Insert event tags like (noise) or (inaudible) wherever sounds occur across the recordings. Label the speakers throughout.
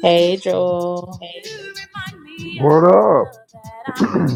Speaker 1: Hey Joel.
Speaker 2: What up? (clears throat)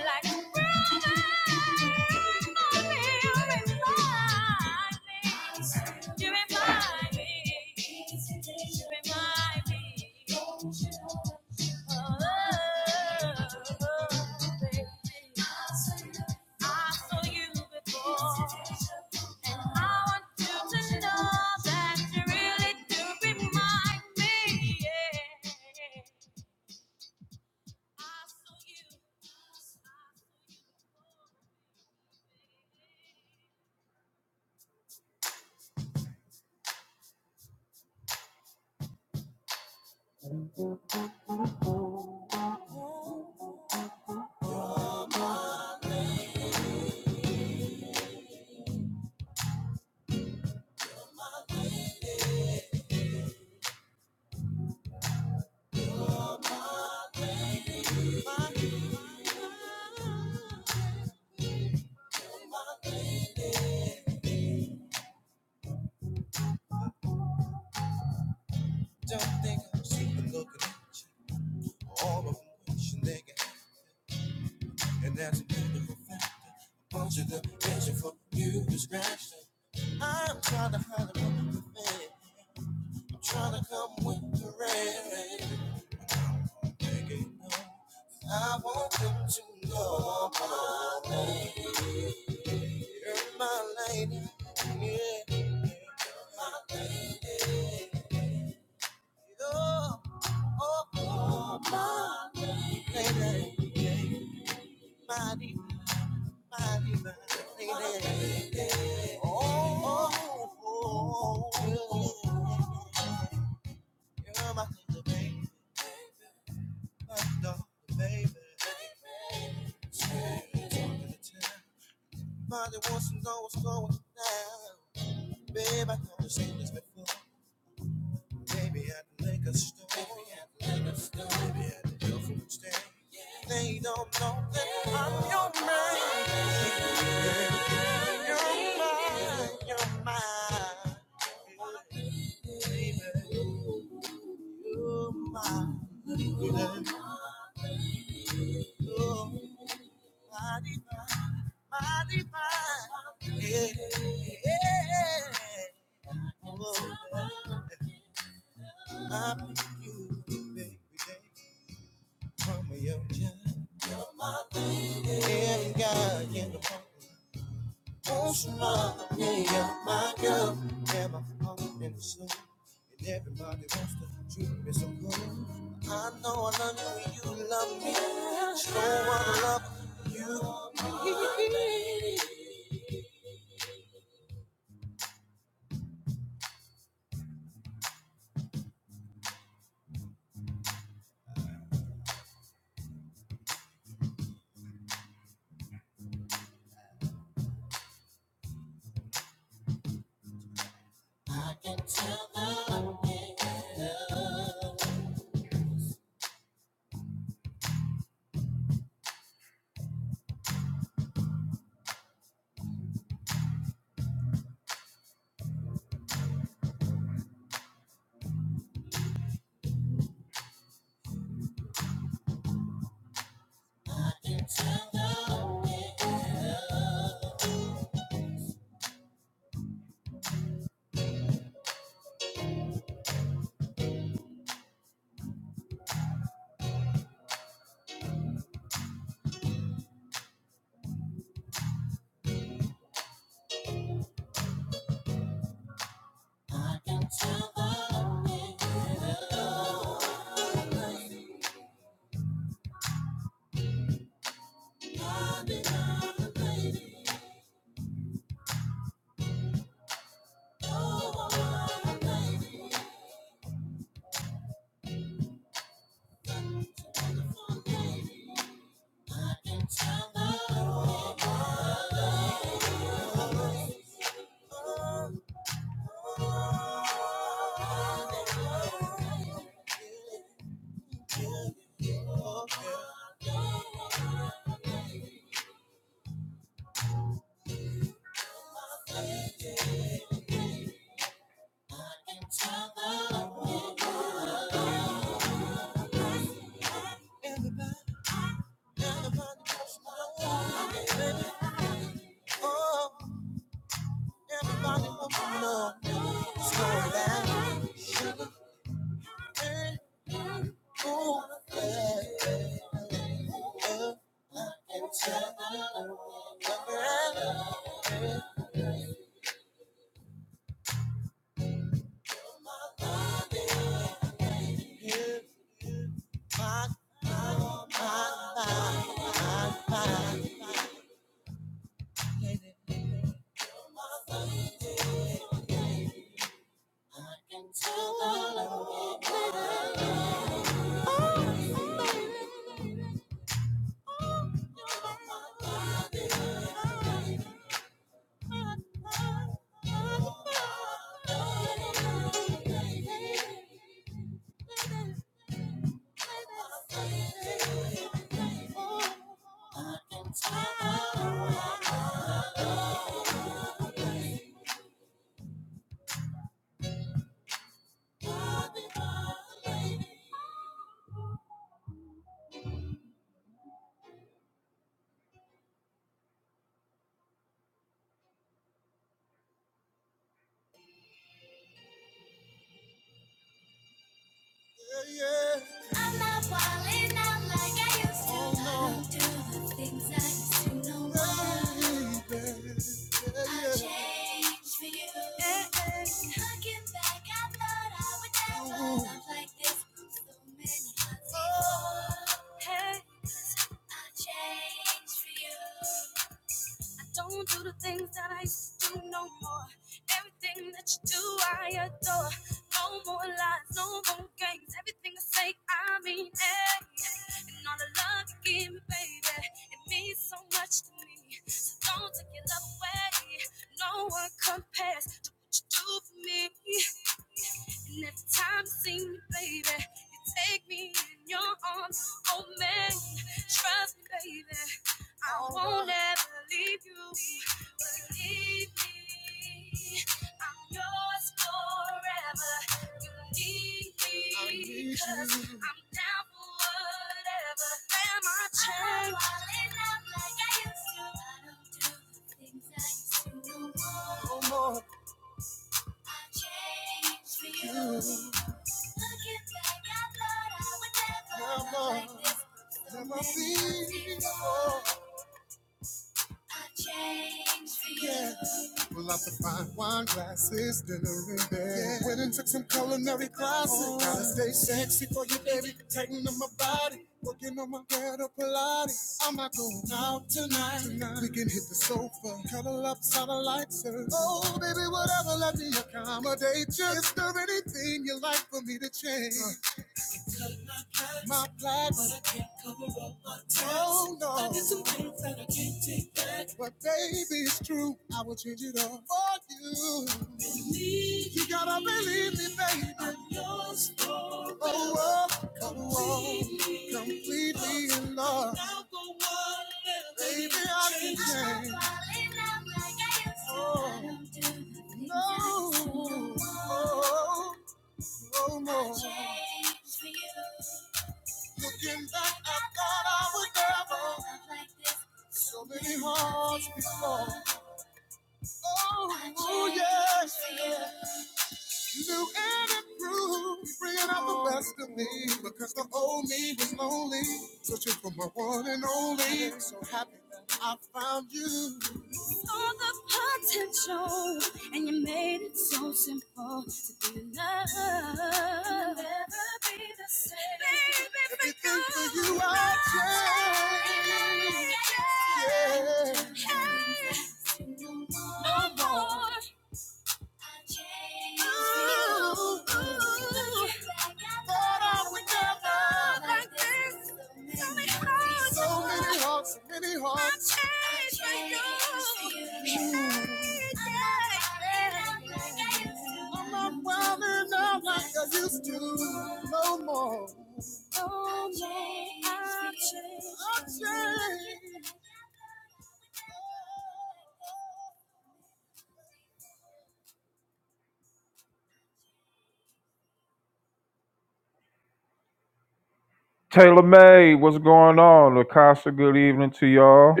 Speaker 2: Taylor May, what's going on? Lakasha, good evening to y'all.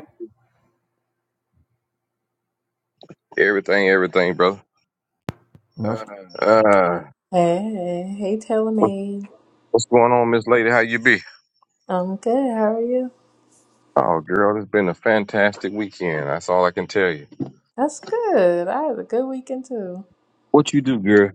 Speaker 3: Everything, everything, brother.
Speaker 2: That's-
Speaker 3: Uh,
Speaker 1: Hey, hey Taylor
Speaker 3: what,
Speaker 1: me.
Speaker 3: what's going on, Miss Lady? How you be?
Speaker 1: I'm good. How are you?
Speaker 3: Oh, girl, it's been a fantastic weekend. That's all I can tell you.
Speaker 1: That's good. I had a good weekend too.
Speaker 3: What you do, girl?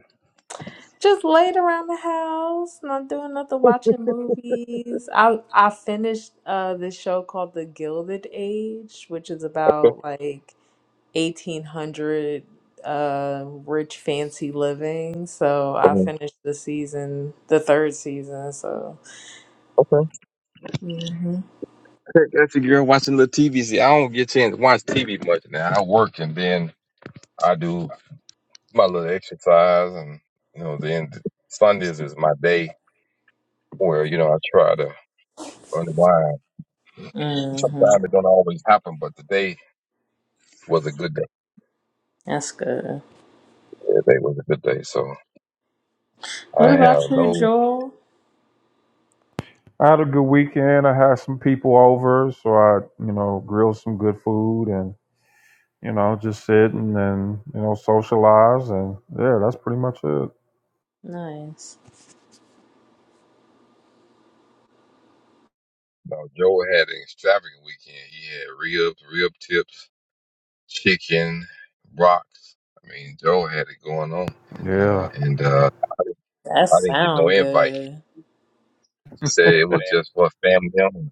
Speaker 1: Just laid around the house, not doing nothing, watching movies. I I finished uh this show called The Gilded Age, which is
Speaker 3: Okay.
Speaker 1: about like 1800 uh rich fancy living. So I
Speaker 3: um,
Speaker 1: finished the season, the third season, so
Speaker 3: Okay.
Speaker 1: Mhm.
Speaker 3: Heck, That's a girl watching little TV. See, I don't get a chance to watch TV much now. I work and then I do my little exercise, and you know, then Sundays is my day where you know I try to unwind. Sometimes
Speaker 1: Mhm.
Speaker 3: it don't always happen, but today was a good day.
Speaker 1: That's good.
Speaker 3: Today was a good day, so
Speaker 1: What
Speaker 3: I have
Speaker 1: about you,
Speaker 3: no
Speaker 1: Joel?
Speaker 2: I had a good weekend. I had some people over, so I, you know, grilled some good food and, you know, just sitting and, you know, socialize and yeah, that's pretty much it.
Speaker 1: Nice.
Speaker 3: No, Joe had an extravagant weekend. He had ribs, rib tips, chicken, rocks. I mean, Joe had it going on,
Speaker 2: Yeah.
Speaker 3: and uh,
Speaker 1: That
Speaker 3: I didn't get no
Speaker 1: sound
Speaker 3: invite. He
Speaker 1: good.
Speaker 3: said it was just for family only.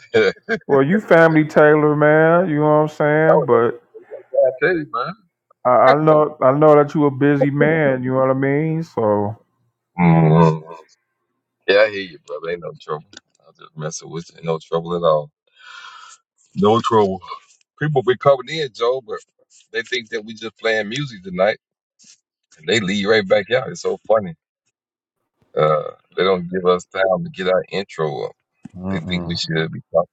Speaker 3: (laughs) no,
Speaker 2: Well, you family Taylor, man, you know what I'm saying?
Speaker 3: that's,
Speaker 2: But
Speaker 3: that's what I tell you, man.
Speaker 2: I, I know I know that you a busy man, you know what I mean? So
Speaker 3: Mhm. Yeah, I hear you, brother. Ain't no trouble. I was just messing with you. Ain't no trouble at all. No trouble. People be coming in, Joe, but they think that we just playing music tonight, and they leave right back out. It's so funny. Uh, they don't give us time to get our intro up. They think we should be talking.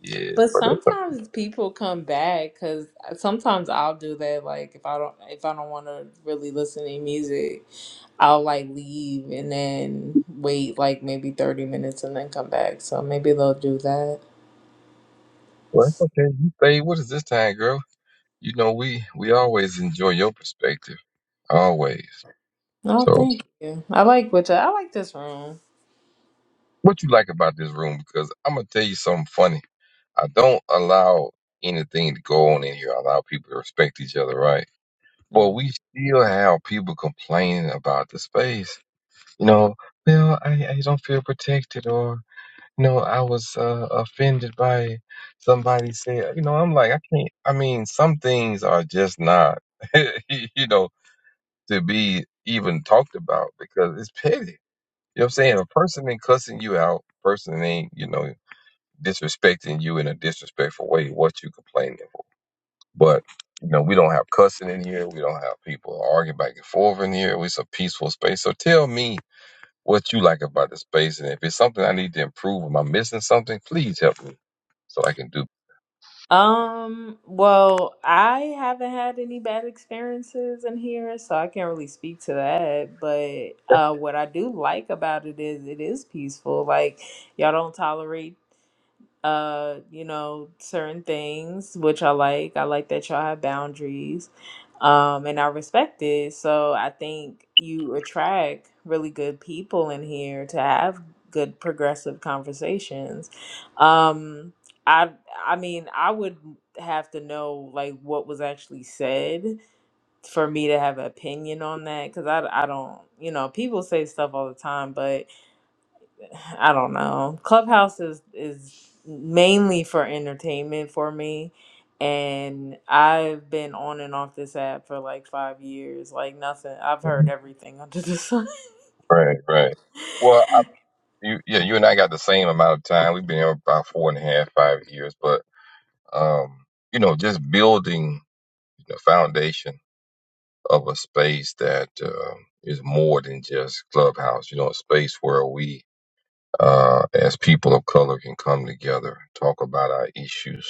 Speaker 3: Yeah,
Speaker 1: But
Speaker 3: but that's okay.
Speaker 1: sometimes people come back because sometimes I'll do that. Like if I don't if I don't want to really listen to any music, I'll like leave and then wait like maybe thirty minutes and then come back. So maybe they'll do that.
Speaker 3: Well, that's okay. You say, what is this time, girl? You know, we we always enjoy your perspective, always.
Speaker 1: Oh,
Speaker 3: So,
Speaker 1: thank you. I like what you, I like this room.
Speaker 3: what you like about this room? Because I'm gonna tell you something funny. I don't allow anything to go on in here. I allow people to respect each other, right? But
Speaker 1: Mm-hmm.
Speaker 3: we still have people complaining about the space. You know, well, I, I don't feel protected, or. No, I was uh, offended by somebody said, you know, I'm like, I can't. I mean, some things are just not, (laughs) you know, to be even talked about because it's petty. You know what I'm saying? A person ain't cussing you out. Person ain't, you know, disrespecting you in a disrespectful way. What you complaining for? But you know, we don't have cussing in here. We don't have people arguing back and forth in here. It's a peaceful space. So tell me what you like about the space. And if it's something I need to improve, am I missing something? Please help me so I can do. (laughs)
Speaker 1: Um, well, I haven't had any bad experiences in here, so I can't really speak to that. But uh, what I do like about it is it is peaceful. Like y'all don't tolerate uh, you know, certain things which I like. I like that y'all have boundaries. Um, and I respect it. So I think you attract really good people in here to have good progressive conversations. Um, I I mean, I would have to know like what was actually said for me to have an opinion on that because I, I don't, you know, people say stuff all the time, but I don't know. Clubhouse is is mainly for entertainment for me, and I've been on and off this app for like five years. Like nothing, I've heard
Speaker 3: Mhm.
Speaker 1: everything (laughs) under the sun. (laughs)
Speaker 3: Right, right. Well, you, yeah, you and I got the same amount of time. We've been here about four and a half, five years, but, um, you know, just building the foundation of a space that, uh, is more than just clubhouse, you know, a space where we, uh, as people of color can come together, talk about our issues,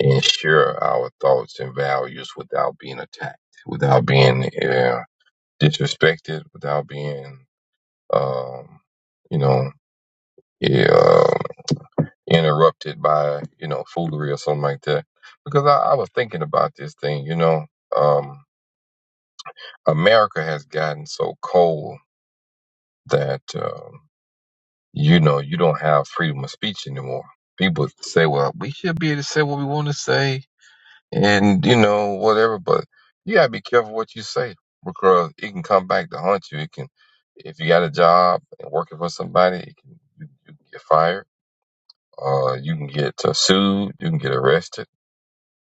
Speaker 3: and share our thoughts and values without being attacked, without being uh, disrespected, without being, um, you know, uh, interrupted by, you know, foolery or something like that. Because I, I was thinking about this thing, you know, um, America has gotten so cold that, um, you know, you don't have freedom of speech anymore. People say, well, we should be able to say what we want to say and you know whatever. But you gotta be careful what you say because it can come back to haunt you. It can, if you got a job and working for somebody, it can, you, you can get fired. Uh, you can get uh, sued. You can get arrested.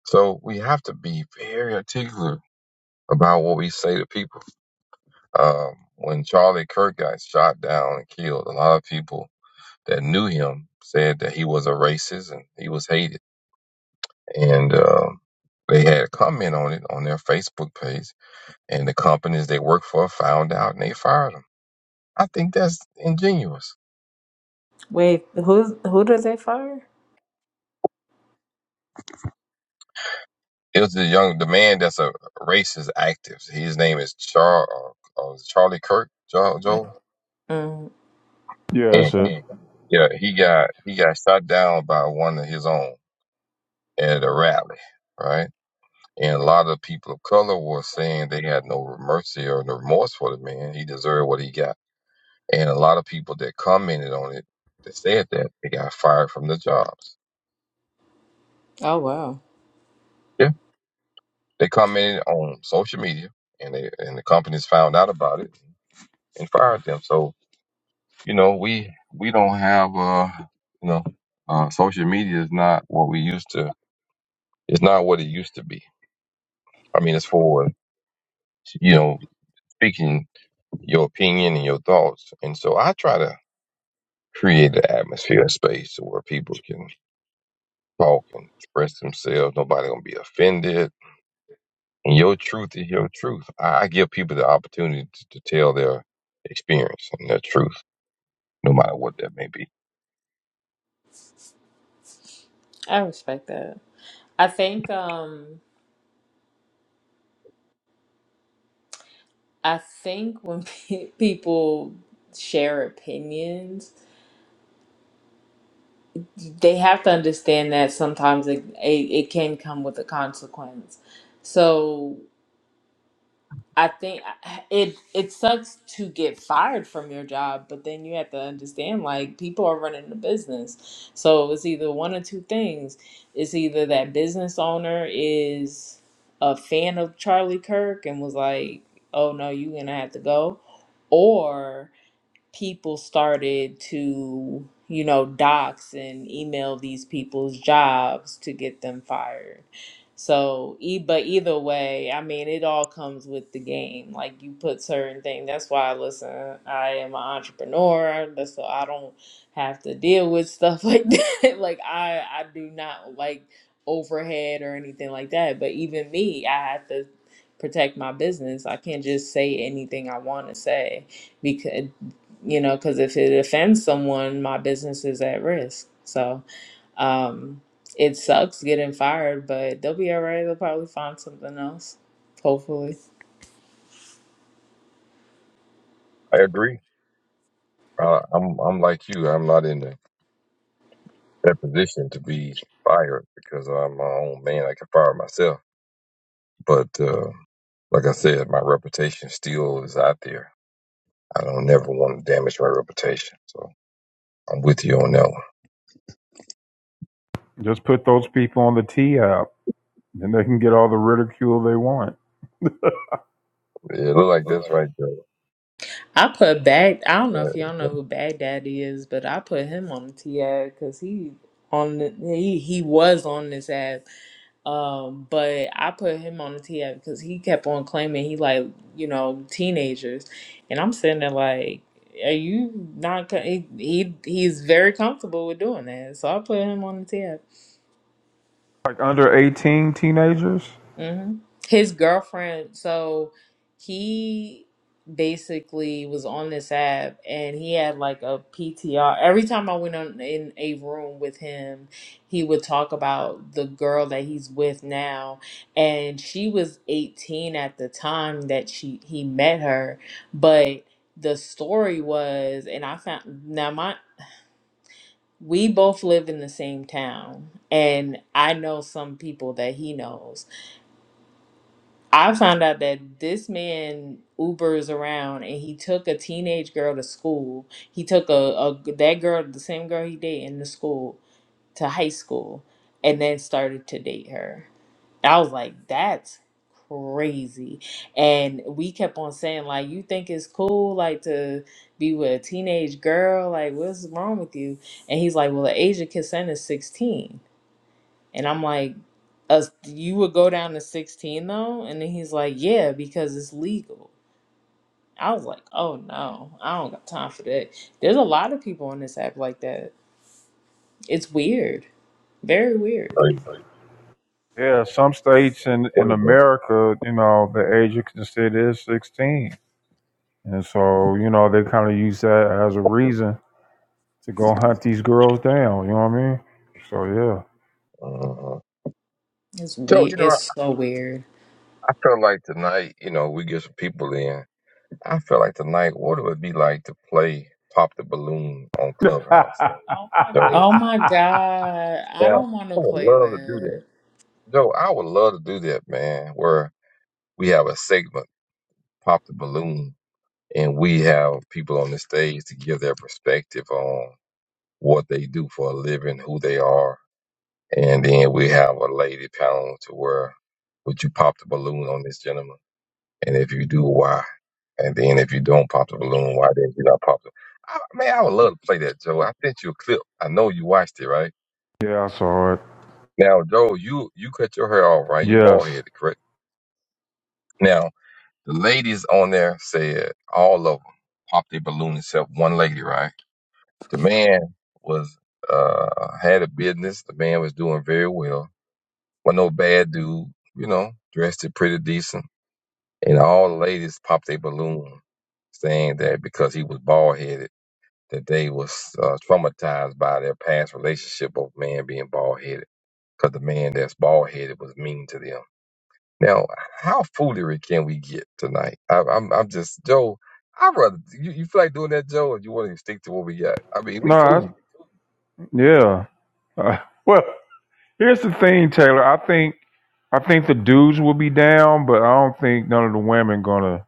Speaker 3: So we have to be very particular about what we say to people. Um, when Charlie Kirk got shot down and killed, a lot of people that knew him said that he was a racist and he was hated. And um, they had a comment on it on their Facebook page and the companies they work for found out and they fired him. I think that's ingenuous.
Speaker 1: Wait, who's who did they fire?
Speaker 3: It was the young the man that's a racist active. His name is Char uh, uh, Charlie Kirk Joe, Joe,
Speaker 1: Mm.
Speaker 2: Yeah,
Speaker 3: and
Speaker 2: that's it.
Speaker 3: yeah, he got he got shot down by one of his own at a rally, right? And a lot of people of color were saying they had no mercy or no remorse for the man. He deserved what he got. And a lot of people that commented on it that said that they got fired from their jobs.
Speaker 1: Oh wow,
Speaker 3: They come in on social media, and they and the companies found out about it and fired them. So you know, we we don't have uh you know uh social media is not what we used to. It's not what it used to be. I mean, it's for you know speaking your opinion and your thoughts, and so I try to create an atmosphere and space where people can talk and express themselves. Nobody gonna be offended. And your truth is your truth. I, I give people the opportunity to, to tell their experience and their truth. no matter what that may be.
Speaker 1: I respect that. I think um I think when (laughs) pe- people share opinions they have to understand that sometimes it, it, it can come with a consequence. So I think it it sucks to get fired from your job, but then you have to understand like people are running the business. So it's either one or two things. It's either that business owner is a fan of Charlie Kirk and was like, "Oh no, you're gonna have to go," or people started to, you know, dox and email these people's jobs to get them fired. So, e- but either way, I mean, it all comes with the game. Like you put certain things. That's why, listen, I am an entrepreneur. That's so I don't have to deal with stuff (laughs) like that. like I, I do not like overhead or anything like that. But even me, I have to protect my business. I can't just say anything I want to say you know, because if it offends someone, my business is at risk. So um, it sucks getting fired, but they'll be all right. They'll probably find something else, hopefully.
Speaker 3: I agree. Uh, I'm I'm like you. I'm not in the, that position to be fired because I'm my own man. I can fire myself. But uh, like I said, my reputation still is out there. I don't never want to damage my reputation. So I'm with you on that one.
Speaker 2: Just put those people on the T app. Then they can get all the ridicule they want.
Speaker 3: Yeah, it look like this right there.
Speaker 1: I put Bag. I don't know
Speaker 3: Yeah,
Speaker 1: if
Speaker 3: it's-
Speaker 1: y'all know
Speaker 3: it's
Speaker 1: who Baghdaddy is, but I put him on the T. Ad because he on the, he he was on this ad Um, but I put him on the TF because he kept on claiming he like you know teenagers, and I'm sitting there like, are you not? co- He, he he's very comfortable with doing that, so I put him on the TF.
Speaker 2: Like under 18 teenagers?
Speaker 1: hmm His girlfriend, so he basically was on this app and he had like a PTR. Every time I went on in a room with him, he would talk about the girl that he's with now and she was 18 at the time that she he met her, but the story was and I found now my we both live in the same town and I know some people that he knows I found out that this man Ubers around and he took a teenage girl to school. He took a, a that girl, the same girl he dated in the school, to high school, and then started to date her. I was like, that's crazy. And we kept on saying, like, you think it's cool, like, to be with a teenage girl? Like, what's wrong with you? And he's like, well, the age of consent is 16. And I'm like, us you would go down to 16 though? And then he's like, yeah, because it's legal. I was like, oh no, I don't got time for that. There's a lot of people on this app like that. It's weird. Very weird.
Speaker 3: crazy.
Speaker 2: Yeah, some states in,
Speaker 3: There
Speaker 2: in
Speaker 3: you go.
Speaker 2: America, you know, the age of consent is 16. And so, you know, they kind of use that as a reason to go hunt these girls down. You know what I mean? So,
Speaker 3: Uh-huh.
Speaker 1: It's
Speaker 3: So
Speaker 1: weird.
Speaker 3: you know,
Speaker 1: It's so weird.
Speaker 3: I feel like tonight, you know, we get some people in. I feel like tonight, what it would be like to play Pop the Balloon on
Speaker 2: yeah.
Speaker 3: Clubhouse. So,
Speaker 1: Oh my God. I
Speaker 3: yeah, I
Speaker 1: don't want to
Speaker 3: would
Speaker 1: play
Speaker 3: love to do that.
Speaker 1: that.
Speaker 3: Joe, I would love to do that, man, where we have a segment, Pop the Balloon, and we have people on the stage to give their perspective on what they do for a living, who they are. And then we have a lady panel to where would you pop the balloon on this gentleman? And if you do, why? And then if you don't pop the balloon, why didn't you not pop the? I, man, I would love to play that, Joe. I sent you a clip. I know you watched it, right?
Speaker 2: Yeah, I saw it.
Speaker 3: Now, Joe, you you cut your hair off, right? You bald
Speaker 2: Yes.
Speaker 3: headed, correct? Now, the ladies on there said all of them popped their balloon except one lady, right? The man was uh had a business. The man was doing very well. was no bad dude, you know, dressed it pretty decent. And all the ladies popped their balloon, saying that because he was bald headed that they was uh, traumatized by their past relationship of man being bald headed because the man that's bald headed was mean to them. Now, how foolery can we get tonight? I, I'm I'm just Joe. I rather you, you feel like doing that, Joe, or you want to stick to what we got? I mean, we
Speaker 2: No, I,
Speaker 3: cool.
Speaker 2: yeah. Uh, (laughs) well, here's the thing, Taylor. I think I think the dudes will be down, but I don't think none of the women gonna.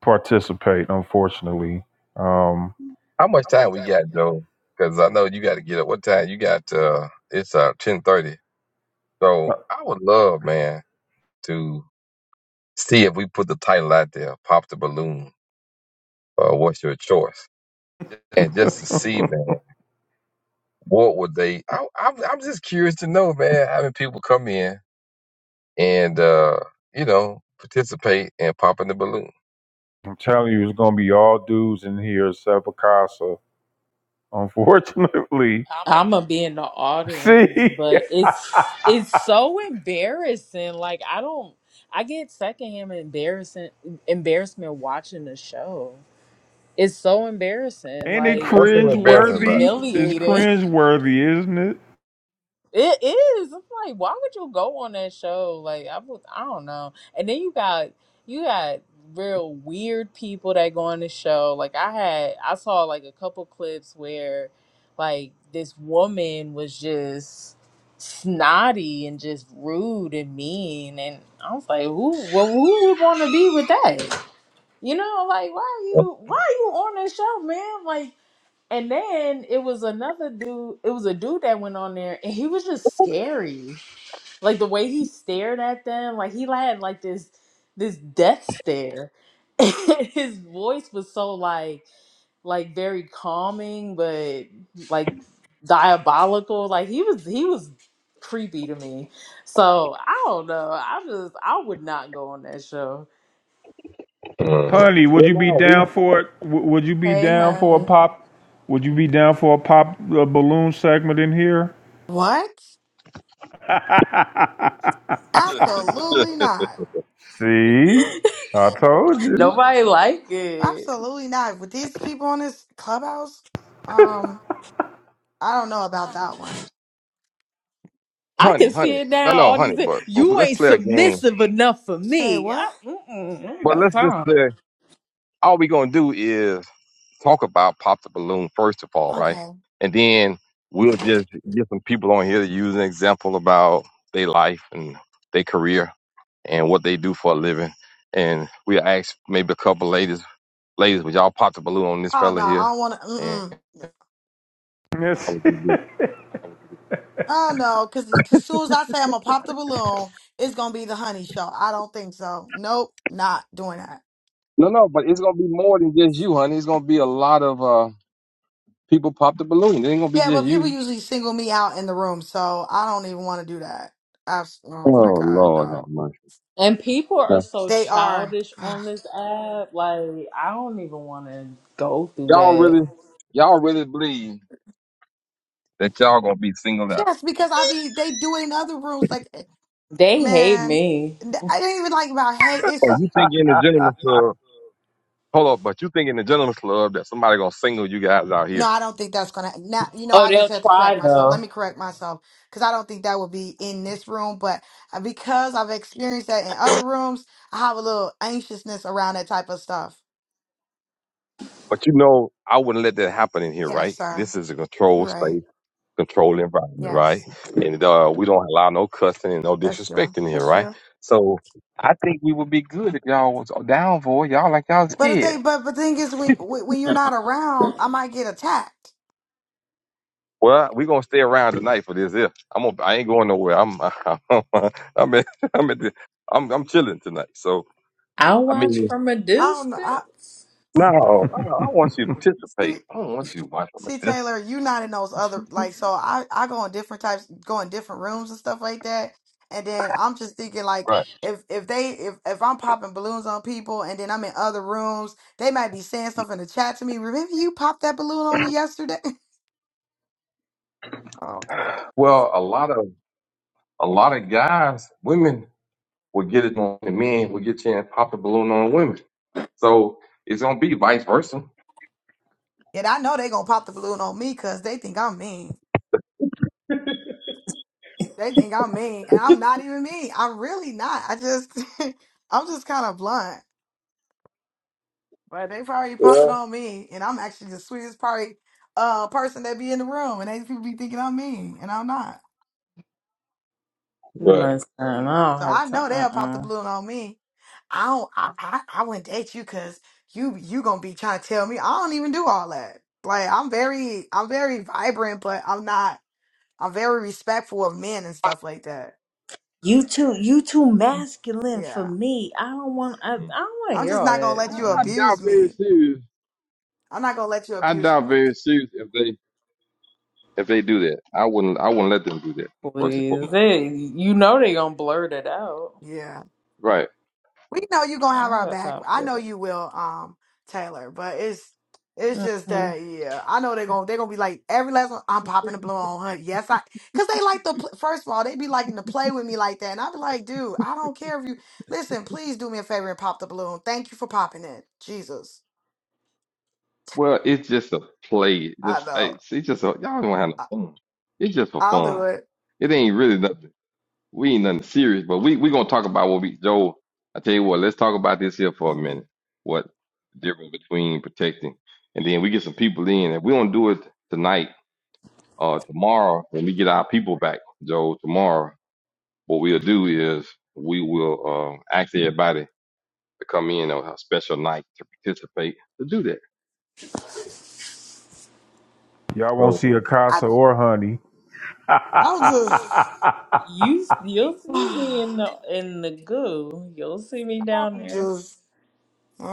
Speaker 2: participate, unfortunately. Um,
Speaker 3: How much time we got, Joe? Because I know you got to get up. What time you got? Uh, it's uh ten thirty. So
Speaker 2: I'm
Speaker 3: I would love, man, to see if we put the title out there, pop the balloon. Uh, what's your choice? And just to see, man. what would they? I, I'm I'm just curious to know, man. Having people come in and uh, you know participate and pop in the balloon.
Speaker 2: telling you, it's gonna be all dudes in here except for Unfortunately,
Speaker 1: I'm gonna be in the
Speaker 2: (laughs)
Speaker 1: audience,
Speaker 2: see,
Speaker 1: but it's it's so embarrassing. Like I don't I get secondhand embarrassing embarrassment watching the show. It's so
Speaker 2: (laughs)
Speaker 1: embarrassing.
Speaker 2: and it
Speaker 1: Like
Speaker 3: What's so
Speaker 2: cringe
Speaker 1: it's
Speaker 3: embarrassing about
Speaker 2: worthy. It's
Speaker 1: humiliating. (laughs)
Speaker 2: cringe worthy, isn't it?
Speaker 1: It is. It's like why would you go on that show? Like I would, I don't know. And then you got you got real weird people that go on the show. Like I had I saw like a couple clips where like this woman was just snotty and just rude and mean and I was like who well who would want to be with that? You know like why are
Speaker 3: it?
Speaker 1: you why are you on that show man? Like and then it was another dude. It was a dude that went on there, and he was just scary. Like the way he stared at them, like he had like this this death stare. (laughs) And His voice was so like like very calming, but like diabolical. Like he was he was creepy to me. So I don't know. I just I would not go on that show.
Speaker 3: Mm.
Speaker 2: Honey, would
Speaker 3: Well,
Speaker 2: you be
Speaker 3: no, we,
Speaker 2: down for it? W- Would you be
Speaker 1: Hey,
Speaker 2: down for a
Speaker 1: honey,
Speaker 2: pop? Would you be down for a pop a balloon segment in here?
Speaker 4: What?
Speaker 2: (laughs)
Speaker 4: Absolutely not.
Speaker 2: See, I told
Speaker 1: (laughs)
Speaker 2: you.
Speaker 1: nobody like it.
Speaker 4: Absolutely not. With these people on this clubhouse, um, I don't know about that one.
Speaker 1: I
Speaker 3: honey,
Speaker 1: can
Speaker 3: honey,
Speaker 1: see it
Speaker 3: no,
Speaker 1: now.
Speaker 3: no,
Speaker 1: all
Speaker 3: honey.
Speaker 1: these.
Speaker 3: But but
Speaker 1: You
Speaker 3: let's
Speaker 1: ain't
Speaker 3: play a game.
Speaker 1: submissive enough for
Speaker 4: Say
Speaker 1: me.
Speaker 4: what?
Speaker 1: I, mm-mm, I ain't
Speaker 3: But
Speaker 1: got
Speaker 3: let's just
Speaker 1: time.
Speaker 3: play. All we gonna do is talk about pop the balloon first of all, right?
Speaker 4: Okay.
Speaker 3: And then we'll just get some people on here to use an example about their life and their career and what they do for a living. And we will ask maybe a couple ladies, ladies, would y'all pop the balloon on this
Speaker 4: Oh no,
Speaker 3: fella
Speaker 4: I
Speaker 3: here?
Speaker 4: don't want to.
Speaker 3: And
Speaker 4: Mm mm.
Speaker 3: how
Speaker 2: Yes.
Speaker 3: would
Speaker 2: (laughs)
Speaker 3: you do? it?
Speaker 4: Oh no, because as soon as I say I'm gonna pop the balloon, it's gonna be the honey show. I don't think so. Nope, not doing that.
Speaker 3: No, no, but it's gonna be more than just you, honey. It's gonna be a lot of uh, people pop the balloon. It ain't gonna be
Speaker 4: Yeah,
Speaker 3: just
Speaker 4: but people
Speaker 3: you.
Speaker 4: usually single me out in the room, so I don't even want to do that. Abs- oh my
Speaker 3: Oh
Speaker 4: god,
Speaker 3: Lord, have
Speaker 4: no.
Speaker 3: mercy.
Speaker 1: And people are so
Speaker 4: They are.
Speaker 1: childish
Speaker 4: (sighs)
Speaker 1: on this app. Like I don't even want to go through
Speaker 3: Y'all
Speaker 1: that.
Speaker 3: really, y'all really believe that y'all gonna be singled out?
Speaker 4: Yes, because I be they do it in other rooms. Like eh,
Speaker 1: They hate
Speaker 4: Man,
Speaker 1: me.
Speaker 4: th- I didn't even like about hey,
Speaker 3: Or
Speaker 4: it's
Speaker 3: you think in the gentleman's club? Hold up, but you think in the gentleman's club that somebody gonna single you guys out
Speaker 4: no,
Speaker 3: here?
Speaker 4: I don't think that's gonna now you know,
Speaker 1: Oh,
Speaker 4: I just
Speaker 1: they'll
Speaker 4: had to correct
Speaker 1: try
Speaker 4: myself. Let
Speaker 1: though.
Speaker 4: me correct myself because I don't think that would be in this room, but uh, because I've experienced that in other rooms, I have a little anxiousness around that type of stuff.
Speaker 3: But you know, I wouldn't let that happen in here,
Speaker 4: Yes,
Speaker 3: right?
Speaker 4: sir.
Speaker 3: This is a
Speaker 4: You're
Speaker 3: controlled
Speaker 4: right.
Speaker 3: space, controlled environment, right?
Speaker 4: Yes,
Speaker 3: And uh, we don't allow no cussing and no
Speaker 4: that's true.
Speaker 3: disrespect in here,
Speaker 4: That's
Speaker 3: right?
Speaker 4: true.
Speaker 3: So I think we would be good if y'all was down for it. Y'all like y'all
Speaker 4: But the
Speaker 3: scared.
Speaker 4: thing, but the thing is, when when when you're not around, I might get attacked.
Speaker 3: Well, we gonna stay around tonight for this. Here, I'm gonna, I ain't going nowhere. I'm (laughs) I'm at, I'm at the, I'm I'm chilling tonight. So
Speaker 1: I'll
Speaker 3: I
Speaker 1: watch
Speaker 3: mean.
Speaker 1: from a
Speaker 4: I don't know. I,
Speaker 1: distance.
Speaker 3: No, I, I want you to
Speaker 4: see.
Speaker 3: participate. I don't want you to watch them.
Speaker 4: See,
Speaker 3: That's
Speaker 4: Taylor, you not in those other like so I I go in different types go in different rooms and stuff like that. And then I'm just thinking like
Speaker 3: right.
Speaker 4: if if they if if I'm popping balloons on people and then I'm in other rooms, they might be saying stuff in the chat to me. Remember you popped that balloon on me yesterday? (laughs) Oh God.
Speaker 3: Well, a lot of a lot of guys, women will get it on the men, will get you and pop the balloon on women. So it's gonna be vice versa.
Speaker 4: And I know they gonna pop the balloon on me because they think I'm mean. They think I'm mean and I'm not even mean. I'm really not. I just (laughs) I'm just kind of blunt. But they probably popping
Speaker 3: Well,
Speaker 4: on me, and I'm actually the sweetest probably uh person that be in the room, and they people be thinking I'm mean, and I'm not.
Speaker 3: Right.
Speaker 1: Listen, I don't
Speaker 4: So
Speaker 1: have
Speaker 4: I
Speaker 1: time.
Speaker 4: know they'll pop the
Speaker 1: Uh-uh.
Speaker 4: balloon on me. I don't. I I, I wouldn't date you because you you gonna be trying to tell me I don't even do all that. Like I'm very I'm very vibrant, but I'm not. I'm very respectful of men and stuff like that.
Speaker 1: You too. You too masculine for
Speaker 4: Yeah,
Speaker 1: me. I don't want. I, I don't
Speaker 3: Mhm.
Speaker 1: want to
Speaker 4: I'm
Speaker 1: hear
Speaker 4: just
Speaker 1: all
Speaker 4: not gonna
Speaker 1: that.
Speaker 3: I,
Speaker 4: let you
Speaker 3: I
Speaker 1: Uh-uh.
Speaker 4: abuse
Speaker 3: doubt very
Speaker 4: me.
Speaker 3: serious.
Speaker 4: I'm not gonna let you
Speaker 3: I
Speaker 4: abuse
Speaker 3: doubt
Speaker 4: me.
Speaker 3: very serious if they if they do that. I wouldn't I wouldn't let them do that first and
Speaker 1: Please,
Speaker 3: foremost.
Speaker 1: they, you know they gonna blurt it out.
Speaker 4: Yeah.
Speaker 3: Right.
Speaker 4: We know you're gonna
Speaker 1: I
Speaker 4: have
Speaker 1: don't
Speaker 4: our
Speaker 1: got
Speaker 4: back.
Speaker 1: time for
Speaker 4: I know you
Speaker 1: that.
Speaker 4: will, um, Taylor. But it's it's just that,
Speaker 1: mm
Speaker 4: yeah. I know they're gonna they're gonna be like every last one. I'm popping the balloon on her. Yes, I. Cause they like the pl- first of all, they be liking to play with me like that, and I be like, dude, I don't care if you listen. Please do me a favor and pop the balloon. Thank you for popping it. Jesus,
Speaker 3: Well, it's just a play.
Speaker 4: I
Speaker 3: Just
Speaker 4: know.
Speaker 3: hey, it's just a, y'all don't have no
Speaker 4: I,
Speaker 3: fun. It's just for
Speaker 4: I'll do
Speaker 3: fun.
Speaker 4: it.
Speaker 3: It ain't really nothing. We ain't nothing serious, but we we gonna talk about what we Joe. I tell you what, let's talk about this here for a
Speaker 4: Mhm.
Speaker 3: minute. What the difference between protecting and then we get some people in. and we don't do it tonight or tomorrow, when we get our people back, Joe, tomorrow, what we'll do is we will uh, ask everybody to come in on a special night to participate to do that.
Speaker 2: Y'all won't
Speaker 3: So
Speaker 2: see a
Speaker 4: I
Speaker 2: or Honey.
Speaker 4: I'm just
Speaker 1: You you'll
Speaker 4: (sighs)
Speaker 1: see me
Speaker 4: I'm
Speaker 1: in the in the goo. You'll see me down there.
Speaker 4: just.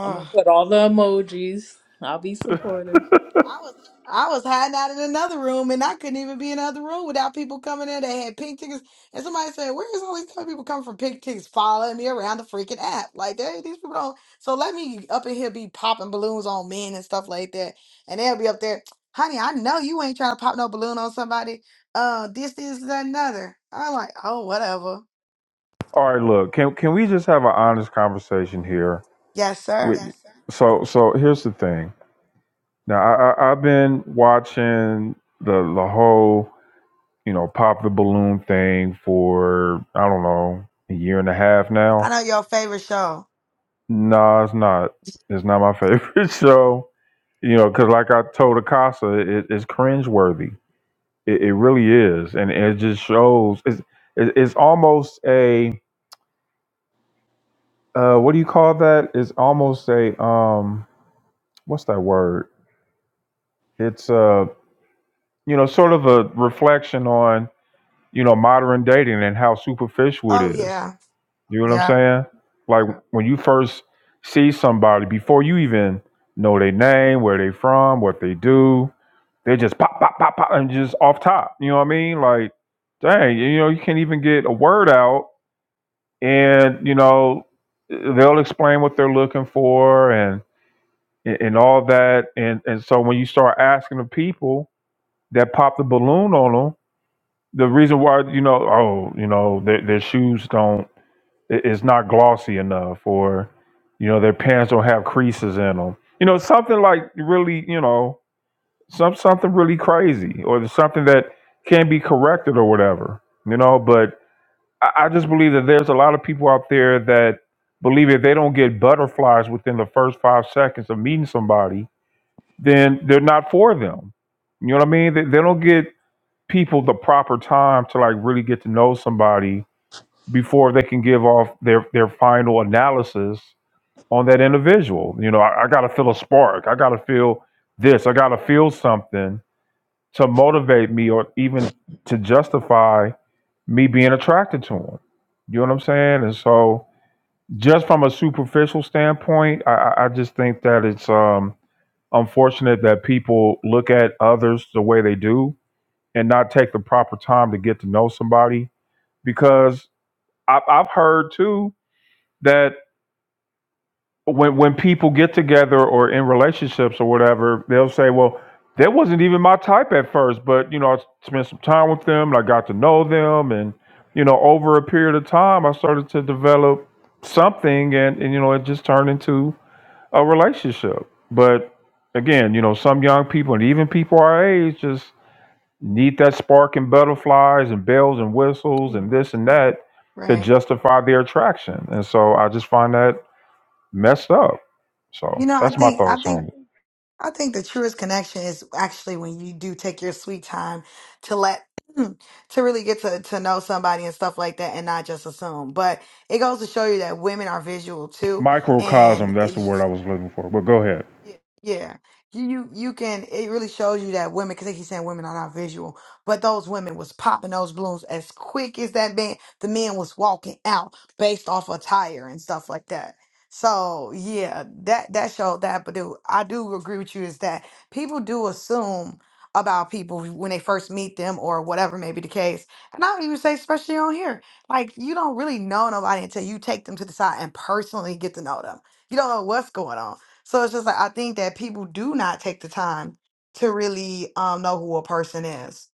Speaker 1: I'm gonna put all the emojis. I'll be supportive.
Speaker 4: I was hiding out in another room and I couldn't even be in another room without people coming in. They had pink tickets. And somebody said, Where is all these kind of people coming from? Pink tickets following me around the freaking app. Like, they, these people don't. So let me up in here be popping balloons on men and stuff like that. And they'll be up there, honey, I know you ain't trying to pop no balloon on somebody. Uh, this, this, and another. I'm like, Oh, whatever.
Speaker 2: All right, look, can can we just have an honest conversation here?
Speaker 4: Yes,
Speaker 2: With
Speaker 4: sir.
Speaker 2: so so here's the thing. Now I, I I've been watching the the whole you know pop the balloon thing for I don't know a year and a half
Speaker 4: I
Speaker 2: now.
Speaker 4: know your favorite show.
Speaker 2: No, it's not. It's not my favorite (laughs) show. You know, because like I told Akasa, it, it's cringeworthy. It, it really is, and it just shows. It's it, it's almost a uh, what do you call that? It's almost a um what's that word? It's uh, you know sort of a reflection on you know modern dating and how superficial it
Speaker 4: Oh,
Speaker 2: is.
Speaker 4: yeah.
Speaker 2: You know what I'm
Speaker 4: Yeah.
Speaker 2: saying? Like when you first see somebody before you even know their name, where they from, what they do, they just pop pop pop pop and just off top. You know what I mean? Like dang, you know you can't even get a word out, and you know they'll explain what they're looking for and and all that and and so when you start asking the people that popped the balloon on them. The reason why, you know, oh, you know, their, their shoes don't, i- it's not glossy enough, or, you know, their pants don't have creases in them. You know, something like really, you know, some something really crazy, or something that can be corrected or whatever. You know, but I, I just believe that there's a lot of people out there that believe if they don't get butterflies within the first five seconds of meeting somebody, then they're not for them. You know what I mean? They, they don't get people the proper time to like really get to know somebody before they can give off their their final analysis on that individual. You know, I, I gotta feel a spark. I gotta feel this. I gotta feel something to motivate me or even to justify me being attracted to him. You know what I'm saying? And so just from a superficial standpoint, I, I I just think that it's um unfortunate that people look at others the way they do and not take the proper time to get to know somebody because I've, I've heard too that when when people get together or in relationships or whatever they'll say well that wasn't even my type at first but you know i spent some time with them and i got to know them and you know over a period of time i started to develop something and, and you know it just turned into a relationship but again you know some young people and even people our age just need that spark and butterflies and bells and whistles and this and that to
Speaker 4: Right.
Speaker 2: justify their attraction. And so I just find that messed up. So
Speaker 4: You know, I
Speaker 2: that's my
Speaker 4: think I
Speaker 2: thoughts
Speaker 4: think
Speaker 2: on it.
Speaker 4: I think the truest connection is actually when you do take your sweet time to let (clears throat) to really get to, to know somebody and stuff like that and not just assume. But it goes to show you that women are visual too. And
Speaker 2: Microcosm, that's the word I was looking for. But go ahead.
Speaker 4: yeah, you you you can. It really shows you that women, because they keep saying women are not visual, but those women was popping those balloons as quick as that man. The men was walking out based off attire and stuff like that. So yeah, that that showed that. But do I do agree with you is that people do assume about people when they first meet them or whatever may be the case. And I would even say, especially on here, like you don't really know nobody until you take them to the side and personally get to know them. You don't know what's going on so it's just like I think that people do not take the time to really um, know who a person is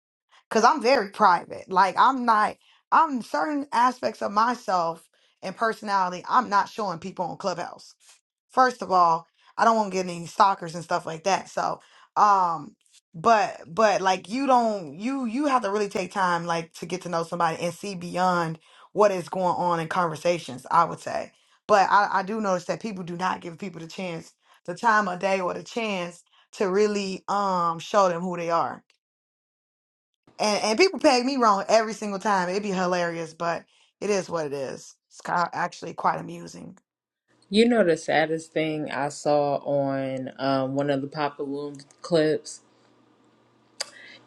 Speaker 4: because I'm very private. Like I'm not, I'm certain aspects of myself and personality. I'm not showing people on Clubhouse. First of all, I don't want to get any stalkers and stuff like that. So, um, but but like you don't you you have to really take time like to get to know somebody and see beyond what is going on in conversations. I would say, but I, I do notice that people do not give people the chance, the time of day, or the chance to really um show them who they are and and people peg me wrong every single time. It'd be hilarious, but it is what it is. It's ki- actually quite amusing.
Speaker 1: You know the saddest thing I saw on um, one of the Papa Loom clips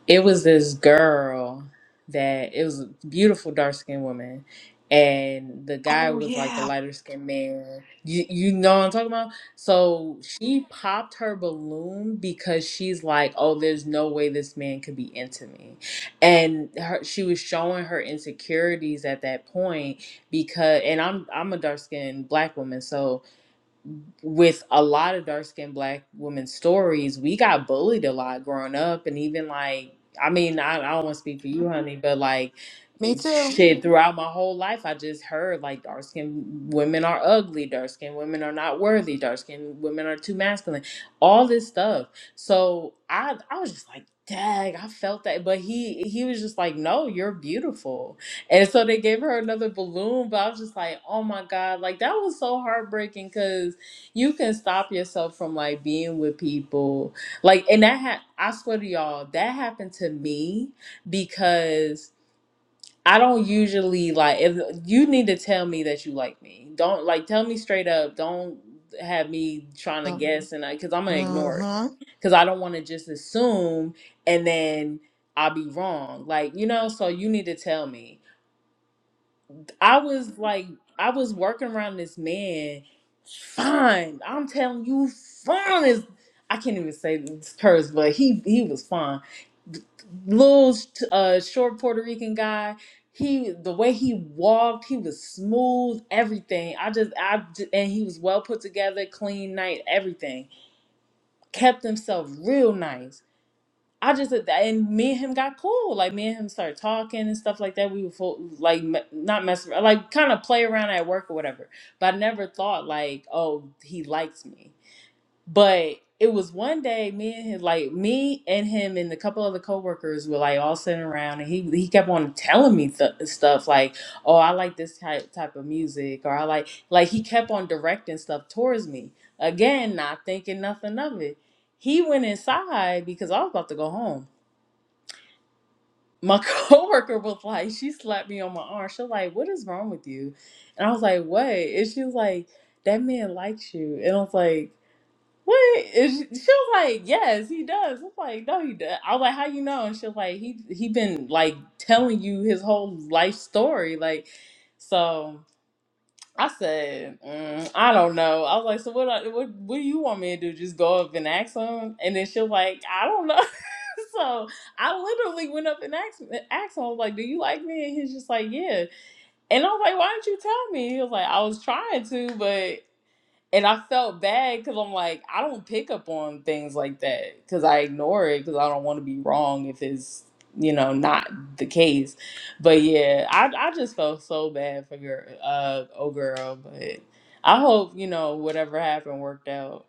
Speaker 1: it was this girl that it was a beautiful dark skinned woman and the guy
Speaker 4: Oh
Speaker 1: was like a
Speaker 4: yeah,
Speaker 1: lighter skinned man you, you know what i'm talking about so she popped her balloon because she's like oh there's no way this man could be into me and her, she was showing her insecurities at that point because and i'm i'm a dark skinned black woman so with a lot of dark skinned black women's stories, we got bullied a lot growing up. And even like, I mean, I, I don't want to speak for you, honey, but like,
Speaker 4: me too.
Speaker 1: shit, throughout my whole life, I just heard like dark skinned women are ugly, dark skinned women are not worthy, dark skinned women are too masculine, all this stuff. So I, I was just like, dang, I felt that, but he he was just like, "No, you're beautiful," and so they gave her another balloon. But I was just like, "Oh my god!" Like that was so heartbreaking because you can stop yourself from like being with people like and that ha- i swear to y'all that happened to me because i don't usually like if you need to tell me that you like me don't like tell me straight up don't have me trying to
Speaker 4: Mm,
Speaker 1: guess and I because i'm gonna ignore it
Speaker 4: Mm-hmm.
Speaker 1: because i don't want to just assume and then i'll be wrong like you know so you need to tell me I was like, I was working around this man. Fine, I'm telling you, fine is. I can't even say this curse, but he he was fine. Little uh, short Puerto Rican guy. He the way he walked, he was smooth. Everything. I just I j- and he was well put together, clean, night, everything. Kept himself real nice. I just and me and him got cool. Like me and him started talking and stuff like that. We would fo- like me- not mess around, like kind of play around at work or whatever. But I never thought like, oh, he likes me. But it was one day, me and him, like me and him and a couple other coworkers were like all sitting around, and he he kept on telling me th- stuff like, oh, I like this type type of music, or I like like he kept on directing stuff towards me. Again, not thinking nothing of it. He went inside because I was about to go home my (laughs) coworker was like, she slapped me on my arm. She was like, "What is wrong with you?" And I was like, "What?" And she was like, "That man likes you." And I was like, "What?" And she, she was like, "Yes, he does." I was like, "No, he does." I was like, "How you know?" And she was like, "He he been like telling you his whole life story, like so." I said, mm, I don't know. I was like, so what, I, what? What do you want me to do? Just go up and ask him? And then she was like, I don't know. (laughs) so I literally went up and asked, asked him. I was like, do you like me? And he's just like, yeah. And I was like, why didn't you tell me? He was like, I was trying to, but. And I felt bad because I'm like, I don't pick up on things like that because I ignore it because I don't want to be wrong if it's, you know, not the case. But yeah, I, I just felt so bad for girl, uh, oh girl. But I hope, you know, whatever happened worked out.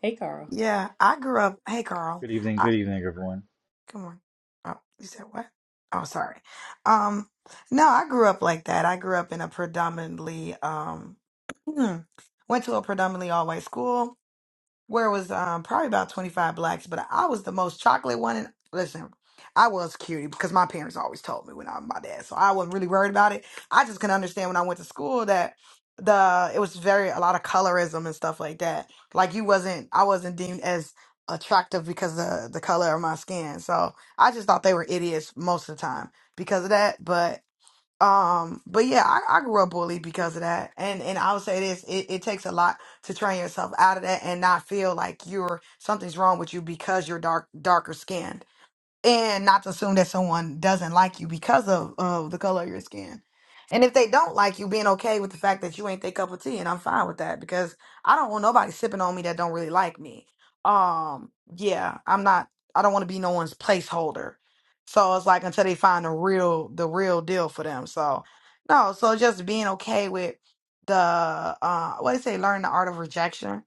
Speaker 1: Hey, Carl.
Speaker 4: Yeah, I grew up. Hey, Carl.
Speaker 5: Good evening,
Speaker 4: I,
Speaker 5: good evening, everyone.
Speaker 4: come on. Oh, you said what? Oh, sorry. Um, no, I grew up like that. I grew up in a predominantly um, (clears throat) went to a predominantly all white school where it was um, probably about 25 blacks, but I was the most chocolate one. And listen, I was cutie because my parents always told me when I was my dad, so I wasn't really worried about it. I just couldn't understand when I went to school that the it was very a lot of colorism and stuff like that. Like you wasn't, I wasn't deemed as attractive because of the color of my skin. So I just thought they were idiots most of the time because of that. But um, but yeah, I, I grew up bullied because of that. And and I would say this, it, it takes a lot to train yourself out of that and not feel like you're something's wrong with you because you're dark darker skinned and not to assume that someone doesn't like you because of, of the color of your skin. And if they don't like you, being okay with the fact that you ain't their cup of tea, and I'm fine with that because I don't want nobody sipping on me that don't really like me. Um, yeah, I'm not. I don't want to be no one's placeholder. So it's like until they find the real the real deal for them. So no, so just being okay with the uh what do you say, learn the art of rejection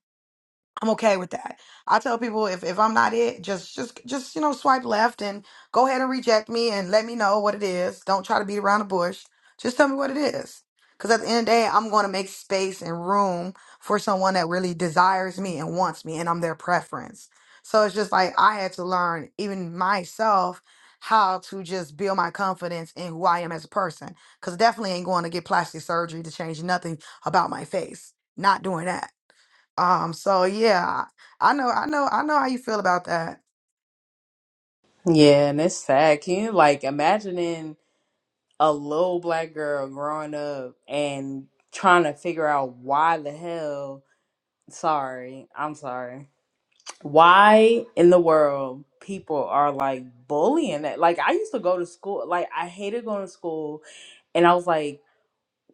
Speaker 4: I'm okay with that. I tell people if, if I'm not it, just just just you know swipe left and go ahead and reject me and let me know what it is. Don't try to beat around the bush. Just tell me what it is. Cuz at the end of the day, I'm going to make space and room for someone that really desires me and wants me and I'm their preference. So it's just like I had to learn even myself how to just build my confidence in who I am as a person cuz definitely ain't going to get plastic surgery to change nothing about my face. Not doing that um, so yeah, I know, I know, I know how you feel about that.
Speaker 1: Yeah, and it's sad. Can you like imagining a little black girl growing up and trying to figure out why the hell? Sorry, I'm sorry. why in the world people are like bullying that like i used to go to school like i hated going to school and i was like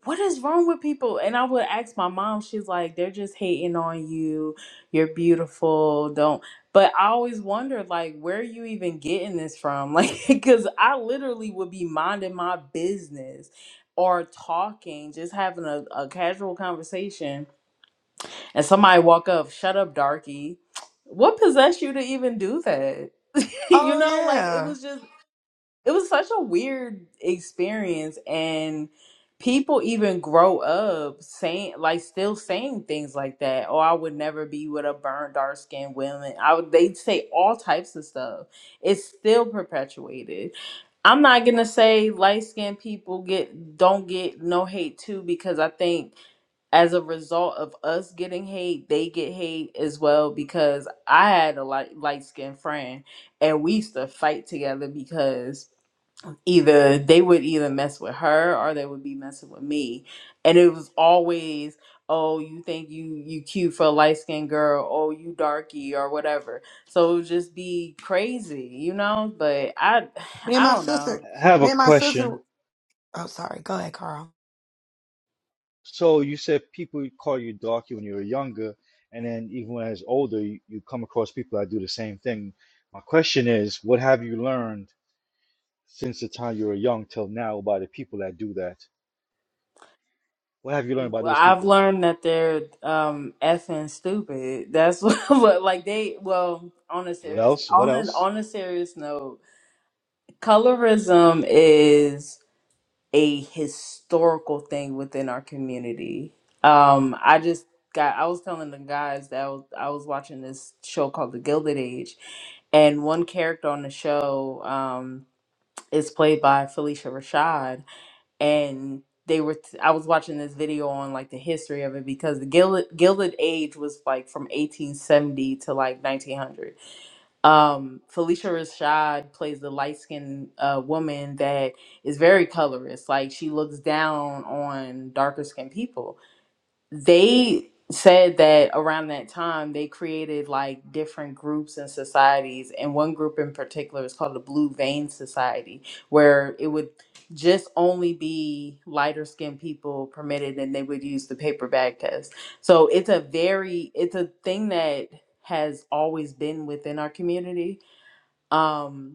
Speaker 1: what is wrong with people and i would ask my mom she's like they're just hating on you you're beautiful don't but i always wondered like where are you even getting this from (laughs) like because i literally would be minding my business or talking just having a, a casual conversation and somebody walk up, shut up, darky. What possessed you to even do that? (laughs) you
Speaker 4: Oh
Speaker 1: know, like it
Speaker 4: yeah,
Speaker 1: was just it was such a weird experience and people even grow up saying like still saying things like that. Oh, I would never be with a burned dark skinned woman. I would they say all types of stuff. It's still perpetuated. I'm not gonna say light skinned people get don't get no hate too because I think as a result of us getting hate, they get hate as well because I had a light light skinned friend and we used to fight together because either they would either mess with her or they would be messing with me. And it was always, oh, you think you you cute for a light skinned girl, oh you darky or whatever. So it would just be crazy, you know? But I
Speaker 4: me
Speaker 1: (sighs)
Speaker 4: and
Speaker 1: I
Speaker 4: my
Speaker 1: don't know.
Speaker 4: sister,
Speaker 5: I have a
Speaker 4: me and my sister.
Speaker 5: question.
Speaker 4: Oh, sorry. Go ahead, Carl.
Speaker 5: So you said people would call you darky when you were younger, and then even when I was older, you, you come across people that do the same thing. My question is, what have you learned since the time you were young till now about the people that do that? What have you learned about those
Speaker 1: I've
Speaker 5: people?
Speaker 1: learned that they're um effing stupid. That's (laughs) what, what like they well on a
Speaker 5: What
Speaker 1: serious
Speaker 5: else? What
Speaker 1: on an
Speaker 5: else?
Speaker 1: on a serious note, colorism is a historical thing within our community. Um, I just got I was telling the guys that I was, I was watching this show called The Gilded Age, and one character on the show um is played by Felicia Rashad and they were t- i was watching this video on like the history of it because the gilded, gilded age was like from 1870 to like 1900 um felicia rashad plays the light-skinned uh, woman that is very colorist like she looks down on darker skinned people they said that around that time they created like different groups and societies and one group in particular is called the blue vein society where it would just only be lighter skinned people permitted and they would use the paper bag test so it's a very it's a thing that has always been within our community um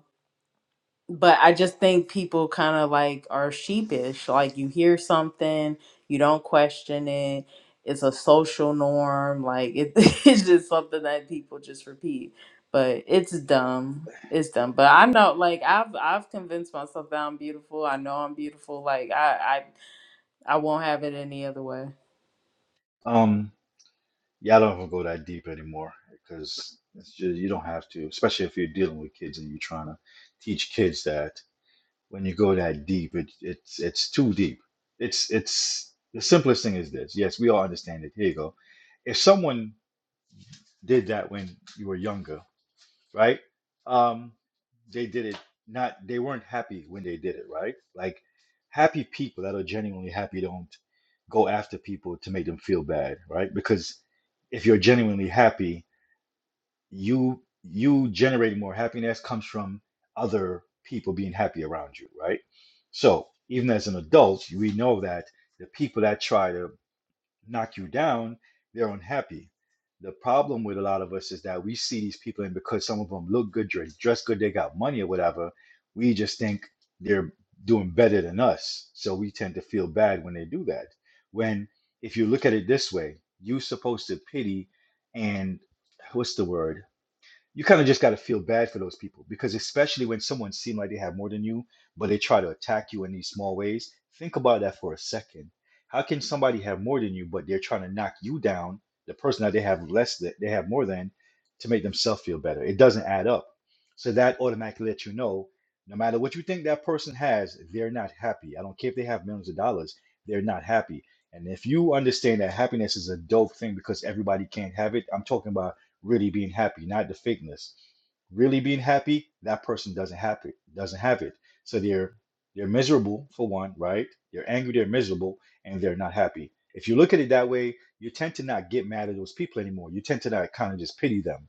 Speaker 1: but I just think people kind of like are sheepish. Like you hear something, you don't question it. It's a social norm. Like it, (laughs) it's just something that people just repeat. But it's dumb. It's dumb. But I know, like I've I've convinced myself that I'm beautiful. I know I'm beautiful. Like I I I won't have it any other way.
Speaker 5: Um, yeah, I don't even go that deep anymore because it's just you don't have to, especially if you're dealing with kids and you're trying to teach kids that. when you go that deep. It, it's it's too deep. It's it's the simplest thing is this. Yes, we all understand it. Here you go. If someone did that when you were younger, right? Um, they did it not. They weren't happy when they did it, right? Like happy people that are genuinely happy don't go after people to make them feel bad, right? Because if you're genuinely happy, you you generating more happiness comes from other people being happy around you right so even as an adult we know that the people that try to knock you down they're unhappy the problem with a lot of us is that we see these people and because some of them look good dress dress good they got money or whatever we just think they're doing better than us so we tend to feel bad when they do that when if you look at it this way you're supposed to pity and what's the word you kind of just got to feel bad for those people because especially when someone seems like they have more than you but they try to attack you in these small ways think about that for a second how can somebody have more than you but they're trying to knock you down the person that they have less that they have more than to make themselves feel better it doesn't add up so that automatically lets you know no matter what you think that person has they're not happy i don't care if they have millions of dollars they're not happy and if you understand that happiness is a dope thing because everybody can't have it i'm talking about really being happy, not the fakeness. Really being happy, that person doesn't have it, doesn't have it. So they're they're miserable for one, right? They're angry, they're miserable, and they're not happy. If you look at it that way, you tend to not get mad at those people anymore. You tend to not kind of just pity them.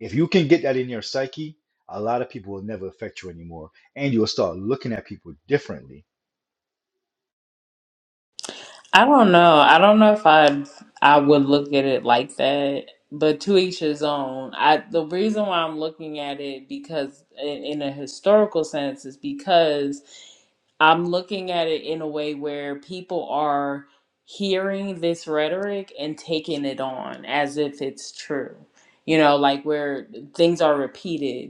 Speaker 5: If you can get that in your psyche, a lot of people will never affect you anymore, and you'll start looking at people differently.
Speaker 1: I don't know. I don't know if I I would look at it like that, but to each his own. I the reason why I'm looking at it because in, in a historical sense is because I'm looking at it in a way where people are hearing this rhetoric and taking it on as if it's true. You know, like where things are repeated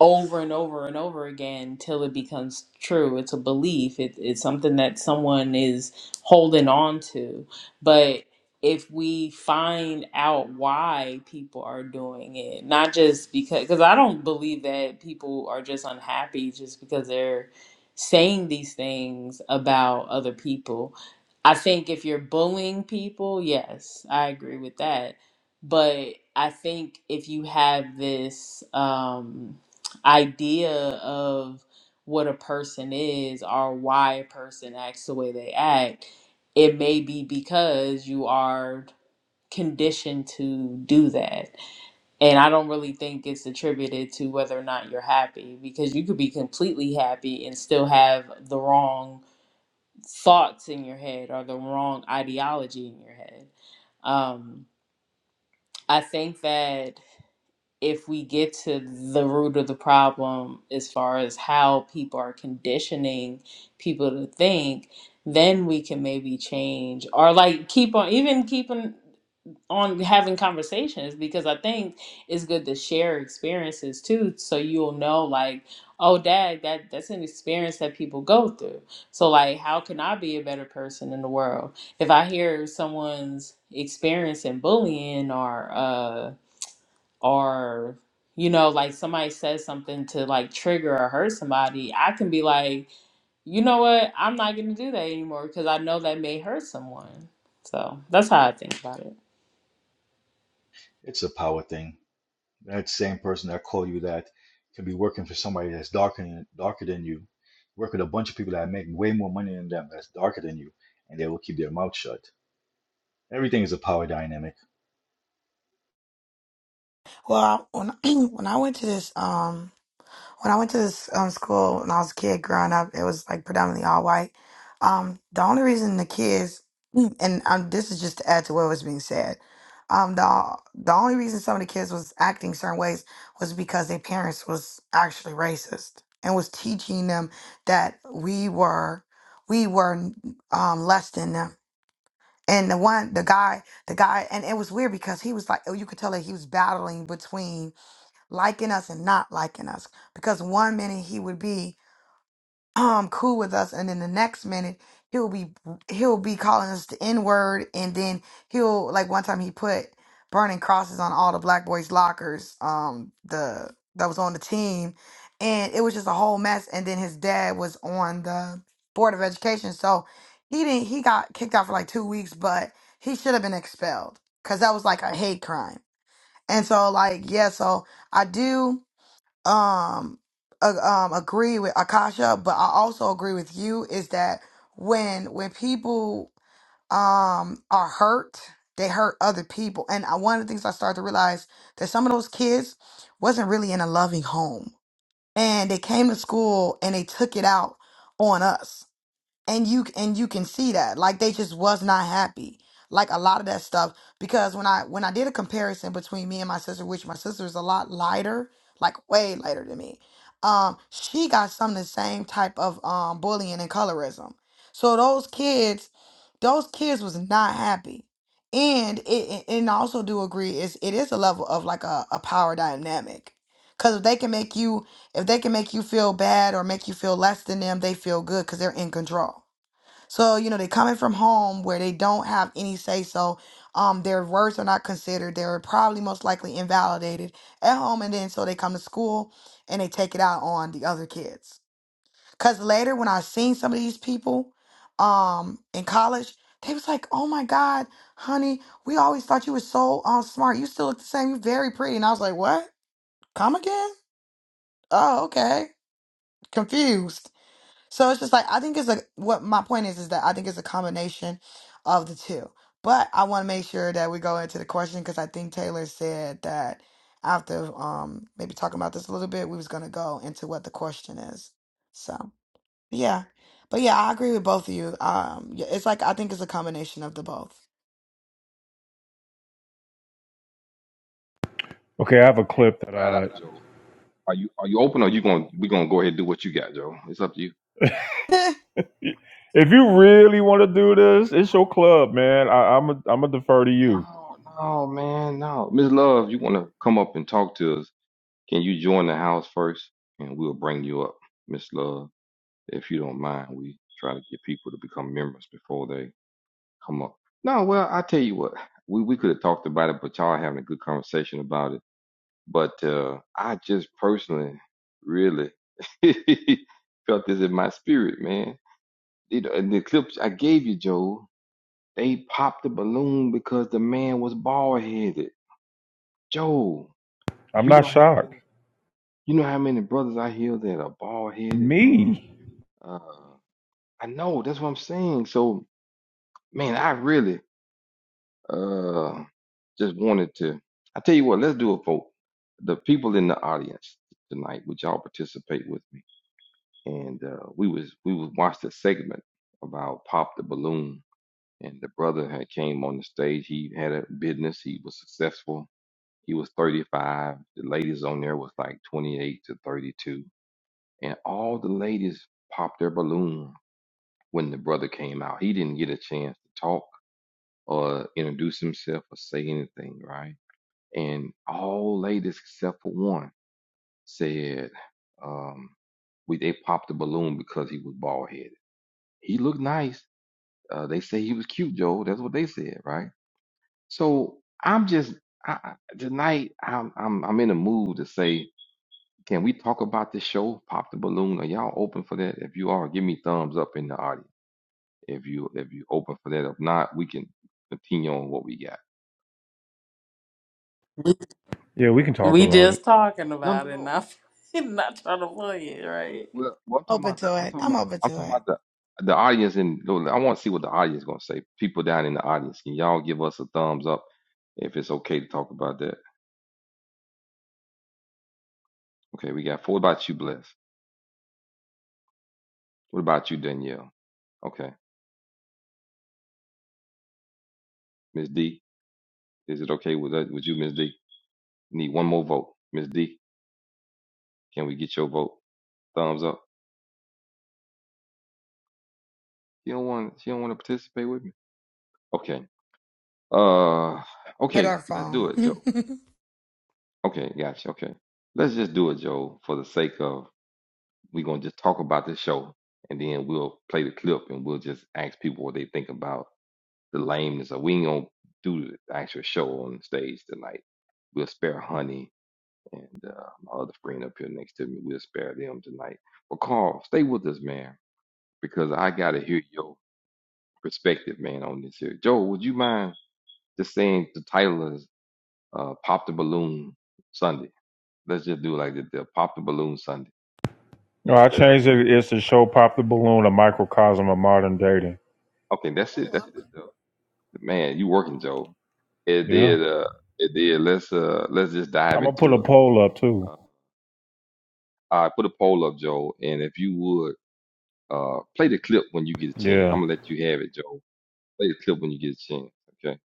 Speaker 1: over and over and over again till it becomes true. It's a belief. It, it's something that someone is holding on to. But if we find out why people are doing it, not just because, because I don't believe that people are just unhappy just because they're saying these things about other people. I think if you're bullying people, yes, I agree with that. But I think if you have this, um, idea of what a person is or why a person acts the way they act, it may be because you are conditioned to do that. And I don't really think it's attributed to whether or not you're happy because you could be completely happy and still have the wrong thoughts in your head or the wrong ideology in your head. Um, I think that if we get to the root of the problem as far as how people are conditioning people to think, then we can maybe change or like keep on even keeping on having conversations because I think it's good to share experiences too, so you'll know like, oh, dad, that that's an experience that people go through. So like, how can I be a better person in the world if I hear someone's experiencing bullying or uh or you know like somebody says something to like trigger or hurt somebody i can be like you know what i'm not gonna do that anymore because i know that may hurt someone so that's how i think about it
Speaker 5: It's a power thing. That same person that called you that could be working for somebody that's darker than, darker than you, work with a bunch of people that make way more money than them that's darker than you, and they will keep their mouth shut. Everything is a power dynamic.
Speaker 4: Well, I, when (clears throat) when I went to this, um. When I went to this um, school when I was a kid growing up, it was like predominantly all white. Um, the only reason the kids, (clears throat) and um, this is just to add to what was being said, um, the the only reason some of the kids was acting certain ways was because their parents was actually racist and was teaching them that we were we were um, less than them. And the one, the guy, the guy, and it was weird because he was like, oh, you could tell that he was battling between liking us and not liking us. Because one minute he would be um cool with us, and then the next minute he'll be he'll be calling us the N word, and then he'll like one time he put burning crosses on all the black boys' lockers. Um, the that was on the team, and it was just a whole mess. And then his dad was on the board of education, so he didn't he got kicked out for like two weeks, but he should have been expelled because that was like a hate crime. And so like yeah, so I do um uh, um agree with Akasha, but I also agree with you is that when when people um are hurt, they hurt other people. And I, one of the things I started to realize that some of those kids wasn't really in a loving home, and they came to school and they took it out on us and you and you can see that like they just was not happy like a lot of that stuff because when i when i did a comparison between me and my sister which my sister is a lot lighter like way lighter than me um she got some of the same type of um bullying and colorism so those kids those kids was not happy and it it- and I also do agree is it is a level of like a, a power dynamic because if they can make you if they can make you feel bad or make you feel less than them, they feel good because they're in control. So, you know, they coming from home where they don't have any say so. Um, their words are not considered. They're probably most likely invalidated at home. And then so they come to school and they take it out on the other kids. Cause later when I seen some of these people um in college, they was like, Oh my God, honey, we always thought you were so um smart. You still look the same, you're very pretty. And I was like, What? Come again? Oh, okay confused. So it's just like I think it's a what my point is is that I think it's a combination of the two. But I want to make sure that we go into the question because I think Taylor said that after um maybe talking about this a little bit, we was gonna go into what the question is. So yeah, but yeah, I agree with both of you. Um, yeah, it's like I think it's a combination of the both.
Speaker 2: Okay, I have a clip that
Speaker 3: try it
Speaker 2: I.
Speaker 3: out, Joe. Are you are you open or you gonna we gonna go ahead and do what you got, Joe? It's up to you.
Speaker 4: (laughs)
Speaker 2: If you really want to do this, it's your club, man. I, I'm a, I'm gonna defer to you.
Speaker 3: No, no, man, no. Miss Love, you want to come up and talk to us? Can you join the house first, and we'll bring you up, Miss Love, if you don't mind. We try to get people to become members before they come up. No, well, I tell you what, we we could have talked about it, but y'all having a good conversation about it. But uh, I just personally, really (laughs) felt this in my spirit, man. You know, and the clips I gave you, Joe, they popped the balloon because the man was bald headed Joe,
Speaker 2: I'm
Speaker 3: you
Speaker 2: not
Speaker 3: know how
Speaker 2: shocked.
Speaker 3: many you know how many brothers I hear that are bald headed, man.
Speaker 2: Me?
Speaker 3: Uh, I know that's what I'm saying. So, man, I really uh just wanted to. I tell you what, let's do it for the people in the audience tonight. Would y'all participate with me? And uh, we was we was watched a segment about pop the balloon, and the brother had came on the stage. He had a business. He was successful. He was 35. The ladies on there was like 28 to 32 and all the ladies popped their balloon when the brother came out. He didn't get a chance to talk or introduce himself or say anything, right? And all ladies except for one said, um, we they popped the balloon because he was bald headed. He looked nice. Uh, they say he was cute, Joe. That's what they said, right? So I'm just I, I- tonight. I'm I'm I'm in a mood to say, can we talk about this show? Pop the balloon. Are y'all open for that? If you are, give me thumbs up in the audience. if you if you open for that. If not, we can continue on what we got.
Speaker 1: we,
Speaker 2: Yeah, we can talk
Speaker 1: we
Speaker 2: about it.
Speaker 1: just talking
Speaker 3: No, no,
Speaker 1: about it
Speaker 3: no.
Speaker 1: not (laughs) not trying to play it right
Speaker 3: Well, well I'm talking
Speaker 4: open
Speaker 3: about the
Speaker 4: to
Speaker 3: I'm
Speaker 4: it.
Speaker 3: talking
Speaker 4: I'm
Speaker 3: about
Speaker 4: open
Speaker 3: I'm
Speaker 4: to
Speaker 3: talking
Speaker 4: it.
Speaker 3: about the the audience and I want to see what the audience gonna say. People down in the audience, can y'all give us a thumbs up if it's okay to talk about that? Okay, we got four. What about you, Bless? What about you, Danielle? Okay, Miss D, is it okay with that, with you, Miss D? Need one more vote, Miss D. Can we get your vote? Thumbs up. She don't want she don't want to participate with me. Okay. Uh,
Speaker 4: Get
Speaker 3: okay.
Speaker 4: our
Speaker 3: Let's do
Speaker 4: phone. (laughs)
Speaker 3: it, Joe.
Speaker 4: well,
Speaker 3: Okay, gotcha. Okay. Let's just do it, Joe, for the sake of we're gonna just talk about this show and then we'll play the clip and we'll just ask people what they think about the lameness of we ain't gonna do the actual show on stage tonight. We'll spare honey and uh, my other friend up here next to me, we'll spare them tonight. But Carl, stay with us, man, because I gotta hear your perspective, man, on this here. Joe, would you mind just saying the title is uh, Pop the Balloon Sunday? Let's just do it like the, the pop the balloon Sunday.
Speaker 2: No, I
Speaker 3: And uh,
Speaker 2: changed it. It's the show Pop the Balloon, a microcosm of modern dating.
Speaker 3: okay, that's it. That's it, Joe. Man, you working, Joe? It
Speaker 2: Yeah.
Speaker 3: did. Uh, it did. Let's uh, let's just dive
Speaker 2: I'm going to put
Speaker 3: into
Speaker 2: a
Speaker 3: it.
Speaker 2: poll up too.
Speaker 3: Uh, I put a poll up, Joe, and if you would uh, play the clip when you get a chance. I'm
Speaker 2: Yeah.
Speaker 3: gonna let you have it, Joe. Play the clip when you get a chance. Okay,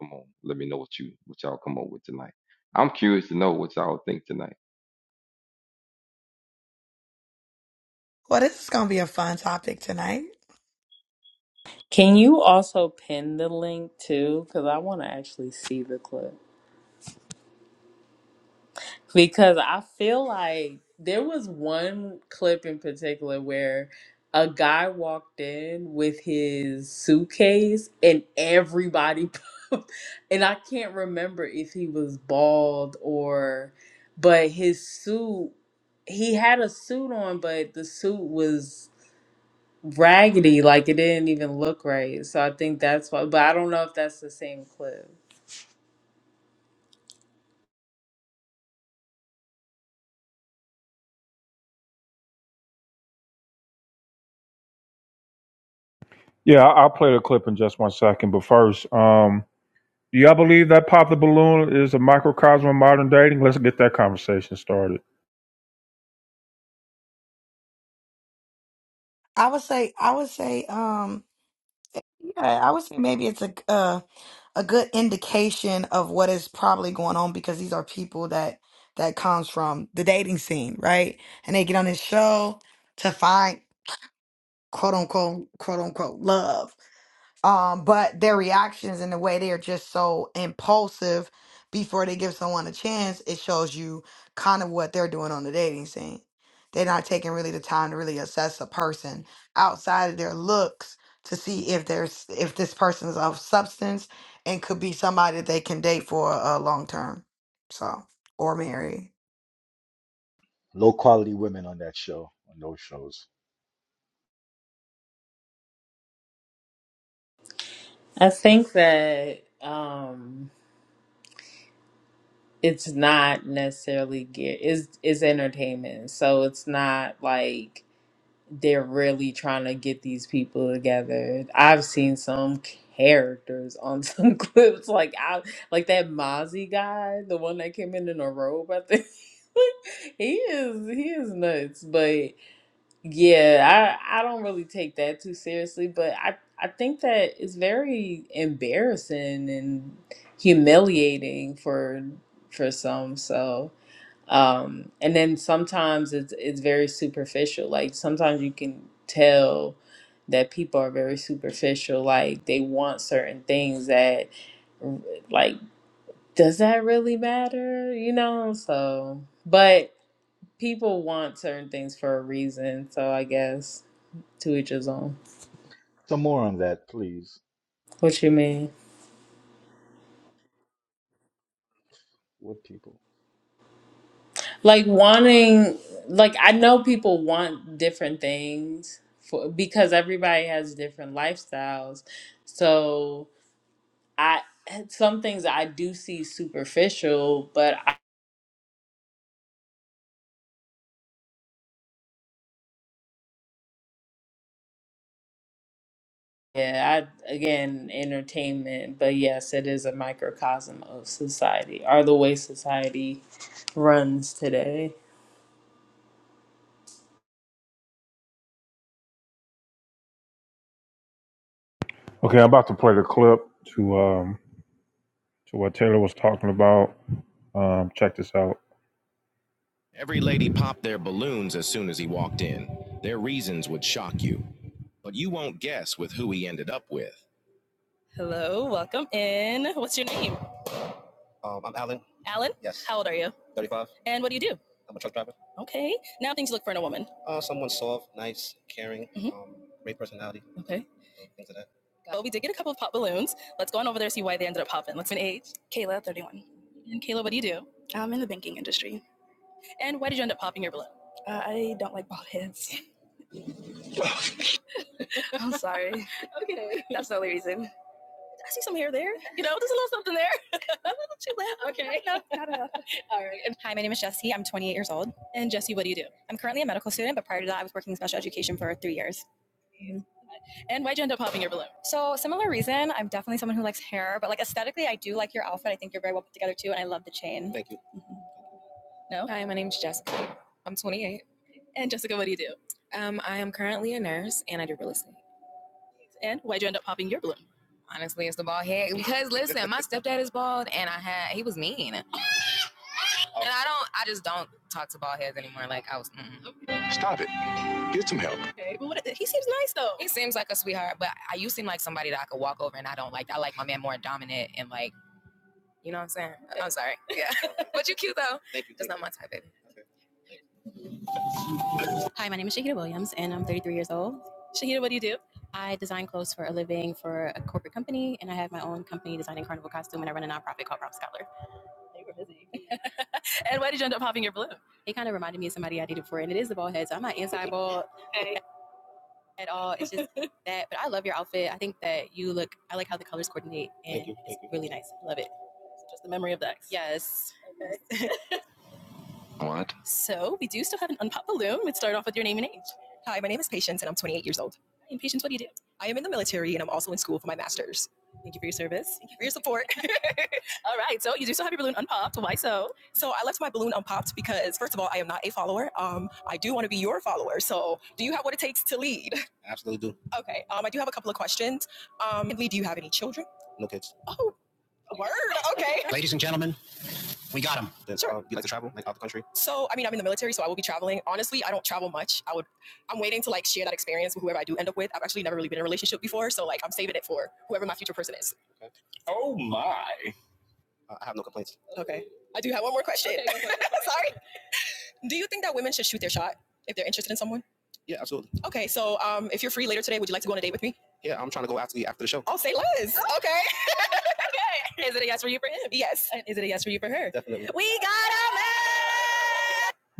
Speaker 3: come on. Let me know what you what y'all come up with tonight. I'm curious to know what y'all think tonight.
Speaker 4: this is gonna be a fun topic tonight.
Speaker 1: can you also pin the link too because i want to actually see the clip because I feel like there was one clip in particular where a guy walked in with his suitcase and everybody (laughs) pumped, and I can't remember if he was bald or but his suit he had a suit on but the suit was raggedy like it didn't even look right so I think that's why but I don't know if that's the same clip
Speaker 2: Yeah, I- I'll play the clip in just one second. But first, um, Do y'all believe that Pop the Balloon is a microcosm of modern dating? Let's get that conversation started.
Speaker 4: I would say. I would say. Um. Yeah, I would say maybe it's a uh, a good indication of what is probably going on because these are people that that comes from the dating scene, right? And they get on this show to find quote unquote quote unquote love um, but their reactions and the way they are just so impulsive before they give someone a chance, it shows you kind of what they're doing on the dating scene. They're not taking really the time to really assess a person outside of their looks to see if there's if this person is of substance and could be somebody that they can date for a long term, so or marry.
Speaker 5: Low quality women on that show, on those shows.
Speaker 1: I think that um it's not necessarily gear it's it's entertainment so it's not like they're really trying to get these people together i've seen some characters on (laughs) some clips like i like that mozzie guy the one that came in in a robe i think (laughs) he is he is nuts but yeah, I I don't really take that too seriously, but I I think that it's very embarrassing and humiliating for for some. So, um, and then sometimes it's it's very superficial. Like sometimes you can tell that people are very superficial. Like they want certain things that, like, does that really matter? You know? So, but people want certain things for a reason. So I guess to each his own.
Speaker 5: Some more on that, please,
Speaker 1: What you mean?
Speaker 5: with people.
Speaker 1: Like wanting, like I know people want different things for because everybody has different lifestyles. So I some things I do see superficial, but I, yeah, I again entertainment. But yes, it is a microcosm of society or the way society runs today.
Speaker 2: Okay, I'm about to play the clip to um to what Taylor was talking about. Um, check this out.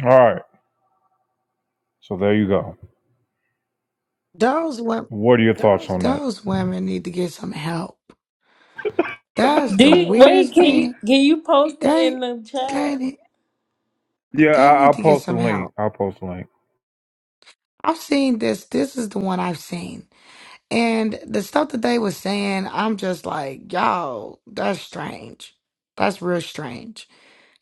Speaker 2: All right, so there you go.
Speaker 4: Those women,
Speaker 2: What are your thoughts on that?
Speaker 4: those women need to get some help. That's
Speaker 1: Do
Speaker 4: the
Speaker 1: you, wait,
Speaker 4: weirdest
Speaker 1: can you,
Speaker 4: thing.
Speaker 1: can you post it in
Speaker 4: They
Speaker 1: the chat?
Speaker 4: dated.
Speaker 2: Yeah,
Speaker 4: They
Speaker 2: I, I'll
Speaker 4: need to get
Speaker 2: post the
Speaker 4: some
Speaker 2: link.
Speaker 4: help.
Speaker 2: I'll post the link.
Speaker 4: I've seen this. This is the one I've seen. And the stuff that they were saying, I'm just like, yo, that's strange. That's real strange.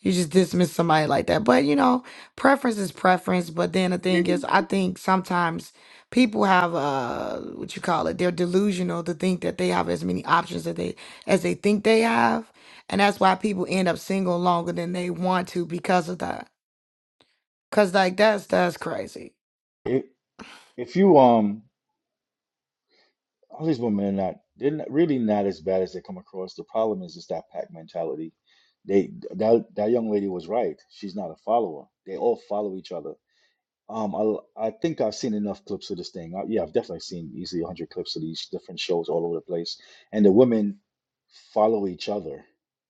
Speaker 4: You just dismiss somebody like that. But, you know, preference is preference. But then the thing
Speaker 6: never
Speaker 4: is, I think sometimes people have uh what you call it, they're delusional to think that they have as many options that they as they think they have. And that's why people end up single longer than they want to because of that. Cause like that's that's crazy.
Speaker 5: If if you um, all these women are not they're not, really not as bad as they come across. The problem is it's that pack mentality. They that that young lady was right. She's not a follower. They all follow each other Um, I I think I've seen enough clips of this thing. Uh yeah, I've definitely seen easily 100 clips of these different shows all over the place, and the women follow each other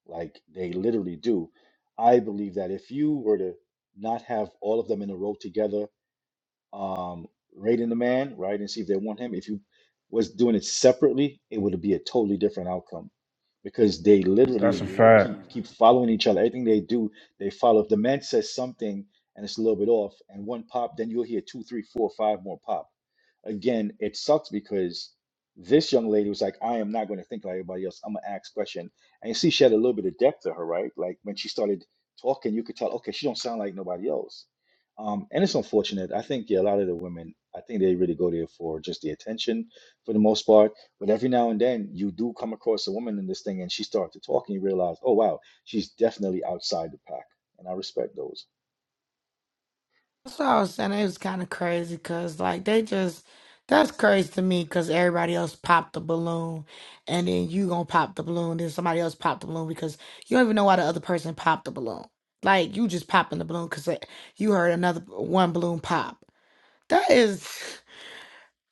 Speaker 5: like they literally do. I believe that if you were to not have all of them in a row together, um, rating the man, right, and see if they want him. If you was doing it separately, it would be a totally different outcome because they
Speaker 2: That's a
Speaker 5: literally
Speaker 2: fact.
Speaker 5: keep keep following each other. Everything they do, they follow. If the man says something and it's a little bit off, and one pop, then you'll hear two, three, four, five more pop. Again, it sucks because this young lady was like, "I am not going to think like everybody else. I'm gonna ask question." And you see, she had a little bit of depth to her, right? Like when she started talking, you could tell, okay, she don't sound like nobody else um, and it's unfortunate. I think yeah, a lot of the women, I think they really go there for just the attention for the most part. But every now and then you do come across a woman in this thing and she starts to talk and you realize, oh wow, she's definitely outside the pack. And I respect those.
Speaker 4: That's what I was saying. It was kind of crazy because, like, they just, that's crazy to me because everybody else popped the balloon and then you gonna pop the balloon. Then somebody else popped the balloon because you don't even know why the other person popped the balloon. Like, you just popping the balloon because you heard another one balloon pop. That is,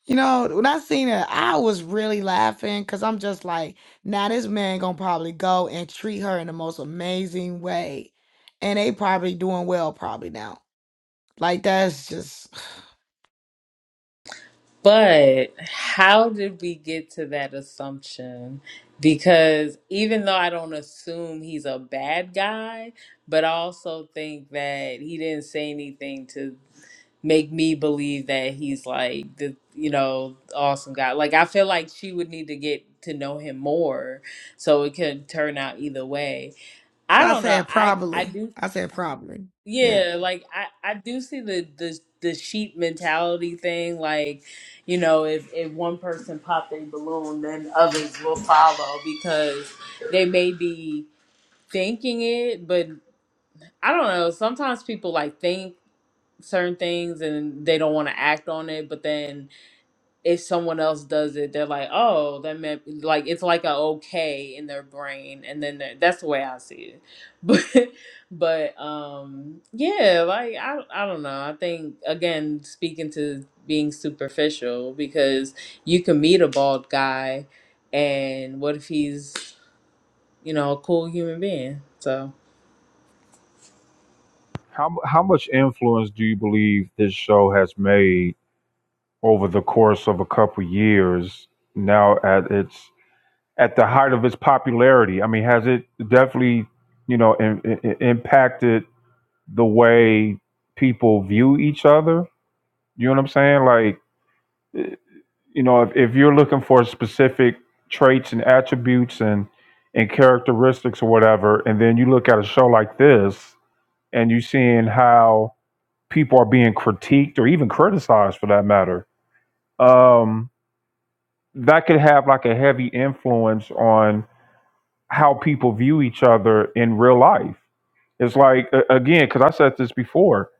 Speaker 4: you know, when I seen it, I was really laughing because I'm just like, now this man gonna probably go and treat her in the most amazing way. And they probably doing well, probably now. Like, that's just. (sighs)
Speaker 1: But how did we get to that assumption? Because even though I don't assume he's a bad guy, but I also think that he didn't say anything to make me believe that he's like the you know awesome guy. Like I feel like she would need to get to know him more so it could turn out either way.
Speaker 4: That's
Speaker 1: I
Speaker 4: why I
Speaker 1: don't know.
Speaker 4: said
Speaker 1: I I
Speaker 4: probably.
Speaker 1: do
Speaker 4: I said probably. Yeah.
Speaker 1: yeah, like I I do see the the the sheep mentality thing. Like, you know, if if one person pop a balloon, then others will follow because they may be thinking it, but I don't know. Sometimes people like think certain things and they don't want to act on it, but then if someone else does it, they're like, "Oh, that meant like it's like a okay in their brain," and then they're- that's the way I see it. (laughs) But, but um, yeah, like I, I don't know. I think again, speaking to being superficial, because you can meet a bald guy, and what if he's you know a cool human being? So.
Speaker 2: How how much influence do you believe this show has made over the course of a couple years? Now at its at the height of its popularity. I mean, has it definitely, you know, in, in- impacted the way people view each other? You know what I'm saying? Like, eh, you know, if, if you're looking for specific traits and attributes and and characteristics or whatever, and then you look at a show like this and you're seeing how people are being critiqued or even criticized for that matter, um, that could have like a heavy influence on how people view each other in real life. It's like a- again, because I said this before.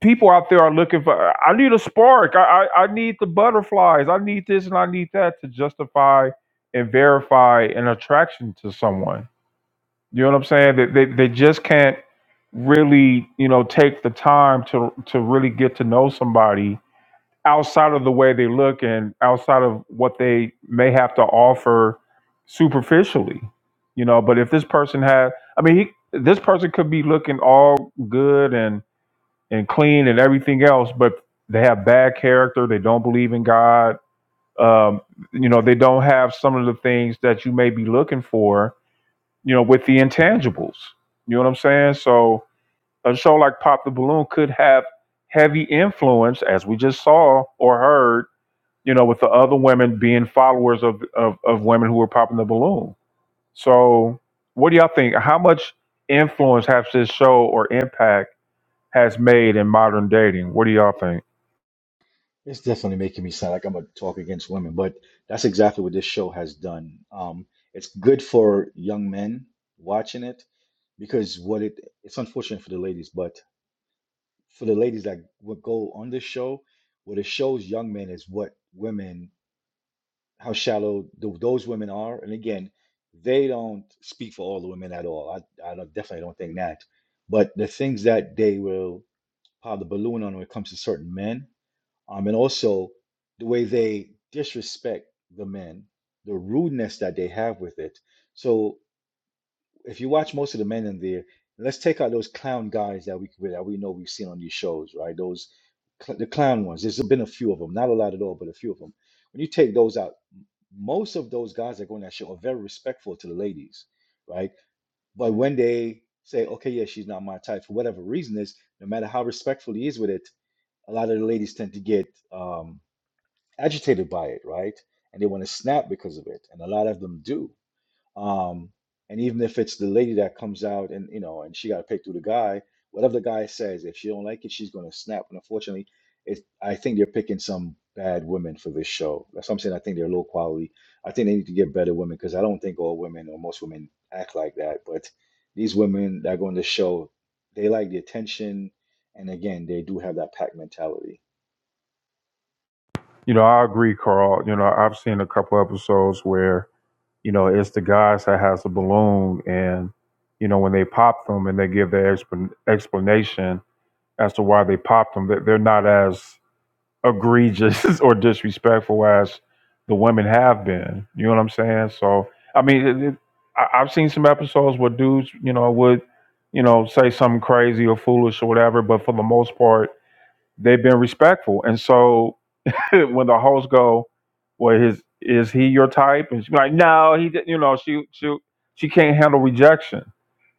Speaker 2: People out there are looking for. I need a spark. I, I I need the butterflies. I need this and I need that to justify and verify an attraction to someone. You know what I'm saying? They they, they just can't really you know take the time to to really get to know somebody outside of the way they look and outside of what they may have to offer superficially you know but if this person had i mean he, this person could be looking all good and and clean and everything else but they have bad character they don't believe in god um you know they don't have some of the things that you may be looking for you know with the intangibles you know what i'm saying so a show like pop the balloon could have heavy influence as we just saw or heard you know, with the other women being followers of, of, of women who were popping the balloon. So, what do y'all think? How much influence has this show or impact has made in modern dating? What do y'all think?
Speaker 5: It's definitely making me sound like I'm gonna talk against women, but that's exactly what this show has done. Um, it's good for young men watching it because what it it's unfortunate for the ladies, but for the ladies that would go on this show, what it shows young men is what women how shallow th those women are. And again, they don't speak for all the women at all. I, I don't, definitely don't think that. But the things that they will pop the balloon on when it comes to certain men, um, and also the way they disrespect the men, the rudeness that they have with it. So if you watch most of the men in there, let's take out those clown guys that we that we know we've seen on these shows, right? Those cl- the clown ones. There's been a few of them, not a lot at all, but a few of them. When you take those out, most of those guys that go on that show are very respectful to the ladies, right? But when they say, "Okay, yeah, she's not my type," for whatever reason is, no matter how respectful he is with it, a lot of the ladies tend to get um, agitated by it, right? And they want to snap because of it, and a lot of them do um, and even if it's the lady that comes out and you know, and she got to pick through the guy, whatever the guy says, if she don't like it, she's gonna snap. And unfortunately, it's I think they're picking some bad women for this show. That's what I'm saying. I think they're low quality. I think they need to get better women because I don't think all women or most women act like that. But these women that go on the show, they like the attention, and again, they do have that pack mentality.
Speaker 2: You know, I agree, Carl. You know, I've seen a couple episodes where, you know, it's the guys that has the balloon and, you know, when they pop them and they give their explan- explanation as to why they popped them, that they're not as egregious (laughs) or disrespectful as the women have been. You know what I'm saying? So I mean, it, it, I, I've seen some episodes where dudes, you know, would you know say something crazy or foolish or whatever, but for the most part, they've been respectful. And so (laughs) when the hosts go, "Well, his is he your type?" and she's like, "No, he didn't." You know, she she she can't handle rejection.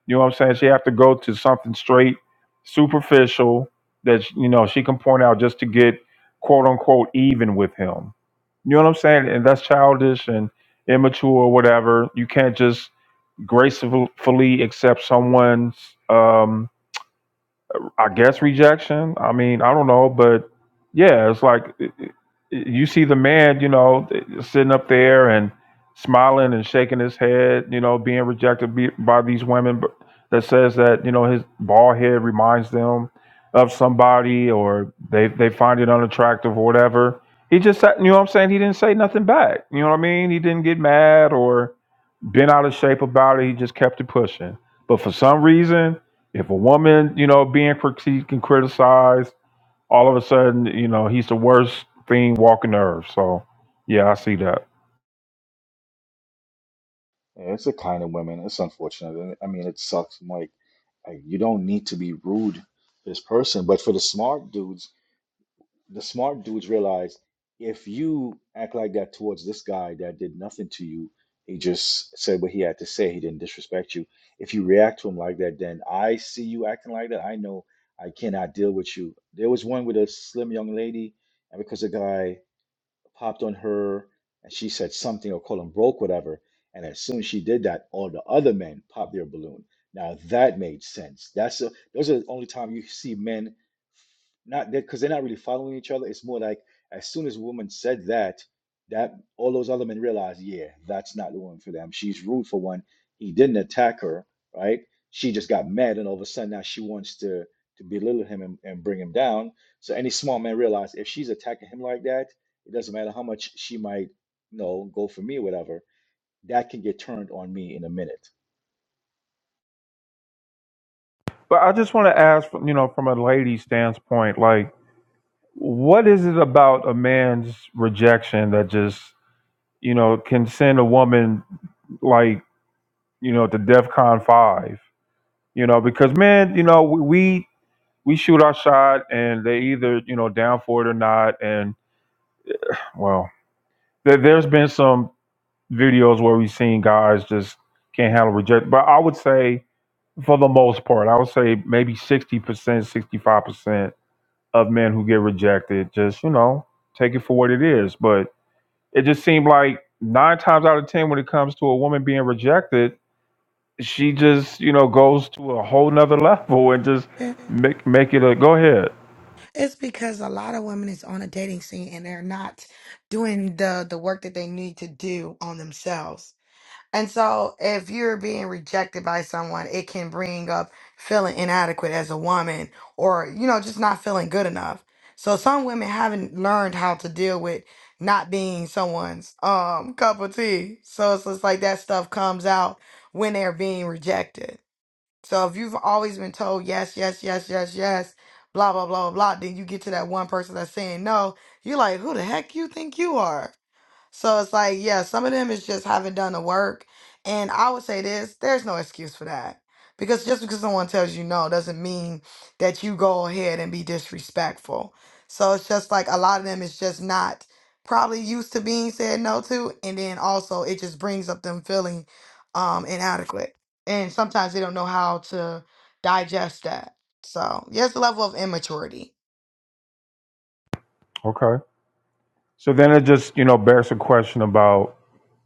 Speaker 2: You know what I'm saying? She have to go to something straight, superficial that you know she can point out just to get quote unquote even with him. You know what I'm saying? And that's childish and immature, or whatever. You can't just gracefully accept someone's um, I guess rejection. I mean, I don't know, but yeah, it's like it- it- you see the man, you know, sitting up there and smiling and shaking his head, you know, being rejected be- by these women but that says that, you know, his bald head reminds them of somebody or they they find it unattractive or whatever. He just sat, you know what I'm saying? He didn't say nothing back. You know what I mean? He didn't get mad or been out of shape about it. He just kept it pushing. But for some reason, if a woman, you know, being critiqued and criticized, all of a sudden, you know, he's the worst thing walking the earth. So, yeah, I see that.
Speaker 5: Yeah, It's the kind of women. It's unfortunate. and I mean, it sucks. I'm like, like, you don't need to be rude to this person. But for the smart dudes, the smart dudes realize if you act like that towards this guy that did nothing to you, he just said what he had to say. He didn't disrespect you. If you react to him like that, then I see you acting like that. I know I cannot deal with you. There was one with a slim young lady, and because the guy popped on her and she said something or called him broke, whatever. And as soon as she did that, all the other men popped their balloon. Now that made sense. That's a, those are the only time you see men not that because they're not really following each other. It's more like as soon as a woman said that, that all those other men realized, yeah, that's not the woman for them. She's rude for one. He didn't attack her, right? She just got mad, and all of a sudden now she wants to to belittle him and, and bring him down. So any small man realized if she's attacking him like that. It doesn't matter how much she might, you know, go for me or whatever. That can get turned on me in a minute.
Speaker 2: But I just want to ask, you know, from a lady standpoint, like, what is it about a man's rejection that just, you know, can send a woman like, you know, to DEFCON five? You know, because men, you know, we, we shoot our shot and they either you know down for it or not and well there, there's been some videos where we've seen guys just can't handle rejection. but i would say for the most part i would say maybe 60% 65% of men who get rejected just you know take it for what it is but it just seemed like nine times out of ten when it comes to a woman being rejected she just you know goes to a whole nother level and just
Speaker 4: Yeah.
Speaker 2: make make it a go ahead
Speaker 4: It's because a lot of women is on a dating scene and they're not doing the the work that they need to do on themselves. And so if you're being rejected by someone, it can bring up feeling inadequate as a woman or you know just not feeling good enough. So some women haven't learned how to deal with not being someone's um cup of tea. So it's just like that stuff comes out when they're being rejected. So if you've always been told yes, yes, yes, yes, yes, blah, blah, blah, blah, blah, then you get to that one person that's saying no, you're like, who the heck you think you are? So it's like, yeah, some of them is just haven't done the work. And I would say this, there's no excuse for that. Because just because someone tells you no doesn't mean that you go ahead and be disrespectful. So it's just like a lot of them is just not probably used to being said no to. And then also it just brings up them feeling um inadequate. And sometimes they don't know how to digest that. So yes, the level of immaturity.
Speaker 2: Okay. So then it just, you know, bears a question about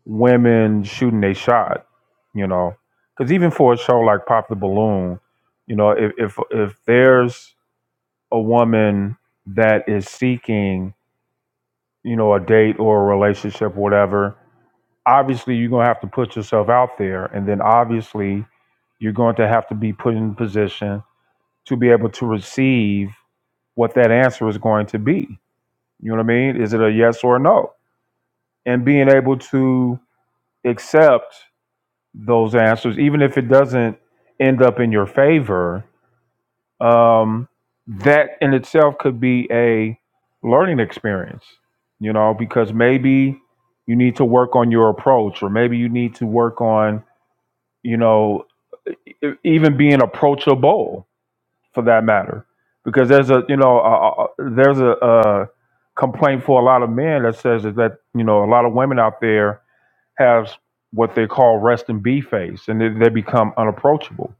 Speaker 2: women shooting a shot, you know, because even for a show like Pop the Balloon, you know, if, if if there's a woman that is seeking, you know, a date or a relationship, whatever, obviously you're gonna have to put yourself out there, and then obviously you're going to have to be put in position to be able to receive what that answer is going to be. You know what I mean? Is it a yes or a no? And being able to accept those answers, even if it doesn't end up in your favor, um, that in itself could be a learning experience, you know, because maybe you need to work on your approach, or maybe you need to work on, you know, e- e-, even being approachable for that matter. Because there's a, you know, a, a- there's a, a complaint for a lot of men that says that, you know, a lot of women out there has what they call rest and be face, and they, they become unapproachable.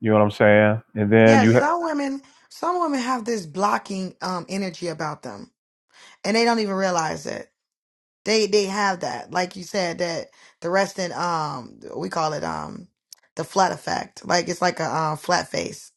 Speaker 2: You know what I'm saying? And then
Speaker 4: Yes,
Speaker 2: you ha-
Speaker 4: some women some women have this blocking um energy about them and they don't even realize it. They they have that, like you said, that the rest in um we call it um the flat effect. Like it's like a uh, flat face,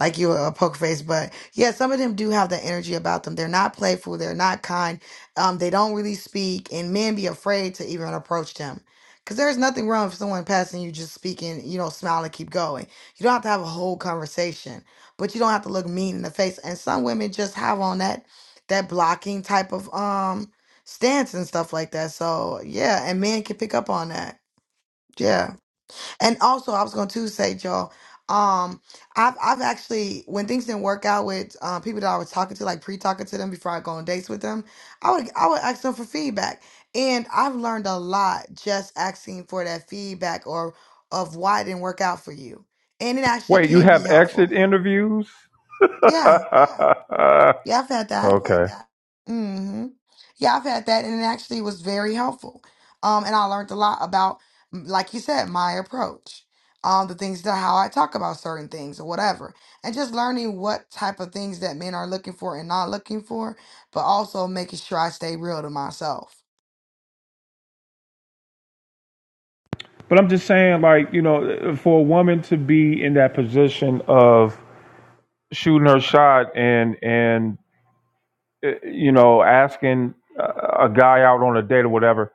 Speaker 4: like you a poker face. But yeah, some of them do have that energy about them. They're not playful. They're not kind. Um, they don't really speak, and men be afraid to even approach them. Cause there's nothing wrong with someone passing you just speaking, you know, smile and keep going. You don't have to have a whole conversation, but you don't have to look mean in the face. And some women just have on that that blocking type of um stance and stuff like that. So yeah, and men can pick up on that. Yeah, and also I was going to say, y'all, um, I've I've actually when things didn't work out with uh, people that I was talking to, like pre-talking to them before I go on dates with them, I would I would ask them for feedback, and I've learned a lot just asking for that feedback or of why it didn't work out for you, and it actually
Speaker 2: wait, you
Speaker 4: can be
Speaker 2: have exit
Speaker 4: helpful.
Speaker 2: interviews. (laughs)
Speaker 4: Yeah,
Speaker 2: okay,
Speaker 4: yeah, I've had that.
Speaker 2: but
Speaker 4: hmm Yeah, I've had that, and it actually was very helpful. Um, and I learned a lot about, m- like you said, my approach, um, the things that how I talk about certain things or whatever, and just learning what type of things that men are looking for and not looking for, but also making sure I stay real to myself.
Speaker 2: I'm just saying, like you know, for a woman to be in that position of shooting her shot and and uh, you know asking uh, a guy out on a date or whatever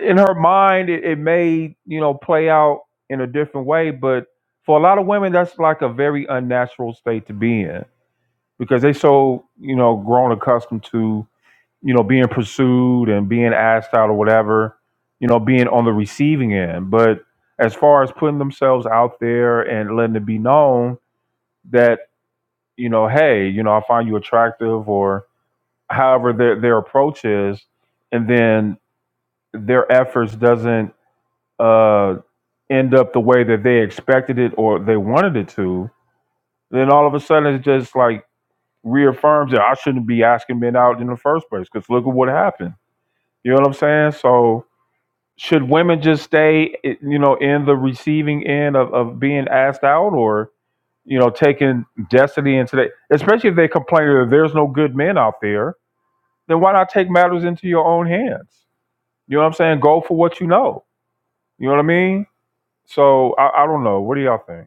Speaker 2: in her mind it, it may you know play out in a different way but for a lot of women that's like a very unnatural state to be in because they so you know grown accustomed to you know being pursued and being asked out or whatever you know being on the receiving end but as far as putting themselves out there and letting it be known that you know hey you know i find you attractive or however their their approach is and then their efforts doesn't uh, end up the way that they expected it or they wanted it to, then all of a sudden it just like reaffirms that I shouldn't be asking men out in the first place because look at what happened. You know what I'm saying? So should women just stay, eh, you know, in the receiving end of, of being asked out or, you know, taking destiny into that? especially if they complain that there's no good men out there, then why not take matters into your own hands? You know what I'm saying? Go for what you know. You know what I mean? So I, I don't know. What do y'all think?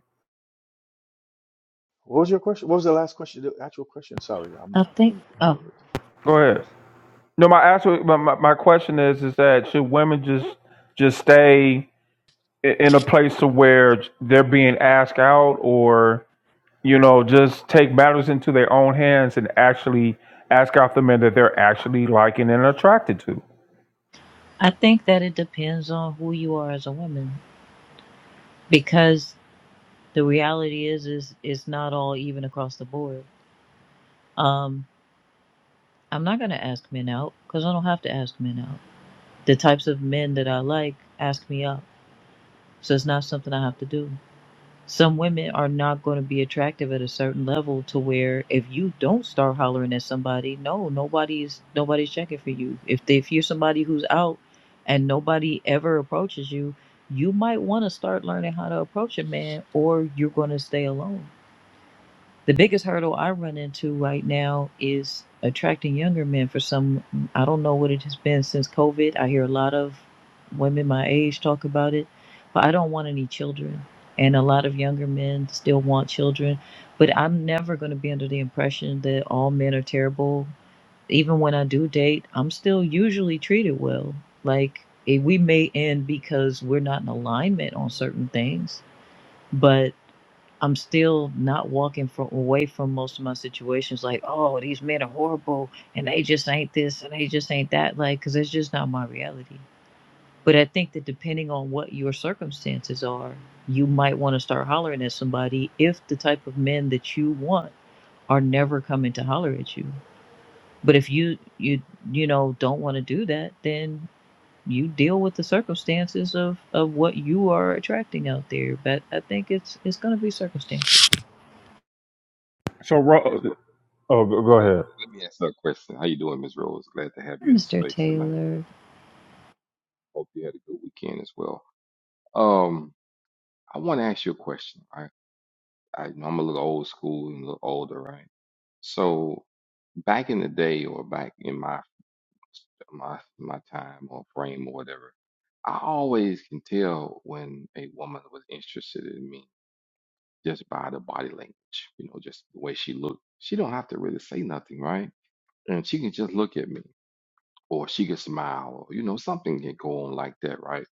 Speaker 5: What was your question? What was the last question? The actual question. Sorry, I'm
Speaker 7: I
Speaker 5: I
Speaker 7: think
Speaker 5: didn't get all
Speaker 7: oh,
Speaker 5: of it.
Speaker 2: Go ahead. No, my actual my, my my question is is that should women just just stay i- in a place to where they're being asked out, or you know, just take matters into their own hands and actually ask out the men that they're actually liking and attracted to.
Speaker 7: I think that it depends on who you are as a woman because the reality is is it's not all even across the board. Um I'm not going to ask men out cuz I don't have to ask men out. The types of men that I like ask me out. So it's not something I have to do. some women are not going to be attractive at a certain level to where if you don't start hollering at somebody no nobody's nobody's checking for you if they, if you're somebody who's out and nobody ever approaches you you might want to start learning how to approach a man or you're going to stay alone the biggest hurdle I run into right now is attracting younger men for some, I don't know what it has been since COVID. I hear a lot of women my age talk about it, but I don't want any children. And a lot of younger men still want children. But I'm never going to be under the impression that all men are terrible. Even when I do date, I'm still usually treated well. Like, eh, we may end because we're not in alignment on certain things, but I'm still not walking from away from most of my situations. Like, oh, these men are horrible, and they just ain't this, and they just ain't that. Like, because it's just not my reality. But I think that depending on what your circumstances are, you might want to start hollering at somebody if the type of men that you want are never coming to holler at you. But if you you you know don't want to do that, then you deal with the circumstances of of what you are attracting out there. But I think it's it's going to be circumstances.
Speaker 2: So,
Speaker 3: It
Speaker 2: Ro-
Speaker 3: is Rose.
Speaker 2: oh, go go
Speaker 3: Let
Speaker 2: ahead.
Speaker 3: let me ask her a question. How you doing, Miss Rose? Glad to have you in the
Speaker 7: Mr.
Speaker 3: space tonight.
Speaker 7: Taylor.
Speaker 3: Hope you had a good weekend as well. Um, I want to ask you a question. I, I know I'm a little old school and a little older, right? So back in the day, or back in my my my time or frame or whatever, I always can tell when a woman was interested in me just by the body language, you know, just the way she looked. She don't have to really say nothing, right? And she can just look at me, or she can smile, or you know, something can go on like that, right?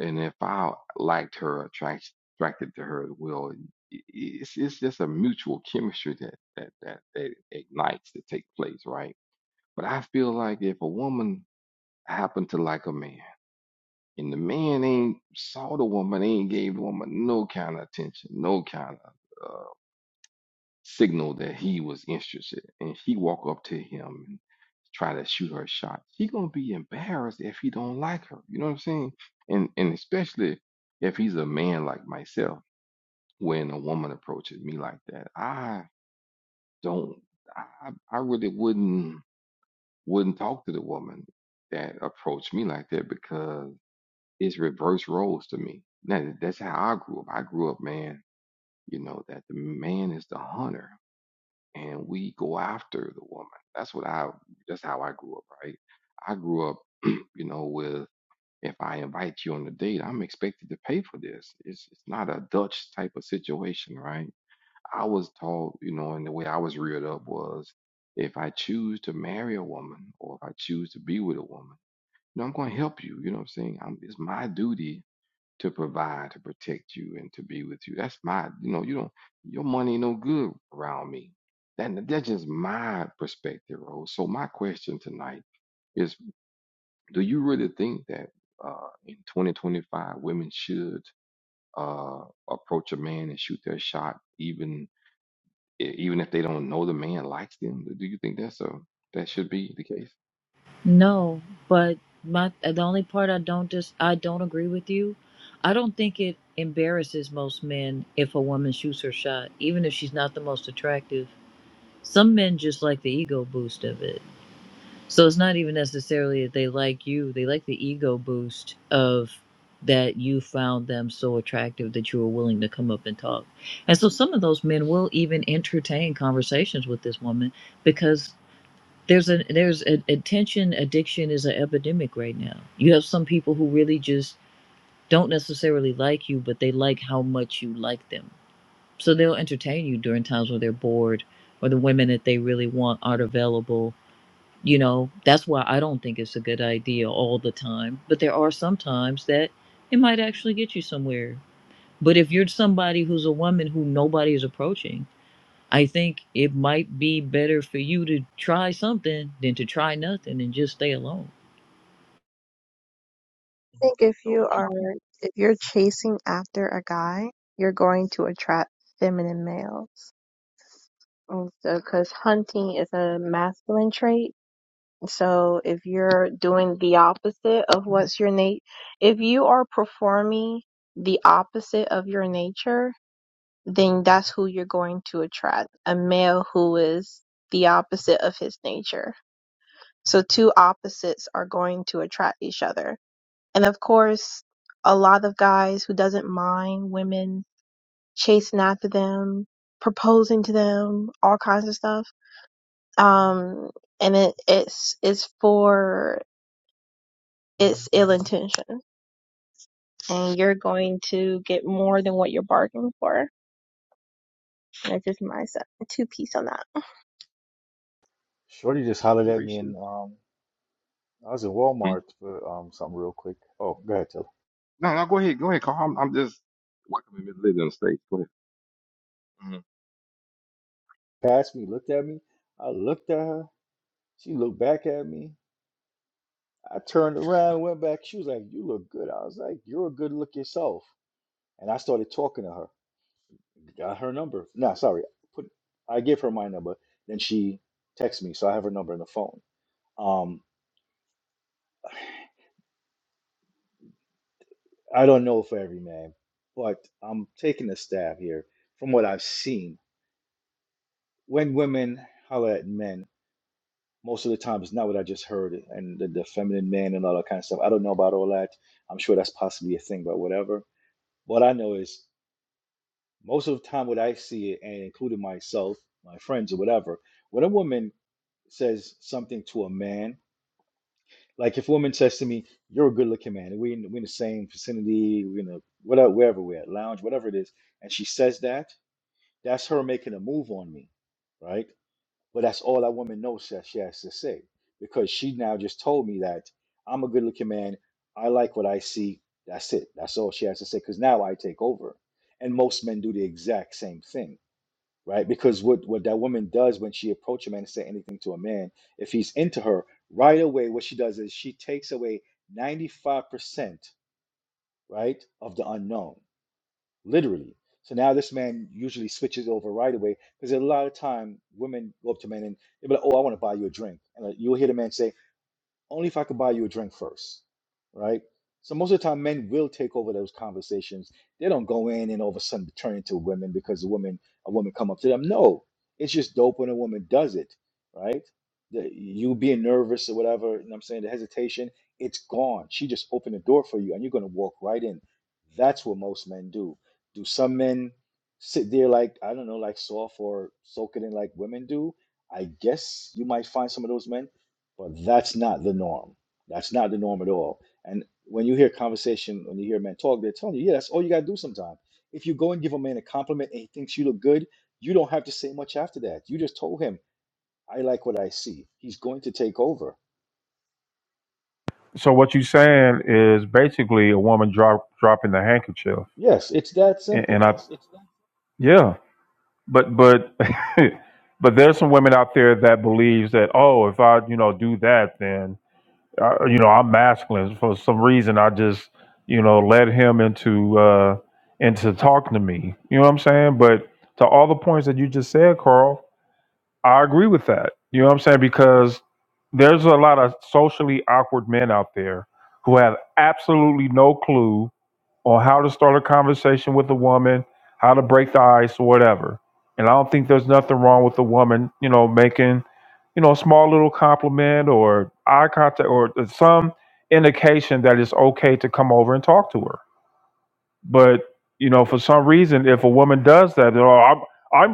Speaker 3: and if I liked her, attract, attracted to her well, i- i- it's it's just a mutual chemistry that that that that ignites to take place, right? But I feel like if a woman happened to like a man, and the man ain't saw the woman, ain't gave the woman no kind of attention, no kind of signal that he was interested and she walk up to him and try to shoot her shot she gonna be embarrassed if he don't like her you know what i'm saying and and especially if he's a man like myself when a woman approaches me like that i don't i i really wouldn't wouldn't talk to the woman that approached me like that because it's reverse roles to me now that's how i grew up i grew up man you know that the man is the hunter and we go after the woman. That's what I that's how I grew up, right? I grew up, (clears throat) you know, with if I invite you on a date, I'm expected to pay for this. It's it's not a Dutch type of situation, right? I was taught, you know, and the way I was reared up was if I choose to marry a woman or if I choose to be with a woman, you know, I'm gonna help you. You know what I'm saying? I'm, it's my duty to provide, to protect you, and to be with you. That's my, you know, you don't, your money ain't no good around me. That, that's just my perspective, Rose. So my question tonight is, do you really think that uh, in 2025 women should uh, approach a man and shoot their shot, even e- even if they don't know the man likes them? Do you think that's a that should be the case?
Speaker 7: No, but my the only part I don't just I don't agree with you. I don't think it embarrasses most men if a woman shoots her shot, even if she's not the most attractive. Some men just like the ego boost of it. So it's not even necessarily that they like you, they like the ego boost of that you found them so attractive that you were willing to come up and talk. And so some of those men will even entertain conversations with this woman because. There's a there's a attention addiction is an epidemic right now. You have some people who really just don't necessarily like you, but they like how much you like them. So they'll entertain you during times when they're bored or the women that they really want aren't available. You know, that's why I don't think it's a good idea all the time. But there are some times that it might actually get you somewhere. But if you're somebody who's a woman who nobody is approaching, I think it might be better for you to try something than to try nothing and just stay alone.
Speaker 8: think if
Speaker 3: So
Speaker 8: you
Speaker 3: don't you
Speaker 8: are
Speaker 3: think?
Speaker 8: if you're chasing after a guy, you're going to attract feminine males. so, because hunting is a masculine trait. So if you're doing the opposite of what's your nat, if you are performing the opposite of your nature, then that's who you're going to attract. A male who is the opposite of his nature. So two opposites are going to attract each other. And of course, a lot of guys who doesn't mind women chasing after them, proposing to them, all kinds of stuff. Um, and it, it's it's for it's ill intention, and you're going to get more than what you're bargaining for. And it's just my se- two piece on that.
Speaker 5: Shorty
Speaker 3: Thank
Speaker 5: just
Speaker 3: you.
Speaker 5: hollered
Speaker 3: Really
Speaker 5: at me,
Speaker 3: appreciate
Speaker 5: and um, I was in
Speaker 3: you. Hmm?
Speaker 5: Walmart for um something real quick. Oh, go ahead, tell.
Speaker 3: No, no, go ahead, go ahead, Carl. I'm, I'm just welcoming Miss Lizzie on stage. Go ahead.
Speaker 5: Passed me, looked at me. I looked at her. She looked back at me. I turned around, went back. She was like, "You look good." I was like, "You're a good look yourself." And I started talking to her. Got her number. No, sorry. Put I give her my number, then she texts me, so I have her number in the phone. Um, I don't know for every man, but I'm taking a stab here from what I've seen. When women holler at men, most of the time it's not what I just heard and the, the feminine man and all that kind of stuff. I don't know about all that. I'm sure that's possibly a thing, but whatever. What I know is most of the time what I see it, and including myself, my friends or whatever, when a woman says something to a man Like if a woman says to me, "You're a good-looking man," and we in, we in the same vicinity, you know, whatever, wherever we're at, lounge, whatever it is, and she says that, that's her making a move on me, right? But that's all that woman knows that she has to say because she now just told me that I'm a good-looking man. I like what I see. That's it. That's all she has to say because now I take over, and most men do the exact same thing right? Because what what that woman does when she approaches a man and say anything to a man, if he's into her, right away, what she does is she takes away 95%, right, of the unknown, literally. So now this man usually switches over right away because a lot of time women go up to men and they'll be like, "Oh, I want to buy you a drink," and like, you'll hear the man say, only if I could buy you a drink first, right? So most of the time, men will take over those conversations. They don't go in and all of a sudden turn into women because a woman a woman come up to them. No, it's just dope when a woman does it, right? The, you being nervous or whatever, you know what I'm saying the hesitation, it's gone. She just opened the door for you, and you're gonna walk right in. That's what most men do. Do some men sit there like I don't know, like soft or soak it in like women do? I guess you might find some of those men but that's not the norm. That's not the norm at all. And when you hear conversation, when you hear men talk, they're telling you, yeah, that's all you gotta do sometimes. If you go and give a man a compliment and he thinks you look good, you don't have to say much after that. You just told him, I like what I see. He's going to take over.
Speaker 2: So, what you saying is basically a woman drop dropping the handkerchief,
Speaker 5: Yes, it's that
Speaker 2: and, and
Speaker 5: simple.
Speaker 2: I yeah. but but (laughs) but there's some women out there that believes that oh if i you know do that then uh, you know i'm masculine for some reason i just you know led him into uh into talking to me you know what i'm saying but to all the points that you just said carl i agree with that you know what i'm saying because there's a lot of socially awkward men out there who have absolutely no clue on how to start a conversation with a woman, how to break the ice or whatever. And I don't think there's nothing wrong with a woman, you know, making, you know, a small little compliment or eye contact or some indication that it's okay to come over and talk to her. But, you know, for some reason, if a woman does that, they're, oh, I'm,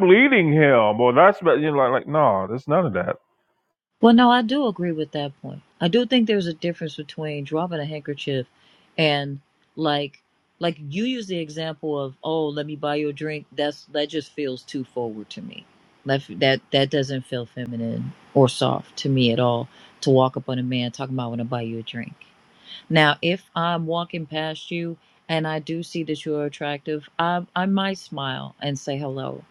Speaker 2: I'm leading him or that's, you know, like, like, no, there's none of that.
Speaker 7: Well, no, I do agree with that point. I do think there's a difference between dropping a handkerchief and like like you use the example of oh let me buy you a drink that's that just feels too forward to me that that that doesn't feel feminine or soft to me at all to walk up on a man talking about I want to buy you a drink Now, if I'm walking past you and I do see that you're attractive, I, I might smile and say hello.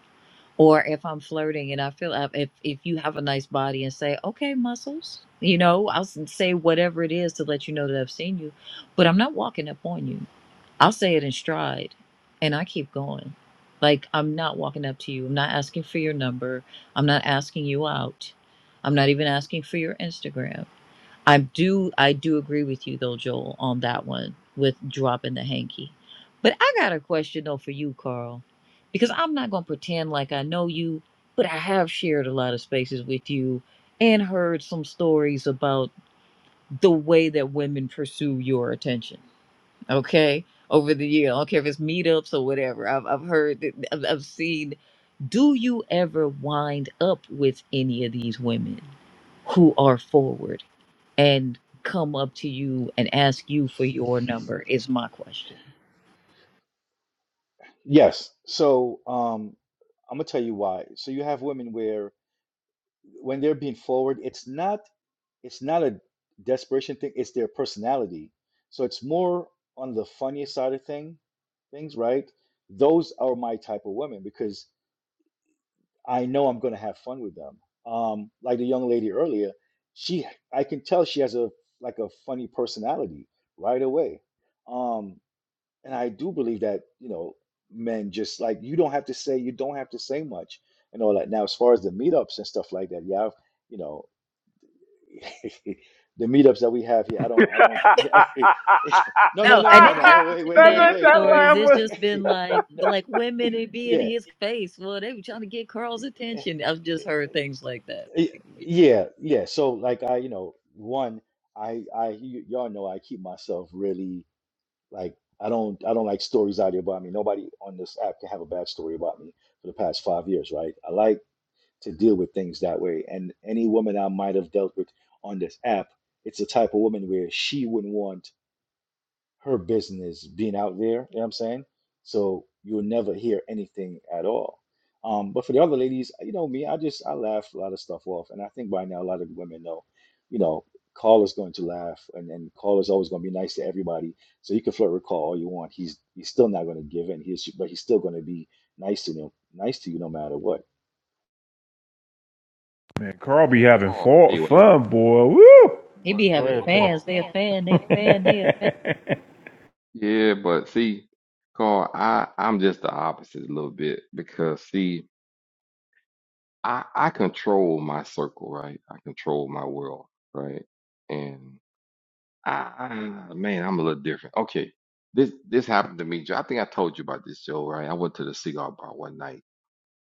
Speaker 7: Or if I'm flirting and I feel uh, if if you have a nice body and say, "Okay, muscles," you know, I'll s- say whatever it is to let you know that I've seen you, but I'm not walking up on you. I'll say it in stride and I keep going. Like, I'm not walking up to you. I'm not asking for your number. I'm not asking you out. I'm not even asking for your Instagram. I do I do agree with you though, Joel, on that one with dropping the hanky. But I got a question though for you, Carl, because I'm not gonna pretend like I know you, but I have shared a lot of spaces with you and heard some stories about the way that women pursue your attention. Okay, over the year, I don't care if it's meetups or whatever. I've I've heard, that- I've, I've seen. Do you ever wind up with any of these women? who are forward? and come up to you and ask you for your number is my question.
Speaker 5: Yes. So um, I'm gonna tell you why. So you have women where when they're being forward, it's not it's not a desperation thing it's their personality so it's more on the funny side of thing things right those are my type of women because i know i'm going to have fun with them um like the young lady earlier she i can tell she has a like a funny personality right away um and i do believe that you know men just like you don't have to say you don't have to say much and all that now as far as the meetups and stuff like that yeah I've, you know. (laughs) the meetups that we have here, I don't, I don't.
Speaker 2: (laughs) that,
Speaker 5: (laughs) no, no,
Speaker 7: No,
Speaker 5: no,
Speaker 7: and
Speaker 5: no,
Speaker 7: it
Speaker 5: no.
Speaker 7: hasn't
Speaker 5: Oh, wait,
Speaker 7: been
Speaker 5: wait,
Speaker 7: bad
Speaker 5: wait,
Speaker 2: that,
Speaker 5: wait,
Speaker 2: that
Speaker 5: wait.
Speaker 7: stories. It's
Speaker 2: laugh
Speaker 7: just been
Speaker 5: (laughs)
Speaker 7: like
Speaker 5: No,
Speaker 7: like women and be in
Speaker 5: yeah,
Speaker 7: his face. Well, they were trying to get Carl's
Speaker 5: eh,
Speaker 7: attention. I've just heard things like that.
Speaker 5: eh,
Speaker 7: Like,
Speaker 5: yeah, yeah. So, like, I, you know, one, I, I, y- y'all know, I keep myself really like, I don't, I don't like stories out here about me. Nobody on this app can have a bad story about me for the past five years, right? I like to deal with things that way, and any woman I might have dealt with on this app, it's the type of woman where she wouldn't want her business being out there. You know what I'm saying? So you'll never hear anything at all. Um, but for the other ladies, you know me, I just I laugh a lot of stuff off, and I think by now a lot of women know, you know, Carl is going to laugh, and and Carl is always going to be nice to everybody. So you can flirt with Carl all you want. He's he's still not going to give in. He's but he's still going to be nice to you, nice to you no matter what.
Speaker 2: And Carl be having
Speaker 3: Carl,
Speaker 2: fa-
Speaker 3: see what happened.
Speaker 2: fun, boy. Woo!
Speaker 7: He
Speaker 3: But
Speaker 7: be
Speaker 2: Go
Speaker 7: having
Speaker 2: ahead,
Speaker 3: but
Speaker 2: tell.
Speaker 7: fans.
Speaker 3: Carl.
Speaker 7: They a fan. They
Speaker 2: (laughs)
Speaker 7: a fan. They a fan.
Speaker 3: Yeah, but see, Carl, I I'm just the opposite a little bit because see, I I control my circle, right? I control my world, right? And I, I man, I'm a little different. Okay, this this happened to me. Joe. I think I told you about this, Joe. Right? I went to the cigar bar one night,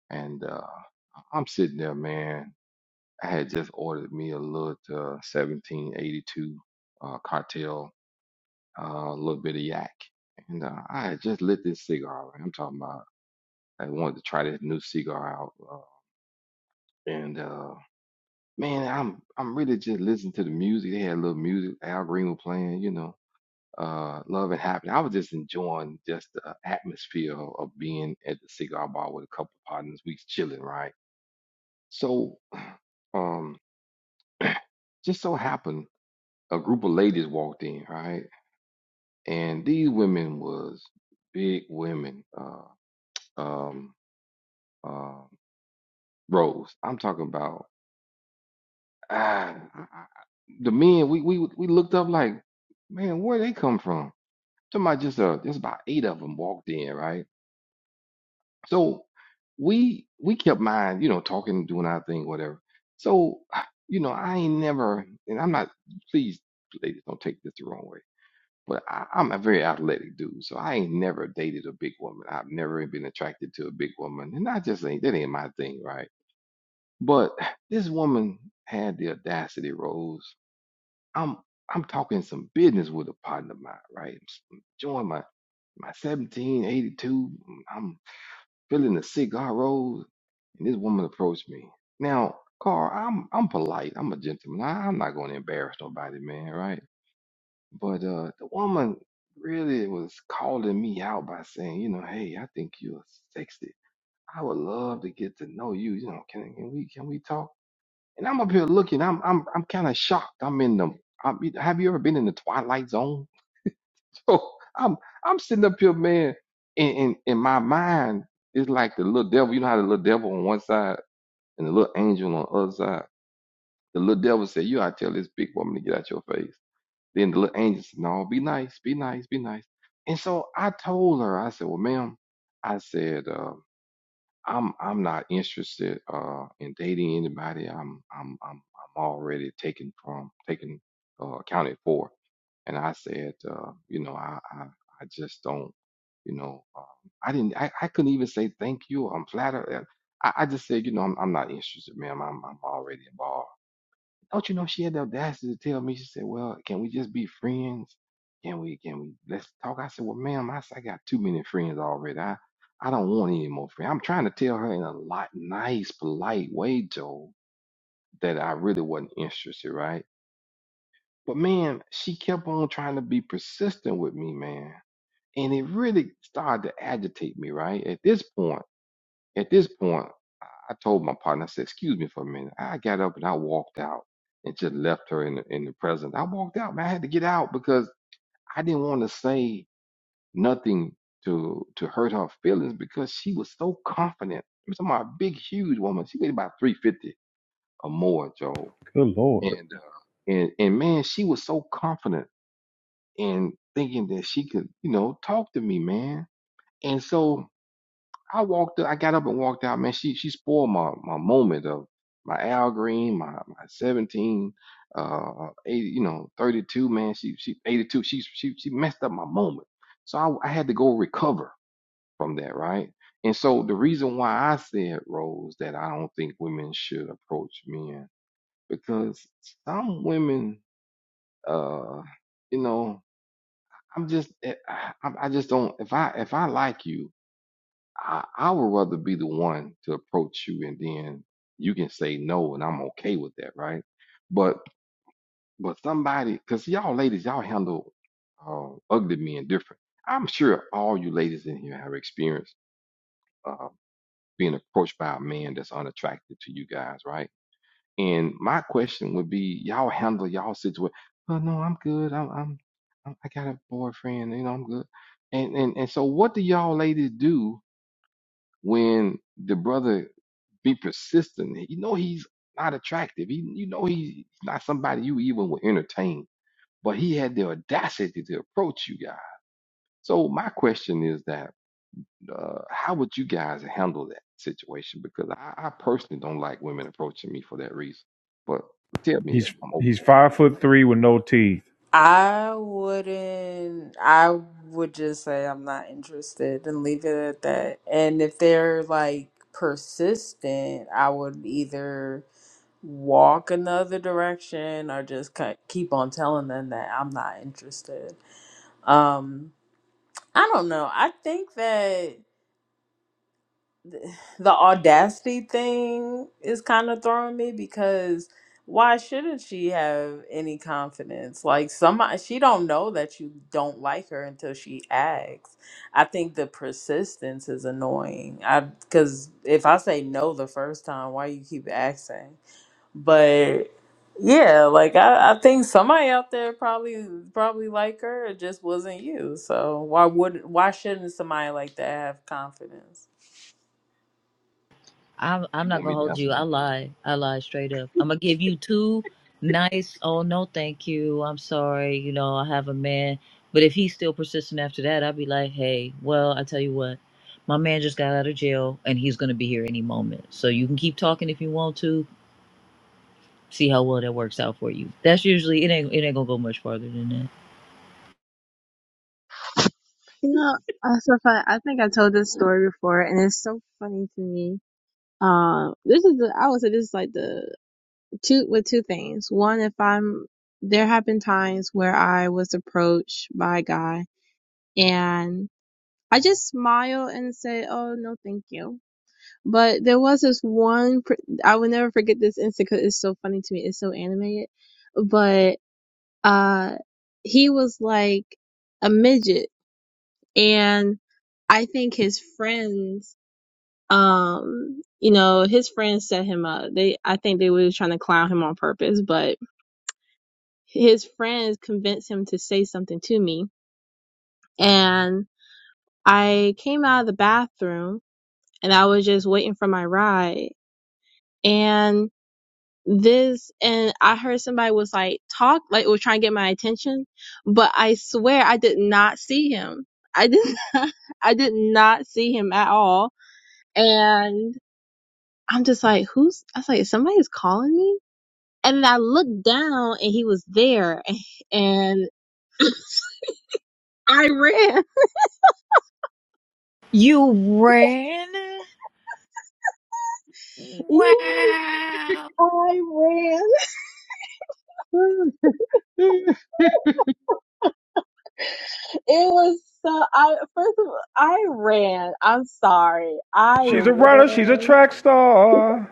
Speaker 3: and uh, I'm sitting there, man. I had just ordered me a little uh, 1782 uh, cartel uh, a little bit of yak. And uh, I had just lit this cigar. I'm talking about I wanted to try this new cigar out. Uh, and uh, man, I'm I'm really just listening to the music. They had a little music, Al Green was playing, you know, uh, Love and Happiness. I was just enjoying just the atmosphere of, being at the cigar bar with a couple of partners. We was chilling, right? So um, just so happened a group of ladies walked in, right? And these women was big women. Uh, um, uh, roles. I'm talking about ah, I- I- the men we we we looked up like, man, where they come from? Talking about just uh, just about eight of them walked in, right? So we we kept mind, you know, talking, doing our thing, whatever. So you know, I ain't never, and I'm not. Please, ladies, don't take this the wrong way. But I, I'm a very athletic dude, so I ain't never dated a big woman. I've never been attracted to a big woman, and I just ain't that ain't my thing, right? But this woman had the audacity, Rose. I'm I'm talking some business with a partner of mine, right? I'm enjoying my my 1782. I'm feeling the cigar rose, and this woman approached me. Now, Carl, I'm I'm polite. I'm a gentleman. I, I'm not going to embarrass nobody, man, right? But uh, the woman really was calling me out by saying, you know, hey, I think you're sexy. I would love to get to know you. You know, can can we can we talk? And I'm up here looking. I'm I'm I'm kind of shocked. I'm in the. I'm, have you ever been in the twilight zone? (laughs) So I'm I'm sitting up here, man. In in, in my mind, it's like the little devil. You know how the little devil on one side and the little angel on the other side. The little devil said, "You ought to tell this big woman to get out your face." Then the little angel said, "No, be nice, be nice, be nice." And so I told her, I said, "Well, ma'am," I said. um, I'm I'm not interested uh in dating anybody. I'm I'm I'm I'm already taken from taken uh, accounted for. And I said, uh, you know, I I, I just don't, you know, um, I didn't I, I couldn't even say thank you. I'm flattered. Uh, I, I just said, you know, I'm I'm not interested, ma'am. I'm I'm already involved. Don't you know she had the audacity to tell me? She said, "Well, can we just be friends? Can we? Can we? Let's talk." I said, "Well, ma'am, I, said, I got too many friends already. I, I don't want any more friends." I'm trying to tell her in a lot nice, polite way, Joe, that I really wasn't interested, right? But man, she kept on trying to be persistent with me, man, and it really started to agitate me, right? At this point, at this point. I told my partner, I said, excuse me for a minute. I got up and I walked out and just left her in the, in the present. I walked out, man. I had to get out because I didn't want to say nothing to to hurt her feelings because she was so confident. I'm talking about a big, huge woman. She weighed about 350 or more, Joe.
Speaker 2: Good
Speaker 3: And,
Speaker 2: lord.
Speaker 3: uh, and, and man, she was so confident in thinking that she could, you know, talk to me, man. And so I walked. up, I got up and walked out. Man, she she spoiled my my moment of my Al Green, my my seventeen, uh, eighty, you know, thirty two. Man, she she eighty two. She she she messed up my moment. So I I had to go recover from that, right? And so the reason why I said Rose that I don't think women should approach men because some women, uh, you know, I'm just eh, I, I I just don't if I if I like you. I, I would rather be the one to approach you and then you can say no and I'm okay with that, right? But but somebody, because y'all ladies, y'all handle uh, ugly men different. I'm sure all you ladies in here have experienced uh, being approached by a man that's unattractive to you guys, right? And my question would be, y'all handle y'all situation. Well, no, I'm good. I'm, I'm I'm- I got a boyfriend. You know, I'm good. And and and so, what do y'all ladies do? when the brother be persistent, you know he's not attractive. He, you know he's not somebody you even will entertain. But he had the audacity to approach you guys. So my question is that uh, how would you guys handle that situation? Because I, I personally don't like women approaching me for that reason. But tell me,
Speaker 2: He's
Speaker 3: I'm open.
Speaker 2: he's five foot three with no teeth.
Speaker 1: I wouldn't. I would just say I'm not interested and leave it at that. And if they're like persistent, I would either walk another direction or just ki- keep on telling them that I'm not interested. Um, I don't know. I think that the audacity thing is kind of throwing me because why shouldn't she have any confidence like somebody she don't know that you don't like her until she asks i think the persistence is annoying i because if i say no the first time why you keep asking but yeah like I, I think somebody out there probably probably like her it just wasn't you so why would why shouldn't somebody like that have confidence
Speaker 7: I'm I'm
Speaker 3: You
Speaker 7: not
Speaker 3: want
Speaker 7: gonna
Speaker 3: me to
Speaker 7: hold
Speaker 3: answer
Speaker 7: you. I
Speaker 3: that for real? (laughs)
Speaker 7: lied. I lied straight up. I'm gonna give you two nice. Oh no, thank you. I'm sorry. You know I have a man. But if he's still persistent after that, I'd be like, hey, well, I tell you what, my man just got out of jail and he's gonna be here any moment. So you can keep talking if you want to. See how well that works out for you. That's usually it. Ain't it ain't gonna go much farther than that.
Speaker 8: You know, uh, so fun. I think I told this story before, and it's so funny to me. Um, this is the I would say this is like the two with two things. One, if I'm there have been times where I was approached by a guy and I just smile and say, "Oh no, thank you." But there was this one pr- I will never forget this instant 'cause it's so funny to me. It's so animated. But uh, he was like a midget, and I think his friends um you know his friends set him up they i think they were trying to clown him on purpose but his friends convinced him to say something to me and i came out of the bathroom and i was just waiting for my ride and this and i heard somebody was like talk like was trying to get my attention but i swear i did not see him i did (laughs) not i did not see him at all and i'm just like who's i was like somebody's calling me And I looked down and he was there (laughs) and I ran. (laughs)
Speaker 7: You ran?
Speaker 8: Yes,
Speaker 7: Wow.
Speaker 8: I ran. It was so I first of all, I ran. I'm sorry. I
Speaker 2: She's a runner. She's a
Speaker 8: ran.
Speaker 2: track star.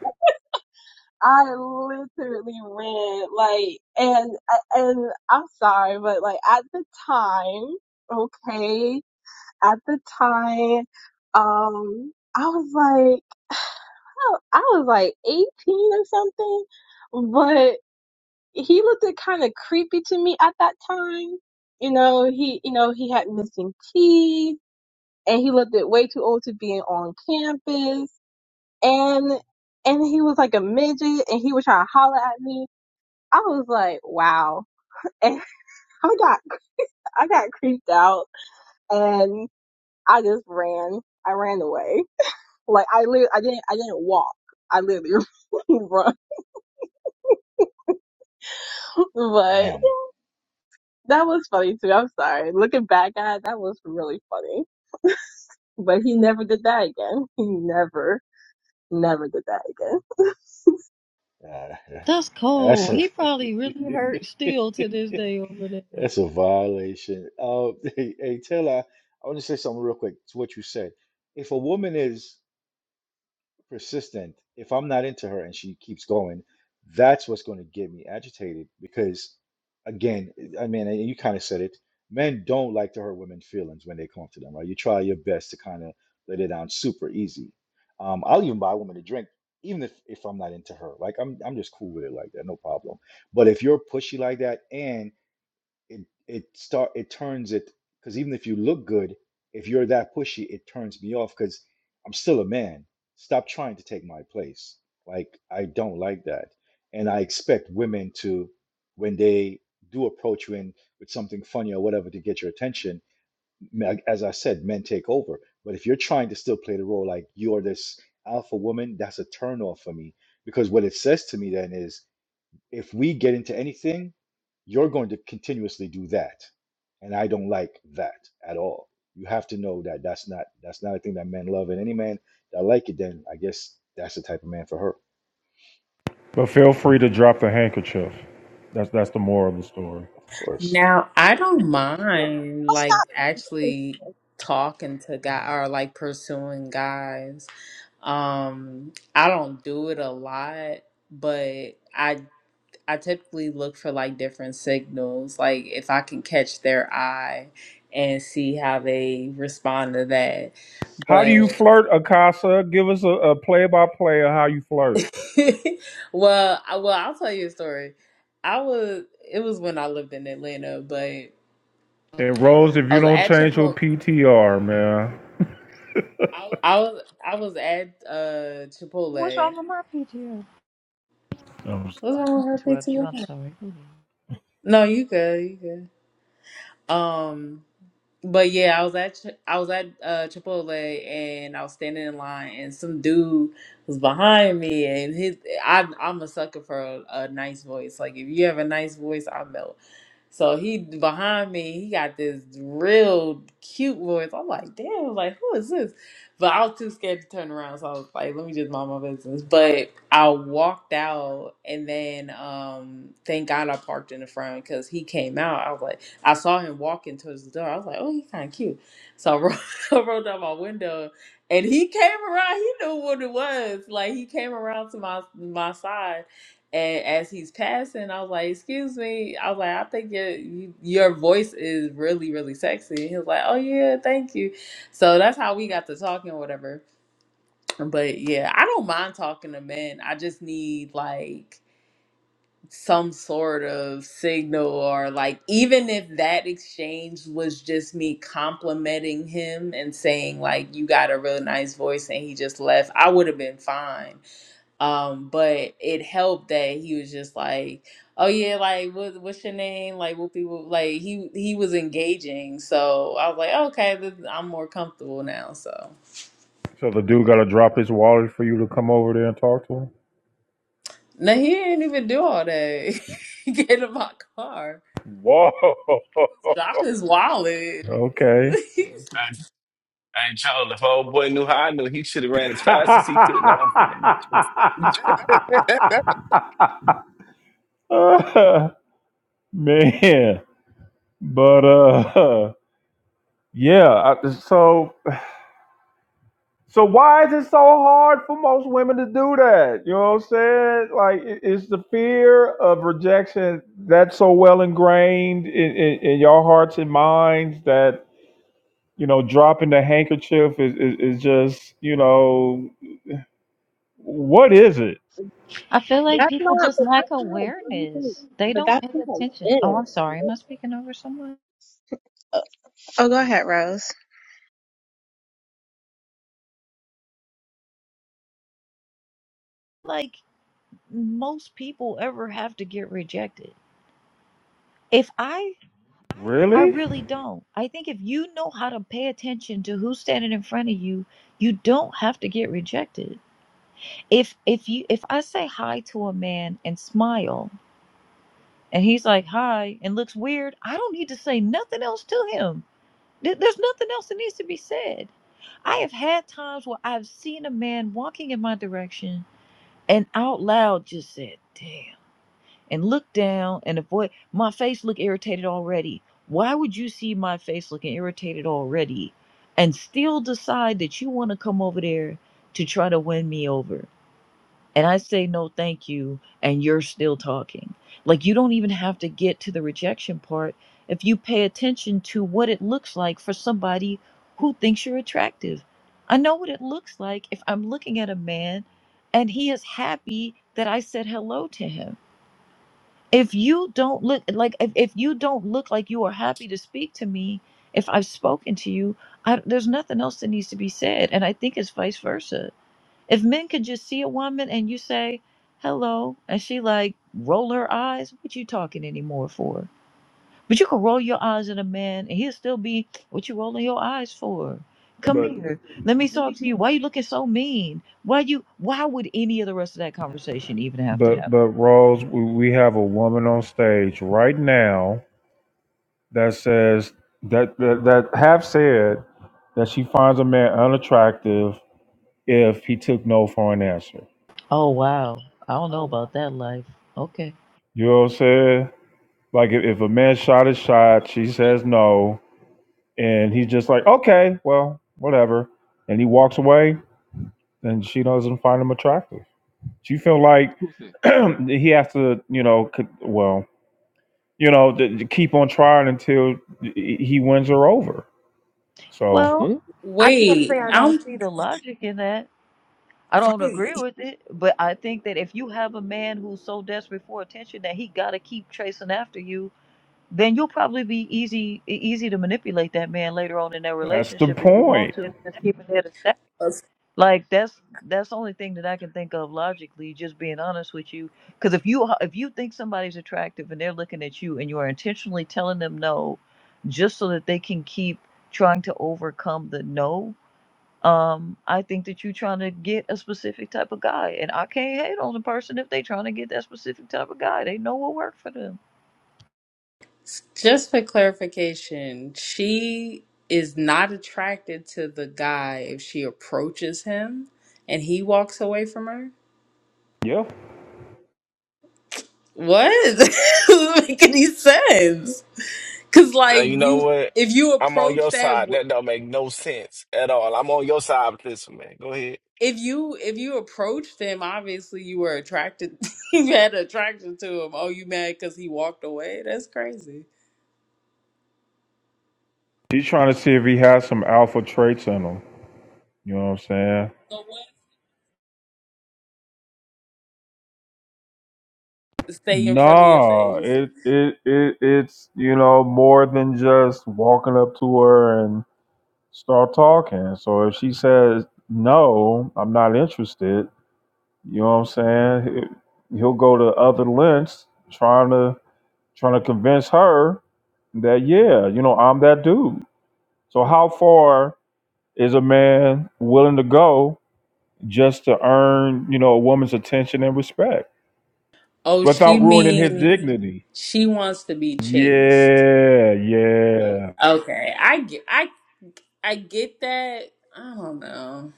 Speaker 8: I literally ran like and and I'm sorry, but like at the time, okay, at the time, um, I was like (sighs) I was like 18 or something, he looked kind of creepy to me at that time. You know, he you know he had missing teeth, and he looked way too old to be on campus, and and he was like a midget, and he was trying to holler at me. I was like, wow, and (laughs) I got I got creeped out, and I just ran. I ran away. Like I li- I didn't I didn't walk. I literally (laughs) run. But
Speaker 5: Damn.
Speaker 8: that was funny too. I'm sorry. Looking back at it, that was really funny. But he never did that again. (laughs) He never, never did that again.
Speaker 5: Uh,
Speaker 7: That's
Speaker 5: (laughs) that's
Speaker 7: cold.
Speaker 5: a
Speaker 7: He probably really hurt
Speaker 5: (laughs)
Speaker 7: still to this day over that.
Speaker 5: That's a violation. Uh, (laughs) hey, hey, Taylor, I want to say something real quick to what you said. If a woman is persistent, if I'm not into her and she keeps going, that's what's going to get me agitated because, again, I mean, and you kind of said it, men don't like to hurt women's feelings when they come to them, right? You try your best to kind of let it down super easy. Um, I'll even buy a woman a drink, even if, if I'm not into her. Like, I'm, I'm just cool with it like that, no problem. But if you're pushy like that and it it start it turns it because even if you look good, if you're that pushy, it turns me off because I'm still a man. Stop trying to take my place. Like I don't like that, and I expect women to when they do approach you in with something funny or whatever to get your attention. m- like, As I said, men take over. But if you're trying to still play the role like you're this alpha woman, that's a turn off for me because what it says to me then is if we get into anything, you're going to continuously do that. And I don't like that at all. You have to know that that's not that's not a thing that men love. And any man that like it, then I guess that's the type of man for her.
Speaker 2: But feel free to drop the handkerchief. That's that's the moral of the story.
Speaker 5: Of course.
Speaker 1: Now, I don't
Speaker 3: Well,
Speaker 1: mind
Speaker 8: That's
Speaker 1: like
Speaker 8: not.
Speaker 1: actually talking to guy or like pursuing guys. Um, I don't do it a lot, but I I typically look for like different signals, like if I can catch their eye and see how they respond to that.
Speaker 2: How do
Speaker 1: But
Speaker 2: you flirt, Akasa? Give us a play by play of how you flirt.
Speaker 1: (laughs) well, I, well, I'll tell you a story. I was it was when I lived in Atlanta, but
Speaker 2: And Rose, if
Speaker 1: I
Speaker 2: you
Speaker 1: was
Speaker 2: don't
Speaker 1: at
Speaker 2: change your
Speaker 1: Chipotle.
Speaker 2: PTR, man.
Speaker 1: I was I was at uh
Speaker 7: What's
Speaker 1: Chipotle.
Speaker 7: wrong with my PTR?
Speaker 2: Um,
Speaker 1: What's wrong with her
Speaker 7: Interrupt you. I'm
Speaker 1: PTR?
Speaker 7: sorry. Go ahead.
Speaker 1: No, you good, you good. Um, but yeah, I was at Ch- I was at uh Chipotle and I was standing in line and some dude was behind me and his I I'm a sucker for a, a nice voice. Like if you have a nice voice, I melt. So he behind me, he got this real cute voice. I'm like, damn, like who is this? But I was too scared to turn around, so I was like, let me just mind my business. But I walked out, and then um, thank God I parked in the front because he came out. I was like, I saw him walking towards the door. I was like, oh, he's kind of cute. So I rolled, (laughs) I rolled down my window, and he came around. He knew what it was. Like he came around to my my side and as he's passing, I was like, "Excuse me." I was like, "I think your you- your voice is really really sexy." And he was like, "Oh yeah, thank you." So that's how we got to talking, or whatever. But yeah, I don't mind talking to men. I just need like some sort of signal, or like even if that exchange was just me complimenting him and saying like, "You got a really nice voice," and he just left, I would have been fine um, but it helped that he was just like, "Oh yeah, like what, what's your name?" Like what people like he he was engaging, so I was like, "Okay, this, I'm more comfortable now." So
Speaker 2: So the dude got to drop his wallet for you to come over there and talk to
Speaker 1: now he didn't even do all that. (laughs) Get in my car,
Speaker 2: him. Whoa! (laughs)
Speaker 1: drop his wallet.
Speaker 2: Okay.
Speaker 1: (laughs)
Speaker 9: I, I ain't told if old boy knew how I knew, he should have ran as fast as he could. No, I'm playing. (laughs)
Speaker 2: (laughs) Uh, man. But uh yeah, I, so so why is it so hard for most women to do that? You know what I'm saying? Like i- is the fear of rejection that's so well ingrained in, in, in your hearts and minds that you know dropping the handkerchief is, is, is just, you know, what is it?
Speaker 7: I feel like
Speaker 8: That's
Speaker 7: people
Speaker 8: not,
Speaker 7: just
Speaker 8: but
Speaker 7: lack
Speaker 8: that's not, Jonathan-
Speaker 7: awareness. They
Speaker 8: but
Speaker 7: don't
Speaker 8: that's
Speaker 7: pay
Speaker 8: not
Speaker 7: attention. Oh,
Speaker 8: it.
Speaker 7: I'm sorry. Am I speaking over someone?
Speaker 8: Oh, go ahead, Rose.
Speaker 7: Like most people ever have to get rejected. If I, I
Speaker 2: Really?
Speaker 7: really don't. I think if you know how to pay attention to who's standing in front of you, you don't have to get rejected. If if you if I say hi to a man and smile and he's like hi and looks weird, I don't need to say nothing else to him There- There's nothing else that needs to be said. I have had times where I've seen a man walking in my direction and out loud just said, damn, and looked down and avoid my face looked irritated already. Why would you see my face looking irritated already and still decide that you want to come over there to try to win me over? and I say no thank you and you're still talking. Like you don't even have to get to the rejection part if you pay attention to what it looks like for somebody who thinks you're attractive. I know what it looks like if I'm looking at a man and he is happy that I said hello to him. If you don't look like if, if you don't look like you are happy to speak to me, if I've spoken to you, I, there's nothing else that needs to be said. And I think it's vice versa if men could just see a woman and you say hello, and she like roll her eyes, what you talking anymore for? But you can roll your eyes at a man, and he'll still be what you rolling your eyes for. Come
Speaker 2: But
Speaker 7: here, let me talk to you. Why you looking so mean? Why you? Why would any of the rest of that conversation even have to
Speaker 2: But
Speaker 7: happen?
Speaker 2: but Rose, we we have a woman on stage right now that says that that, that have said that she finds a man unattractive if he took no for an answer.
Speaker 7: Oh wow, I don't know about that life. Okay,
Speaker 2: You know what I'm saying? Like if, if a man shot his shot, she
Speaker 3: yeah,
Speaker 2: says
Speaker 3: so
Speaker 2: no, and he's just like, okay, well, whatever, and he walks away, and she doesn't find him attractive. She feel like
Speaker 3: who said?
Speaker 2: (clears throat) he has to, you know, could, well. you know, to, to keep on trying until he wins her over. So
Speaker 7: well,
Speaker 3: Hmm?
Speaker 7: I can't say
Speaker 1: Wait,
Speaker 7: I don't
Speaker 1: I'm
Speaker 7: see the logic in that. I don't
Speaker 1: right.
Speaker 7: agree with it, but I think that if you have a man who's so desperate for attention that he got to keep chasing after you, then you'll probably be easy e- easy to manipulate that man later on in their
Speaker 2: that's the
Speaker 7: relationship if you want
Speaker 2: point.
Speaker 7: to. Just keep it there to stack. Like that's that's the only thing that I can think of logically. Just being honest with you, because if you if you think somebody's attractive and they're looking at you and you are intentionally telling them no, just so that they can keep trying to overcome the no, um, I think that you're trying to get a specific type of guy, and I can't hate on the person if they trying to get that specific type of guy. They know what worked for them.
Speaker 1: Just for clarification, she is not attracted to the guy if she approaches him and he walks away from her.
Speaker 2: Yeah.
Speaker 1: What? (laughs) It doesn't make any sense? Cause
Speaker 9: Uh,
Speaker 1: like
Speaker 9: you know
Speaker 1: you,
Speaker 9: what?
Speaker 1: if you
Speaker 9: I'm on
Speaker 1: approach
Speaker 9: your
Speaker 1: that,
Speaker 9: side.
Speaker 1: w-
Speaker 9: That don't make no sense at all. I'm on your side with this one, man. Go ahead,
Speaker 1: if you if you approached him, obviously you were attracted. (laughs) you had attraction to him. Oh, you mad because he walked away? That's crazy.
Speaker 2: She's trying to see if he has some alpha traits in him. You know what I'm saying?
Speaker 1: Stay in front of your
Speaker 2: No,
Speaker 1: face.
Speaker 2: it, it it it's you know more than just walking up to her and start talking. So if she says no, I'm not interested. You know what I'm saying? He- He'll go to other lengths trying to trying to convince her that yeah, you know I'm that dude. So how far is a man willing to go just to earn, you know, a woman's attention and respect
Speaker 1: Oh,
Speaker 2: without
Speaker 1: she
Speaker 2: ruining his
Speaker 1: means
Speaker 2: dignity?
Speaker 1: she wants to be chased.
Speaker 2: Yeah, yeah.
Speaker 1: Okay, I get, I I get that. I don't know.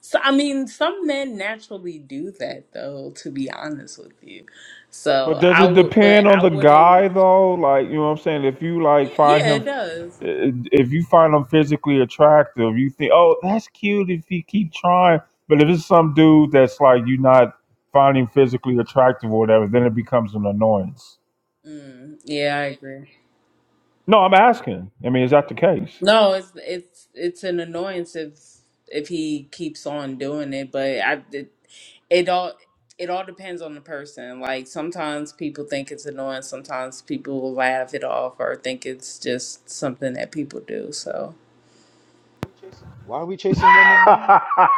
Speaker 1: So I mean, some men naturally do that though, to be honest with you.
Speaker 2: But
Speaker 1: So
Speaker 2: does
Speaker 1: I
Speaker 2: it
Speaker 1: would, but
Speaker 2: depend on
Speaker 1: I
Speaker 2: the
Speaker 1: wouldn't.
Speaker 2: guy though? Like, you know what I'm saying? If you like find
Speaker 1: Yeah,
Speaker 2: him
Speaker 1: it does.
Speaker 2: eh, if you find him physically attractive, you think, "Oh, that's cute if he keep trying." But if it's some dude that's like you're not finding physically attractive or whatever, then it becomes an annoyance.
Speaker 1: Mm, yeah, I agree.
Speaker 2: No, I'm asking. I mean, is that the case?
Speaker 1: No, it's it's it's an annoyance if if he keeps on doing it, but I it, it all it all depends on the person. Like sometimes people think it's annoying, sometimes people will laugh it off or think it's just something that people do. So.
Speaker 5: Why are we chasing women
Speaker 2: (laughs)
Speaker 5: now?
Speaker 2: Are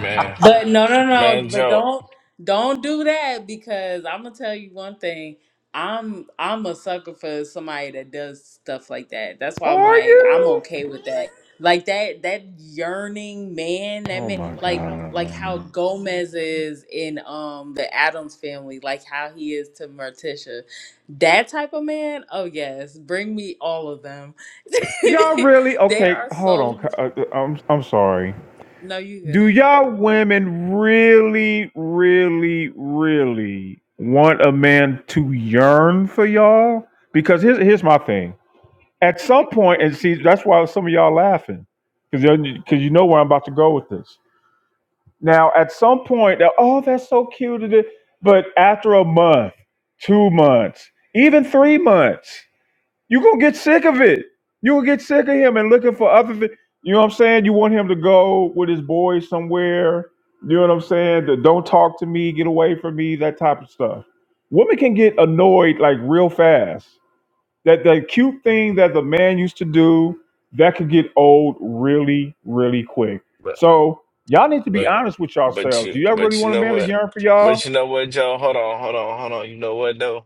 Speaker 9: man,
Speaker 1: But no, no,
Speaker 9: man,
Speaker 1: no. But
Speaker 9: Joe.
Speaker 1: don't don't do that because I'm gonna tell you one thing. I'm I'm a sucker for somebody that does stuff like that. That's why I'm like I'm
Speaker 2: you?
Speaker 1: okay with that. Like that that yearning man that
Speaker 2: Oh
Speaker 1: man
Speaker 2: my god,
Speaker 1: like like how
Speaker 2: man.
Speaker 1: Gomez is in um the Adams family, like how he is to Morticia. That type of man, oh yes, bring me all of them.
Speaker 2: y'all really?
Speaker 1: (laughs) they
Speaker 2: Okay,
Speaker 1: are
Speaker 2: hold
Speaker 1: so
Speaker 2: on. Uh, uh, I'm I'm sorry.
Speaker 1: no you good.
Speaker 2: Do y'all women really, really, really want a man to yearn for y'all? Because here's here's my thing. At some point, and see, that's why some of y'all laughing, because because you know where I'm about to go with this. Now, at some point, they're, oh, that's so cute. But after a month, two months, even three months, you're going to get sick of it. You'll get sick of him and looking for other things. You know what I'm saying? You want him to go with his boys somewhere. You know what I'm saying? The don't talk to me, get away from me, that type of stuff. Women can get annoyed like real fast. That that cute thing that the man used to do that could get old really, really quick.
Speaker 9: But
Speaker 2: So y'all need to be
Speaker 9: but
Speaker 2: honest with
Speaker 9: but
Speaker 2: yourselves. Do
Speaker 9: you
Speaker 2: y'all really
Speaker 9: but you
Speaker 2: want a
Speaker 9: know
Speaker 2: man to
Speaker 9: what?
Speaker 2: yearn for y'all?
Speaker 9: But you know what, Joe? Hold on, hold on, hold on. You know what though?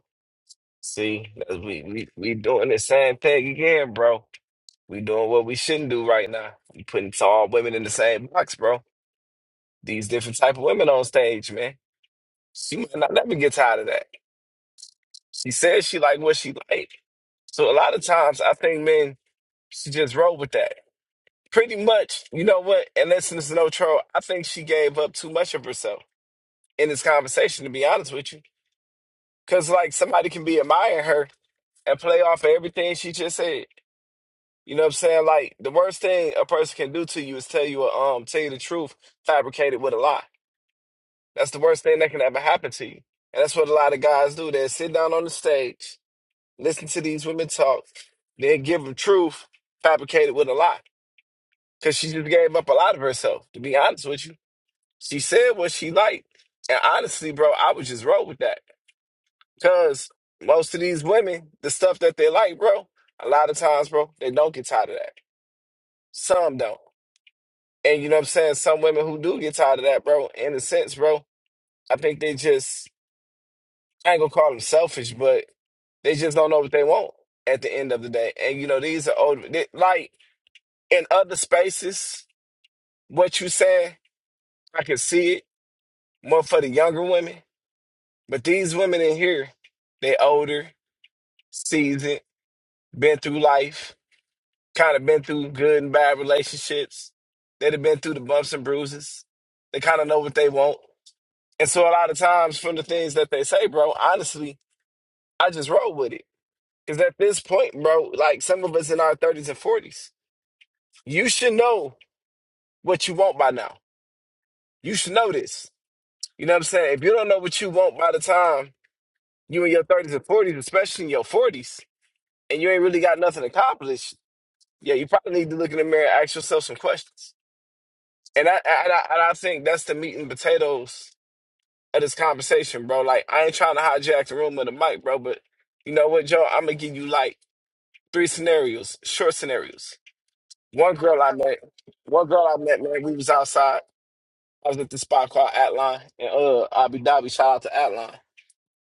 Speaker 9: See, that's- we we we doing the same thing again, bro. We doing what we shouldn't do right now. We putting all women in the same box, bro. These different type of women on stage, man. She might not never get tired of that. She says she like what she like. So a lot of times I think men should just roll with that. Pretty much, you know what? And listen, this is no troll. I think she gave up too much of herself in this conversation, to be honest with you. Cause like somebody can be admiring her and play off of everything she just said. You know what I'm saying? Like the worst thing a person can do to you is tell you a, um tell you the truth, fabricated with a lie. That's the worst thing that can ever happen to you. And that's what a lot of guys do. They sit down on the stage Listen to these women talk, then give them truth fabricated with a lie. Because she just gave up a lot of herself, to be honest with you. She said what she liked. And honestly, bro, I would just roll with that. Because most of these women, the stuff that they like, bro, a lot of times, bro, they don't get tired of that. Some don't. And you know what I'm saying? Some women who do get tired of that, bro, in a sense, bro, I think they just, I ain't gonna call them selfish, but they just don't know what they want at the end of the day. And you know, these are old, they, like, in other spaces, what you said, I can see it more for the younger women. But these women in here, they older, seasoned, been through life, kind of been through good and bad relationships. They'd have been through the bumps and bruises. They kind of know what they want. And so a lot of times from the things that they say, bro, honestly, I just roll with it. Because at this point, bro, like some of us in our 30s and 40s, you should know what you want by now. You should know this You know what I'm saying? If you don't know what you want by the time you in your 30s and 40s, especially in your 40s, and you ain't really got nothing accomplished, yeah, you probably need to look in the mirror and ask yourself some questions. And I and I, and I think that's the meat and potatoes of this conversation, bro. Like I ain't trying to hijack the room or the mic, bro, but you know what, Joe? I'm gonna give you like three scenarios, short scenarios. One girl I met, one girl I met, man, we was outside. I was at this spot called Atline in uh Abu Dhabi. Shout out to Atline.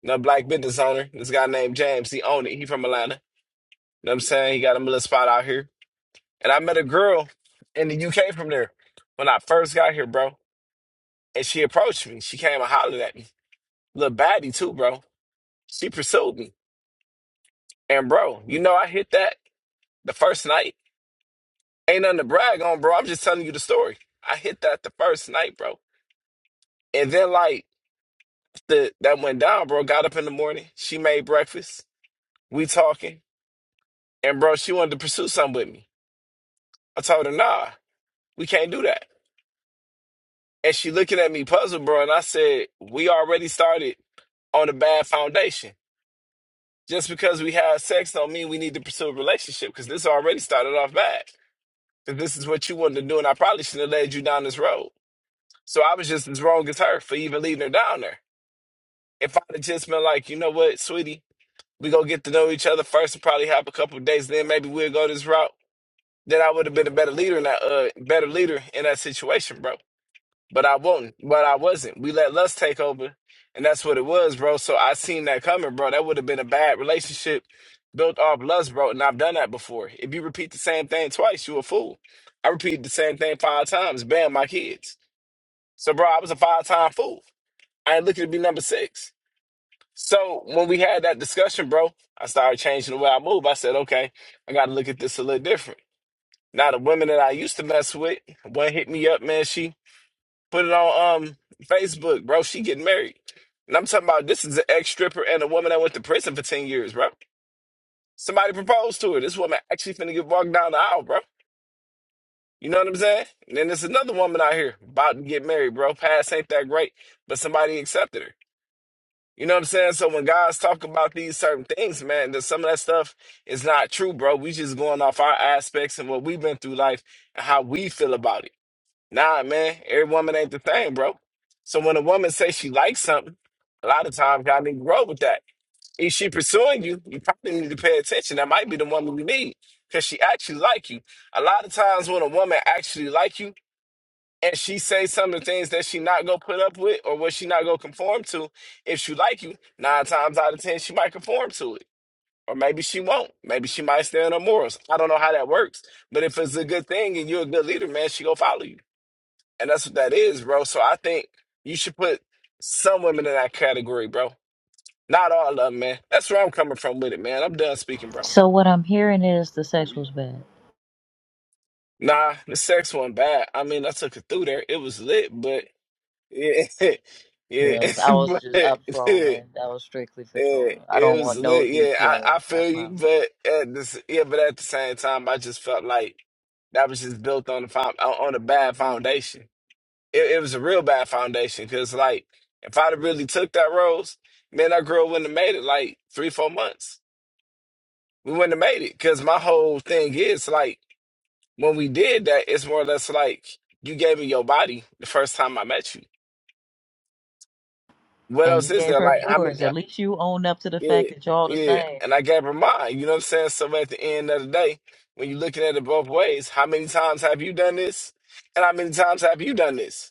Speaker 9: a black business owner. This guy named James, he owned it. He from Atlanta. You know what I'm saying? He got him a little spot out here. And I met a girl in the UK from there when I first got here, bro. And she approached me. She came and hollered at me. Little baddie too, bro. She pursued me. And bro, you know I hit that the first night. Ain't nothing to brag on, bro. I'm just telling you the story. I hit that the first night, bro. And then like the that went down, bro. Got up in the morning. She made breakfast. We talking. And bro, she wanted to pursue something with me. I told her, nah. We can't do that. And she looking at me puzzled, bro. And I said, we already started on a bad foundation. Just because we have sex don't mean we need to pursue a relationship because this already started off bad. Because this is what you wanted to do, and I probably shouldn't have led you down this road. So I was just as wrong as her for even leading her down there. If I'd have just been like, you know what, sweetie, we gonna get to know each other first and probably have a couple of days, then maybe we'll go this route. Then I would have been a better leader in that uh better leader in that situation, bro. but I won't. But I wasn't. We let lust take over, and that's what it was, bro. So I seen that coming, bro. That would have been a bad relationship built off lust, bro. And I've done that before. If you repeat the same thing twice, you a fool. I repeated the same thing five times. Bam, my kids. So, bro, I was a five time fool. I ain't looking to be number six. So when we had that discussion, bro, I started changing the way I move. I said, okay, I got to look at this a little different. Now the women that I used to mess with, one hit me up, man. She put it on um Facebook, bro. She getting married. And I'm talking about this is an ex stripper and a woman that went to prison for 10 years, bro. Somebody proposed to her. This woman actually finna get walked down the aisle, bro. You know what I'm saying? And then there's another woman out here about to get married, bro. Past ain't that great, but somebody accepted her. You know what I'm saying? So when guys talk about these certain things, man, that some of that stuff is not true, bro. We just going off our aspects and what we've been through life and how we feel about it. Nah, man, every woman ain't the same, bro. So when a woman says she likes something, a lot of times y'all need to grow with that. If she pursuing you, you probably need to pay attention. That might be the woman you need because she actually like you. A lot of times when a woman actually like you and she say some of the things that she not gonna put up with or what she not gonna conform to, if she like you, nine times out of ten she might conform to it. Or maybe she won't. Maybe she might stay on her morals. I don't know how that works. But if it's a good thing and you're a good leader, man, she gonna follow you. And that's what that is, bro. So I think you should put some women in that category, bro. Not all of them, man. That's where I'm coming from with it, man. I'm done speaking, bro.
Speaker 7: So what I'm hearing is the
Speaker 3: But
Speaker 7: sex
Speaker 3: we,
Speaker 7: was bad.
Speaker 9: Nah, the sex one bad. I mean, I took it through there. It was lit, but yeah, (laughs) yeah,
Speaker 7: Girls,
Speaker 9: (laughs)
Speaker 7: I was
Speaker 9: but
Speaker 7: just up
Speaker 9: yeah,
Speaker 7: trolling. That was strictly for trolling. I
Speaker 9: it
Speaker 7: don't
Speaker 9: was
Speaker 7: want no
Speaker 9: lit. Yeah, I,
Speaker 7: details.
Speaker 9: I
Speaker 7: I
Speaker 9: feel you,
Speaker 7: promise.
Speaker 9: but at this, yeah, but at the same time, I just felt like that was just built on the found, on on a bad foundation. it, it was a real bad foundation because like if I'd have really took that rose, man, that girl wouldn't have made it like three, four months. We wouldn't have made it because my whole thing is like when we did that, it's more or less like you gave me your body the first time I met you. What
Speaker 7: And
Speaker 9: else
Speaker 7: you
Speaker 9: is
Speaker 7: gave
Speaker 9: there?
Speaker 7: her
Speaker 9: Like I mean,
Speaker 7: yours. At least you own up to the
Speaker 9: yeah,
Speaker 7: fact that y'all the
Speaker 9: yeah,
Speaker 7: same.
Speaker 9: and I gave her mine. You know what I'm saying? So at the end of the day, when you're looking at it both ways, how many times have you done this? And how many times have you done this?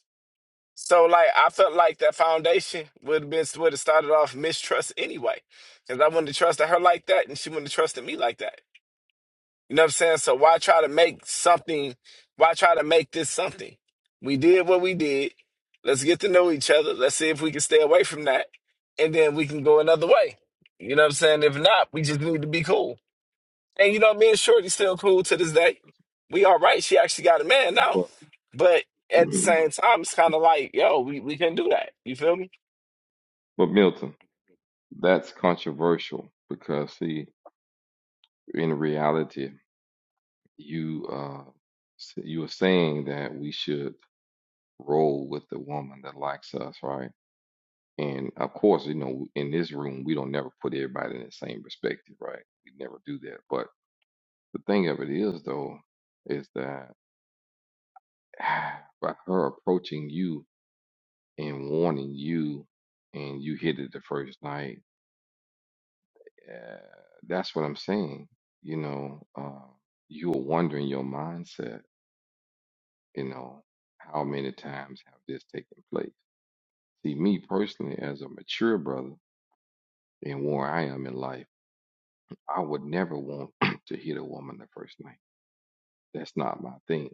Speaker 9: So like I felt like that foundation would have been would have started off mistrust anyway, because I wouldn't have trusted her like that, and she wouldn't have trusted me like that. You know what I'm saying? So why try to make something? Why try to make this something? We did what we did. Let's get to know each other. Let's see if we can stay away from that, and then we can go another way. You know what I'm saying? If not, we just need to be cool. And you know, me and Shorty still cool to this day. We all right. She actually got a man now.
Speaker 3: but,
Speaker 9: But
Speaker 3: (clears throat)
Speaker 9: at the
Speaker 3: but
Speaker 9: same time, it's kind of like, yo, we, we couldn't do that. You feel me?
Speaker 3: but Milton, that's controversial because see. in reality, you uh, s- you were saying that we should roll with the woman that likes us, right? And of course, you know, in this room, we don't never put everybody in the same perspective, right? We never do that. But the thing of it is, though, is that (sighs) by her approaching you and warning you, and you hit it the first night, uh, that's what I'm saying. You know, uh, you were wondering your mindset You know, how many times have this taken place? See, me personally, as a mature brother and where I am in life, I would never want (clears throat) to hit a woman the first night. That's not my thing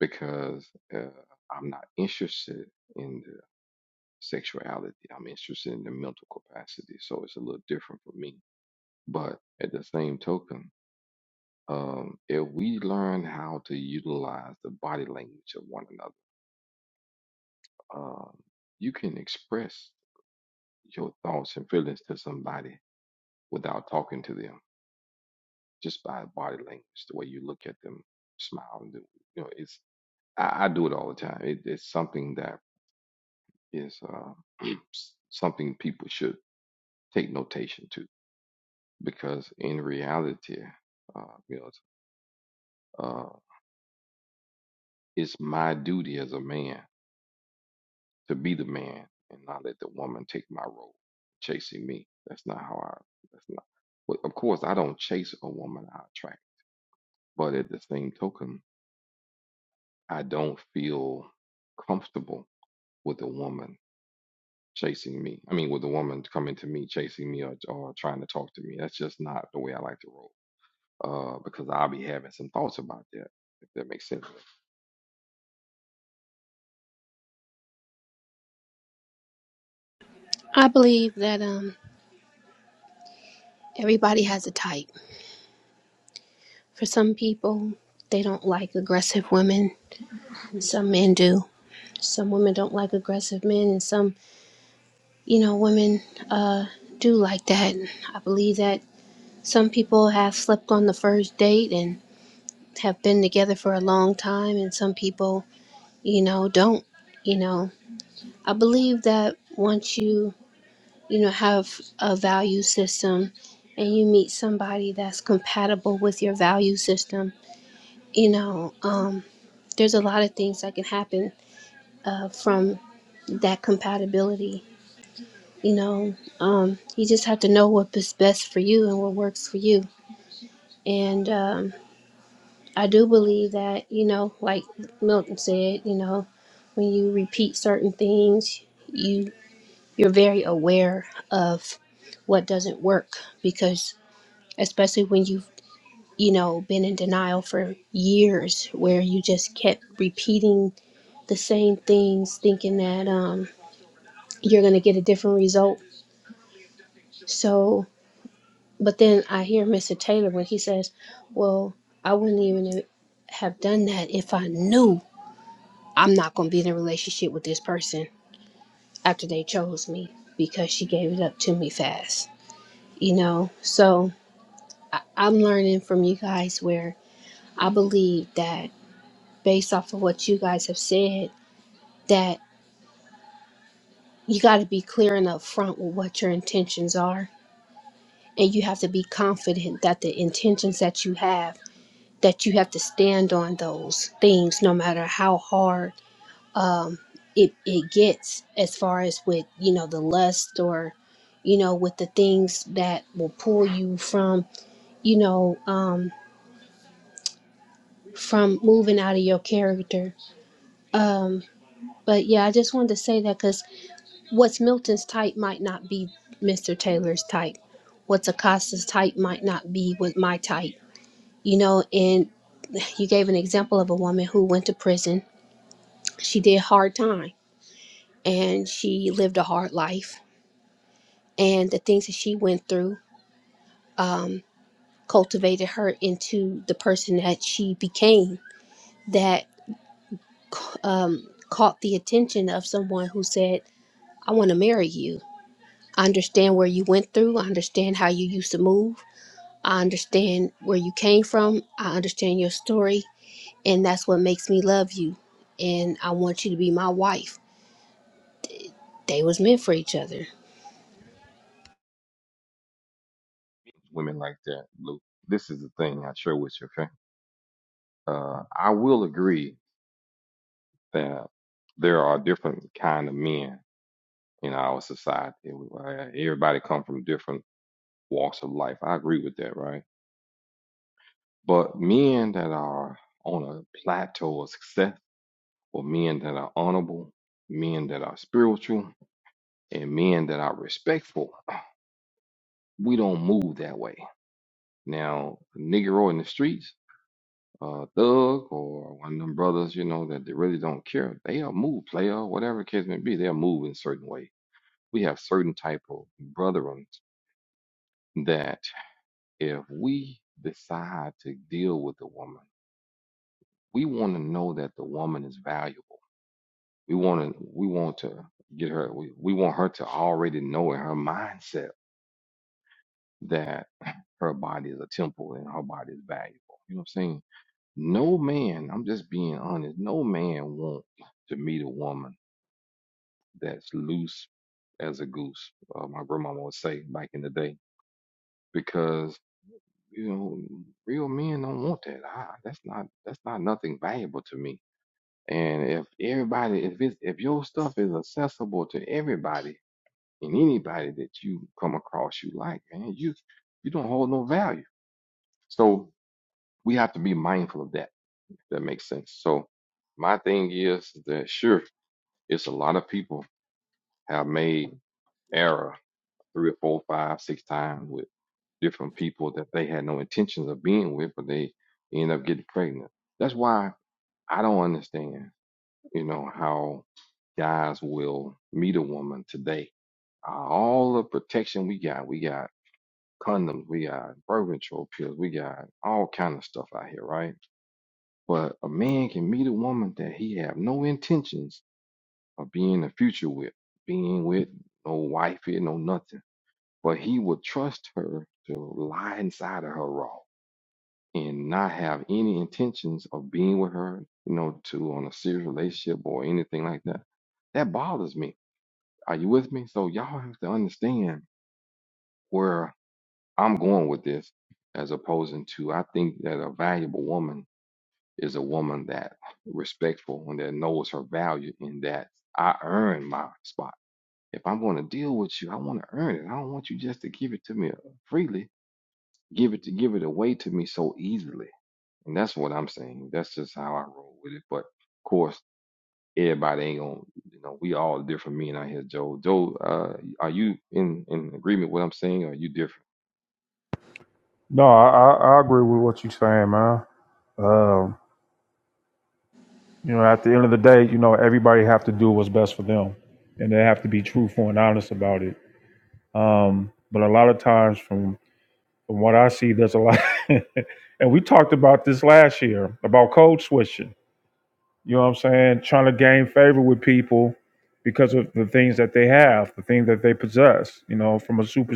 Speaker 3: because uh, I'm not interested in the sexuality. I'm interested in the mental capacity. So it's a little different for me. But at the same token, um, if we learn how to utilize the body language of one another, um, you can express your thoughts and feelings to somebody without talking to them, just by body language, the way you look at them, smile, and do- you know, it's I, I do it all the time. It, it's something that is uh, (clears throat) something people should take notation to because in reality, uh, you know, it's, uh, it's my duty as a man to be the man and not let the woman take my role chasing me. That's not how I. That's not. But of course, I don't chase a woman. I attract. But at the same token, I don't feel comfortable with a woman chasing me. I mean, with a woman coming to me, chasing me, or, or trying to talk to me. That's just not the way I like to roll. Uh, because I'll be having some thoughts about that, if that makes sense.
Speaker 10: I believe that um everybody has a type. For some people, they don't like aggressive women, and some men do. Some women don't like aggressive men, and some, you know, women uh do like that. I believe that some people have slept on the first date and have been together for a long time, and some people, you know, don't. You know, I believe that once you, you know, have a value system and you meet somebody that's compatible with your value system you know, um, there's a lot of things that can happen uh, from that compatibility. You know, um, you just have to know what is best for you and what works for you. And um, I do believe that, you know, like Milton said, you know, when you repeat certain things, you you're very aware of what doesn't work because especially when you've you know been in denial for years where you just kept repeating the same things thinking that um, you're going to get a different result. So, but then I hear Mr. Taylor when he says, Well, I wouldn't even have done that if I knew I'm not going to be in a relationship with this person after they chose me because she gave it up to me fast. You know, so I- I'm learning from you guys where I believe that based off of what you guys have said, that you got to be clear and upfront with what your intentions are and you have to be confident that the intentions that you have that you have to stand on those things no matter how hard it, it gets as far as with you know the lust or you know with the things that will pull you from you know um from moving out of your character um but yeah i just wanted to say that because what's milton's type might not be mr taylor's type what's acosta's type might not be with my type You know, and you gave an example of a woman who went to prison. She did hard time and she lived a hard life. And the things that she went through um, cultivated her into the person that she became that um, caught the attention of someone who said, I want to marry you. I understand where you went through. I understand how you used to move. I understand where you came from. I understand your story and that's what makes me love you and i want you to be my wife they was meant for each other
Speaker 3: Women like that, Luke. This is the thing I share with you, okay? Uh, I will agree that there are different kind of men in our society. Uh, Everybody come from different walks of life. I agree with that, right? But men that are on a plateau of success, or men that are honorable, men that are spiritual, and men that are respectful, we don't move that way. Now, a Negro in the streets, a thug, or one of them brothers, you know, that they really don't care, they'll move, player, whatever the case may be, they'll move in a certain way. We have certain type of brethren that if we decide to deal with a woman, we want to know that the woman is valuable We want to we want to get her we, we want her to already know in her mindset that her body is a temple and her body is valuable. You know what I'm saying? No man, I'm just being honest, no man wants to meet a woman that's loose as a goose. Uh, my grandmama would say back in the day because you know real men don't want that. I, that's not that's not nothing valuable to me. And if everybody, if it's if your stuff is accessible to everybody, and anybody that you come across you like, man, you you don't hold no value. So we have to be mindful of that. That makes sense. So my thing is that sure, it's a lot of people have made error three or four, five, six times with different people that they had no intentions of being with, but they end up getting pregnant. That's why I don't understand, you know, how guys will meet a woman today. Uh, All the protection we got, we got condoms, we got birth control pills, we got all kind of stuff out here, right? But a man can meet a woman that he have no intentions of being in the future with, being with no wife here, no nothing. But he would trust her to lie inside of her raw and not have any intentions of being with her, you know, to on a serious relationship or anything like that. That bothers me. Are you with me? So y'all have to understand where I'm going with this as opposing to I think that a valuable woman is a woman that respectful and that knows her value and that I earn my spot. If I'm going to deal with you, I want to earn it. I don't want you just to give it to me uh, freely, give it to give it away to me so easily. And that's what I'm saying. That's just how I roll with it. But of course, everybody ain't gonna, you know, we all different. Me and I here, Joe. Joe, uh, are you in in agreement with what I'm saying? Or are you different,
Speaker 2: No, I, I, I agree with what you're saying, man. Um, you know, at the end of the day, you know, everybody have to do what's best for them, and they have to be truthful and honest about it. Um, but a lot of times, from from what I see, there's a lot, (laughs) and we talked about this last year about code switching. You know what I'm saying? Trying to gain favor with people because of the things that they have, the things that they possess, you know, from a super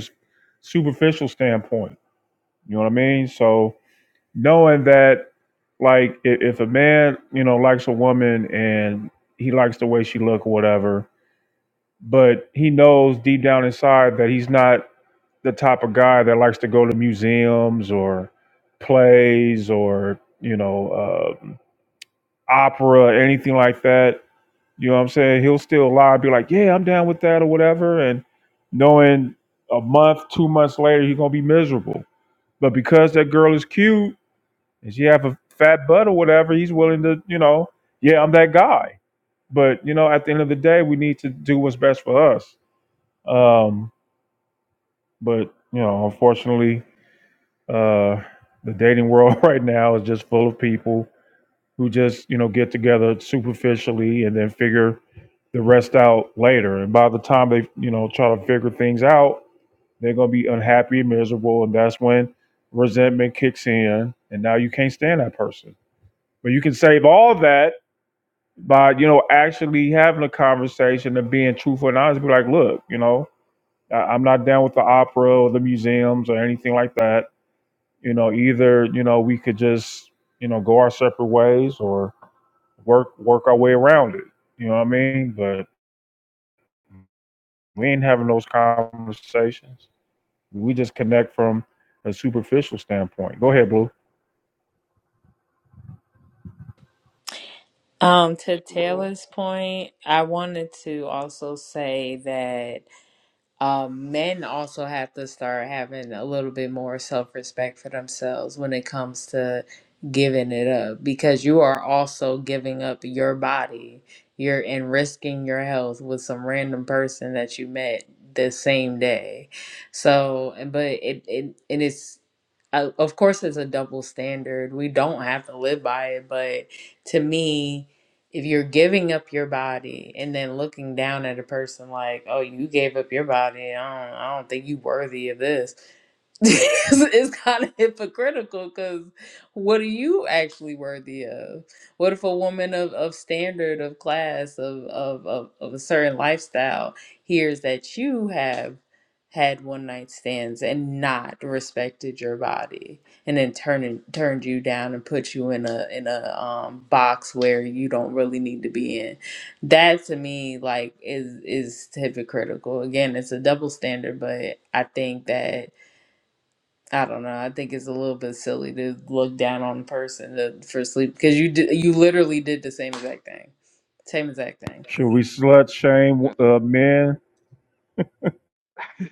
Speaker 2: superficial standpoint. You know what I mean? So knowing that like if, if a man, you know, likes a woman and he likes the way she look or whatever, but he knows deep down inside that he's not the type of guy that likes to go to museums or plays or, you know, um opera, anything like that you know what I'm saying? He'll still lie, be like, yeah, I'm down with that or whatever. And knowing a month, two months later, he's going to be miserable. But because that girl is cute and she have a fat butt or whatever, he's willing to, you know, yeah, I'm that guy. But, you know, at the end of the day, we need to do what's best for us. Um, but, you know, unfortunately, uh, the dating world (laughs) right now is just full of people who just you know get together superficially and then figure the rest out later. And by the time they you know try to figure things out, they're gonna be unhappy and miserable, and that's when resentment kicks in, and now you can't stand that person. But you can save all that by you know actually having a conversation and being truthful and honest. Be like, look, you know, I- I'm not down with the opera or the museums or anything like that. You know, either you know we could just you know go our separate ways, or work work our way around it. You know what I mean? But we ain't having those conversations. We just connect from a superficial standpoint. Go ahead, Blue.
Speaker 1: Um,
Speaker 3: Yeah,
Speaker 1: to Taylor's
Speaker 3: Joe?
Speaker 1: point, I wanted to also say that um, men also have to start having a little bit more self respect for themselves when it comes to giving it up because you are also giving up your body. You're and risking your health with some random person that you met the same day. So, but it, it and it's, uh, of course, it's a double standard. We don't have to live by it, but to me, if you're giving up your body and then looking down at a person like, oh, you gave up your body, I don't, I don't think you worthy of this. (laughs) it's, it's kind of hypocritical because what are you actually worthy of? What if a woman of, of standard, of class, of, of, of, of a certain lifestyle hears that you have had one night stands and not respected your body? and then turn turned you down and put you in a in a um, box where you don't really need to be in. That to me, like, is is hypocritical. Again, it's a double standard, but I think that I don't know. I think it's a little bit silly to look down on a person to, for sleep because you did, you literally did the same exact thing, same exact thing.
Speaker 2: Should we slut shame uh, men?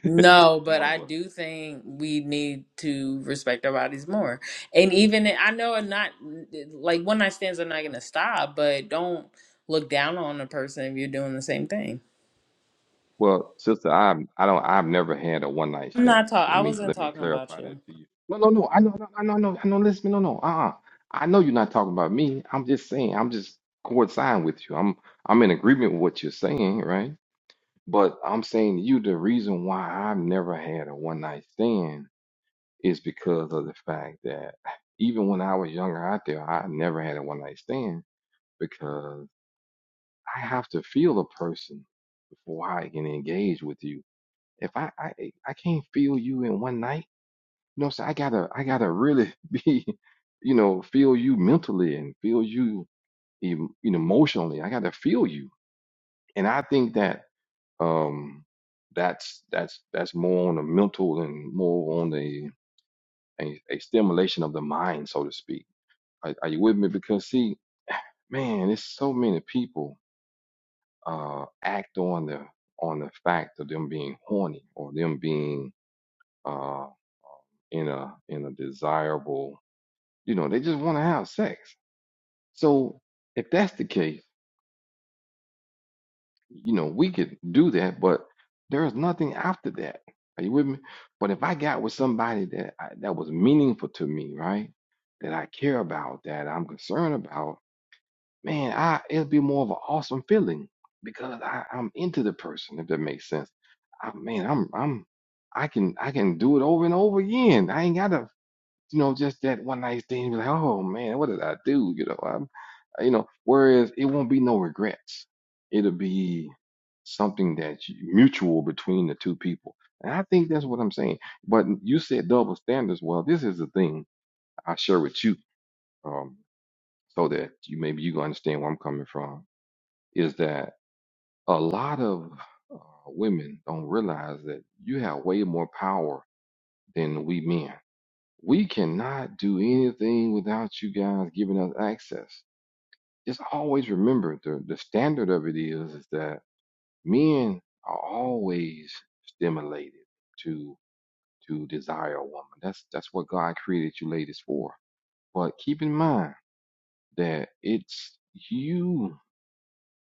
Speaker 3: (laughs)
Speaker 1: No, but
Speaker 3: No,
Speaker 1: I
Speaker 3: but
Speaker 1: do think we need to respect our bodies more. And even I know I'm not like one night stands are not going to stop, but don't look down on a person if you're doing the same thing.
Speaker 3: well, sister, I'm I don't I've never had a one night
Speaker 1: I'm
Speaker 3: stand.
Speaker 1: not talking.
Speaker 3: Let
Speaker 1: I
Speaker 3: me
Speaker 1: wasn't
Speaker 3: let me
Speaker 1: talking about
Speaker 3: clarify
Speaker 1: you.
Speaker 3: that to you. No, no, no. I know, I know, I know, no, I know. Listen, no, no. Uh-uh. I know you're not talking about me. I'm just saying. I'm just coinciding with you. I'm I'm in agreement with what you're saying, right? But I'm saying to you the reason why I've never had a one night stand is because of the fact that even when I was younger out there, I never had a one night stand I have to feel a person before I can engage with you. If I I I can't feel you in one night, you know, so I gotta I gotta really (laughs) be, you know, feel you mentally and feel you em- you know, emotionally. I gotta feel you, and I think that um that's that's that's more on the mental and more on the a, a stimulation of the mind, so to speak. Are, are you with me? Because see, man, it's so many people. uh, act on the on the fact of them being horny or them being uh, in a in a desirable you know they just want to have sex so if that's the case you know we could do that but there is nothing after that are you with me but if i got with somebody that I, that was meaningful to me right that i care about that i'm concerned about man, I it'll be more of an awesome feeling because I, I'm into the person, if that makes sense. I mean, I'm I'm I can I can do it over and over again. I ain't gotta, you know, just that one night thing be like, oh man, what did I do? You know, I'm uh, you know, whereas it won't be no regrets. It'll be something that's mutual between the two people. And I think that's what I'm saying. But you said double standards. Well, this is the thing I share with you, um, so that you maybe you can understand where I'm coming from is that a lot of uh, women don't realize that you have way more power than we men. We cannot do anything without you guys giving us access. Just always remember the, the standard of it is, is that men are always stimulated to to desire a woman. That's that's what God created you ladies for. But keep in mind that it's you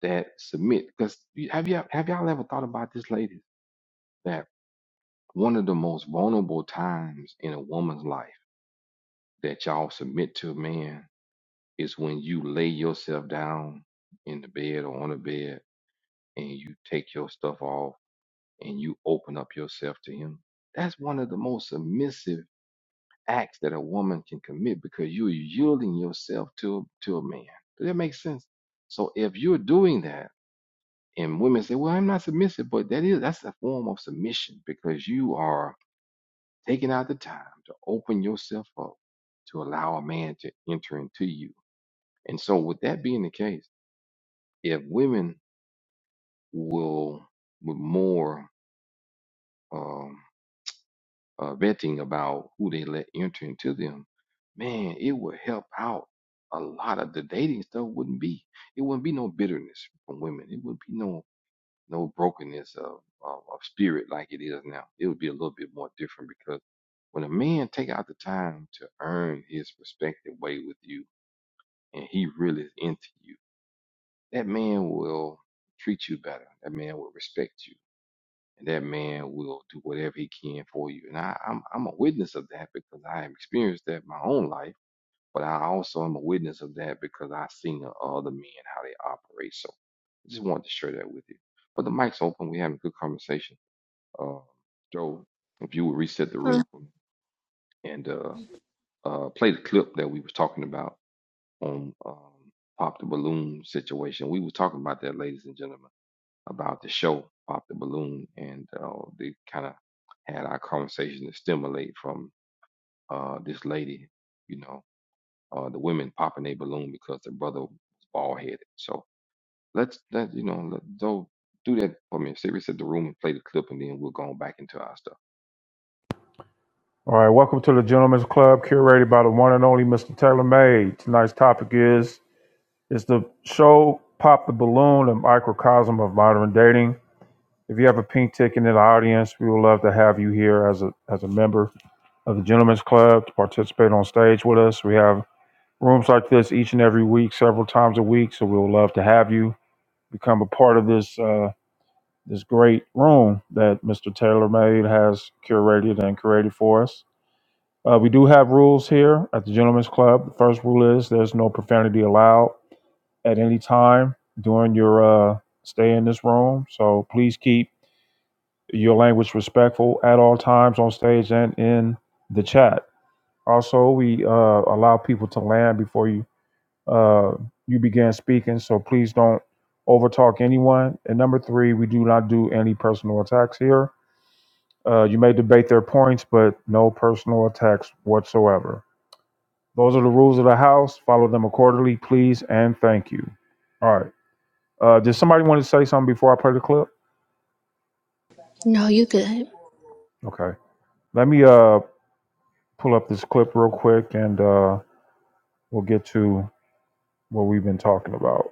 Speaker 3: that submit. Because have you have y'all ever thought about this, ladies? that one of the most vulnerable times in a woman's life that y'all submit to a man is when you lay yourself down in the bed or on the bed and you take your stuff off and you open up yourself to him. That's one of the most submissive acts that a woman can commit because you're yielding yourself to to a man. Does that make sense? So if you're doing that and women say, "Well, I'm not submissive," but that is that's a form of submission because you are taking out the time to open yourself up to allow a man to enter into you. And so, with that being the case, if women will, with more um, uh, vetting about who they let enter into them, man, it would help out. A lot of the dating stuff wouldn't be. It wouldn't be no bitterness from women. It wouldn't be no no brokenness of, of of spirit like it is now. It would be a little bit more different because when a man take out the time to earn his respective way with you, and he really is into you, that man will treat you better. That man will respect you, and that man will do whatever he can for you. And I, I'm I'm a witness of that because I have experienced that in my own life. But I also am a witness of that because I've seen the other men how they operate. So I just wanted to share that with you. But the mic's open. We're having a good conversation. Uh, Joe, if you would reset the
Speaker 10: Uh,
Speaker 3: room for me and uh, uh, play the clip that we was talking about on um, Pop the Balloon situation. We were talking about that, ladies and gentlemen, about the show Pop the Balloon, and uh, they kind of had our conversation to stimulate from uh, this lady, you know, uh, the women popping their balloon because their brother was bald headed. So let's let you know, let, Joe, do that for me. Seriously, reset the room and play the clip, and then we'll go on back into our stuff.
Speaker 2: All right, welcome to the Gentlemen's Club, curated by the one and only Mr. Taylor May. Tonight's topic is is the show "Pop the Balloon" a microcosm of modern dating? If you have a pink ticket in the audience, we would love to have you here as a as a member of the Gentlemen's Club to participate on stage with us. We have Rooms like this each and every week, several times a week. So we would love to have you become a part of this uh, this great room that Mr. Taylor Made has curated and created for us. Uh, we do have rules here at the Gentlemen's Club. The first rule is there's no profanity allowed at any time during your uh, stay in this room. So please keep your language respectful at all times on stage and in the chat. Also, we uh, allow people to land before you uh, you began speaking. So please don't overtalk anyone. And number three, we do not do any personal attacks here. Uh, you may debate their points, but no personal attacks whatsoever. Those are the rules of the house. Follow them accordingly, please, and thank you. All right. Uh, did somebody want to say something before I play the clip?
Speaker 10: no you good
Speaker 2: Okay. Let me uh, pull up this clip real quick, and uh, we'll get to what we've been talking about.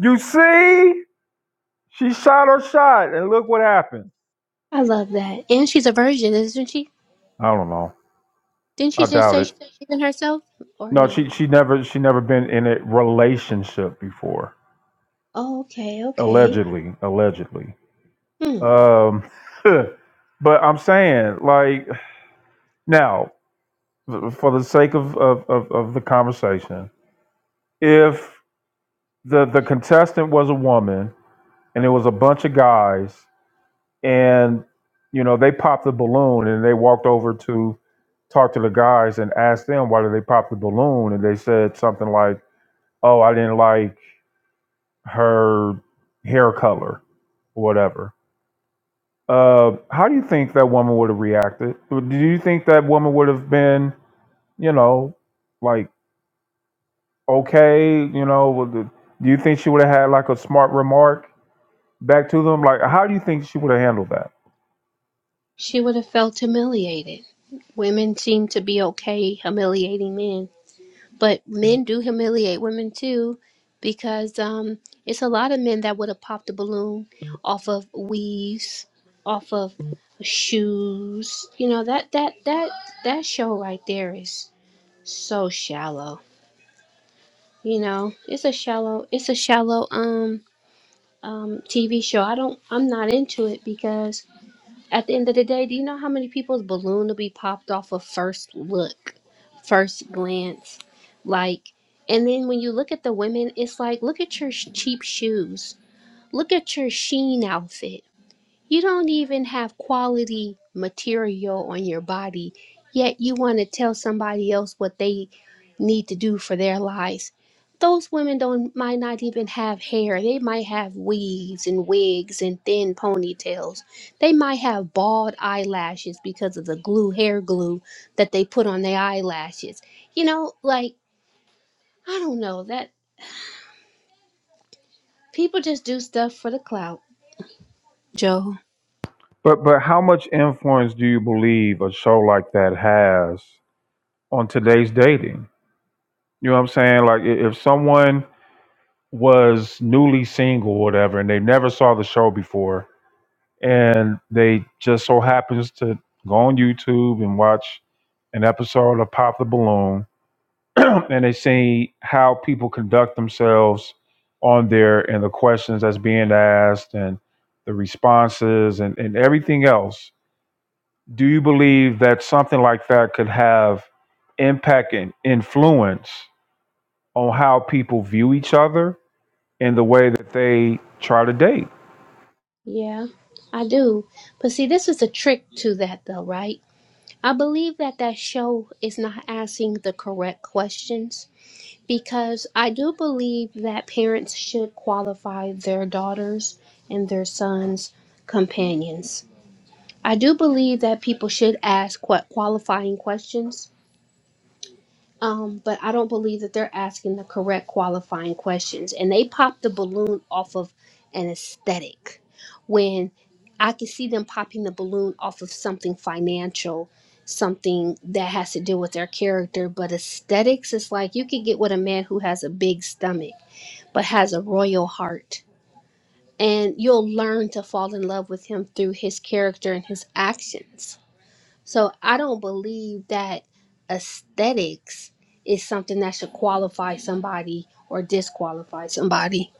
Speaker 2: You see, she shot her shot, and look what happened.
Speaker 10: i love that and she's a virgin isn't she
Speaker 2: I don't know.
Speaker 10: didn't she
Speaker 2: I
Speaker 10: just
Speaker 2: doubt
Speaker 10: say she's
Speaker 2: it.
Speaker 10: saving herself or
Speaker 2: No,
Speaker 10: no
Speaker 2: she she never she never been in a relationship before.
Speaker 10: oh, okay okay
Speaker 2: Allegedly, allegedly.
Speaker 10: hmm
Speaker 2: Um, (laughs) but I'm saying like now for the sake of of, of of the conversation, if the the contestant was a woman and it was a bunch of guys and you know they popped the balloon and they walked over to talk to the guys and asked them why did they pop the balloon and they said something like, "Oh, I didn't like." her hair color, or whatever. Uh, how do you think that woman would have reacted? Do you think that woman would have been, you know, like okay, you know? with the- Do you think she would have had like a smart remark back to them? Like, how do you think she would have handled that?
Speaker 10: she would have felt humiliated women seem to be okay humiliating men but men do humiliate women too because um it's a lot of men that would have popped a balloon off of weaves off of shoes you know that that that that show right there is so shallow you know it's a shallow it's a shallow um um tv show i don't i'm not into it because. At the end of the day, do you know how many people's balloon will be popped off of first look, first glance? Like, and then when you look at the women, it's like, look at your sh- cheap shoes. Look at your sheen outfit. You don't even have quality material on your body, yet you want to tell somebody else what they need to do for their lives. Those women don't might not even have hair. They might have weaves and wigs and thin ponytails. They might have bald eyelashes because of the glue hair glue that they put on their eyelashes. You know, like I don't know that people just do stuff for the clout, Joe.
Speaker 2: But but how much influence do you believe a show like that has on today's dating? You know what I'm saying? Like i- if someone was newly single or whatever and they never saw the show before and they just so happens to go on YouTube and watch an episode of Pop the Balloon (clears throat) and they see how people conduct themselves on there and the questions that's being asked and the responses and, and everything else Do you believe that something like that could have impact and influence on how people view each other and the way that they try to date?
Speaker 10: Yeah, I do. But see, this is a trick to that, though, right? I believe that that show is not asking the correct questions because I do believe that parents should qualify their daughters and their sons' companions. I do believe that people should ask qu- qualifying questions um, but I don't believe that they're asking the correct qualifying questions. And they popped the balloon off of an aesthetic when I could see them popping the balloon off of something financial, something that has to do with their character. But aesthetics is like you could get with a man who has a big stomach but has a royal heart. And you'll learn to fall in love with him through his character and his actions so I don't believe that aesthetics is something that should qualify somebody or disqualify somebody.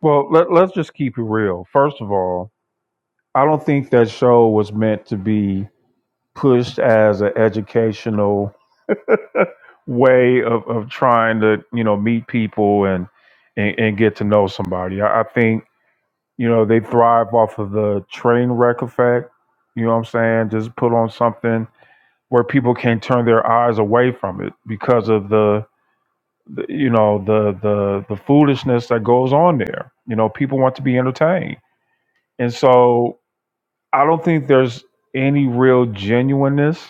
Speaker 2: Well, let, let's just keep it real. First of all, I don't think that show was meant to be pushed as an educational (laughs) way of, of trying to, you know, meet people and, and, and get to know somebody. I, I think, you know, they thrive off of the train wreck effect. You know what I'm saying? Just put on something where people can not turn their eyes away from it because of the, the you know the the the foolishness that goes on there you know people want to be entertained and so i don't think there's any real genuineness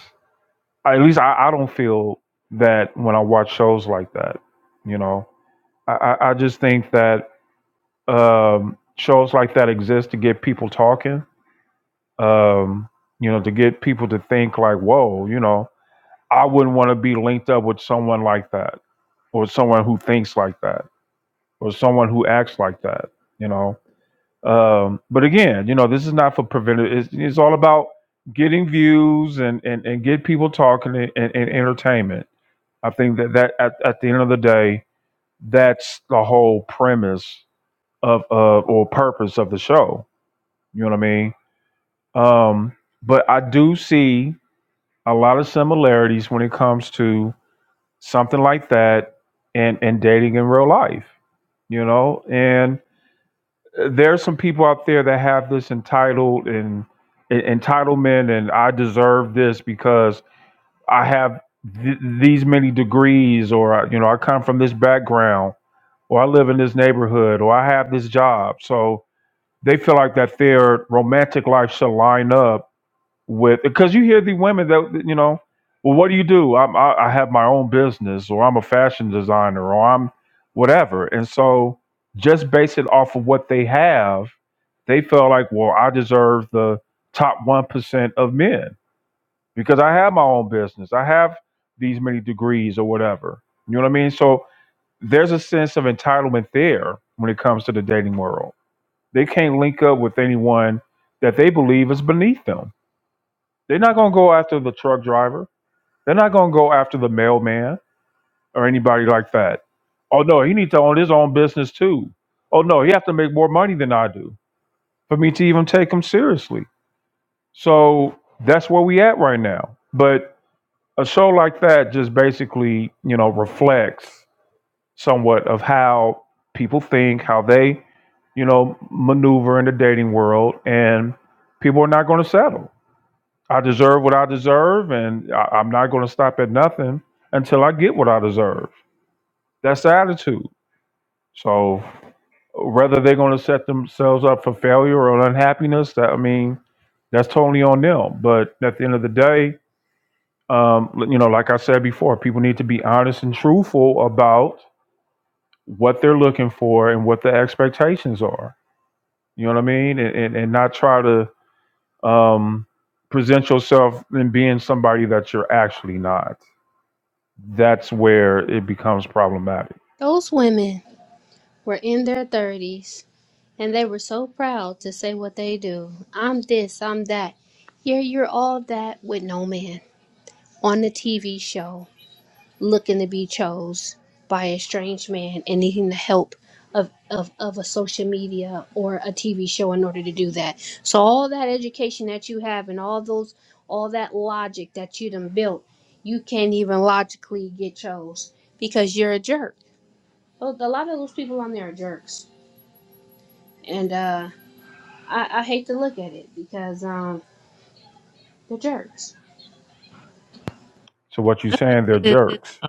Speaker 2: at least i, I don't feel that when i watch shows like that you know i i I just think that um shows like that exist to get people talking um you know to get people to think like whoa you know I wouldn't want to be linked up with someone like that, or someone who thinks like that, or someone who acts like that. You know. Um, but again, you know, this is not for preventive. It's, it's all about getting views and and, and get people talking and, and, and entertainment. I think that that at, at the end of the day, that's the whole premise of of or purpose of the show. You know what I mean? Um, but I do see a lot of similarities when it comes to something like that and and dating in real life you know and there's some people out there that have this entitled and en- entitlement and i deserve this because i have th- these many degrees or I- you know i come from this background or i live in this neighborhood or i have this job so they feel like that their romantic life should line up with because you hear the women that you know well what do you do I'm, I, I have my own business or i'm a fashion designer or i'm whatever and so just base it off of what they have they felt like well i deserve the top 1% of men because i have my own business i have these many degrees or whatever you know what i mean so there's a sense of entitlement there when it comes to the dating world they can't link up with anyone that they believe is beneath them they're not going to go after the truck driver. They're not going to go after the mailman or anybody like that. Oh no, he needs to own his own business too. Oh no, he has to make more money than I do for me to even take him seriously. So that's where we at right now. But a show like that just basically, you know, reflects somewhat of how people think, how they, you know, maneuver in the dating world, and people are not going to settle I deserve what I deserve, and I, I'm not going to stop at nothing until I get what I deserve. That's the attitude. So whether they're going to set themselves up for failure or unhappiness, that I mean, that's totally on them. But at the end of the day, um, you know, like I said before, people need to be honest and truthful about what they're looking for and what the expectations are. You know what I mean? And and, and not try to um, present yourself in being somebody that you're actually not. that's where it becomes problematic.
Speaker 10: Those women were in their 30s and they were so proud to say what they do. I'm this, I'm that. Here you're all that with no man on the TV show. looking to be chose by a strange man and needing the help of, of, of a social media or a TV show in order to do that. So all that education that you have and all those all that logic that you done built, you can't even logically get chose because you're a jerk. Well, a lot of those people on there are jerks. And uh, I, I hate to look at it because um, they're jerks.
Speaker 2: So what you saying? They're
Speaker 7: (laughs)
Speaker 2: jerks.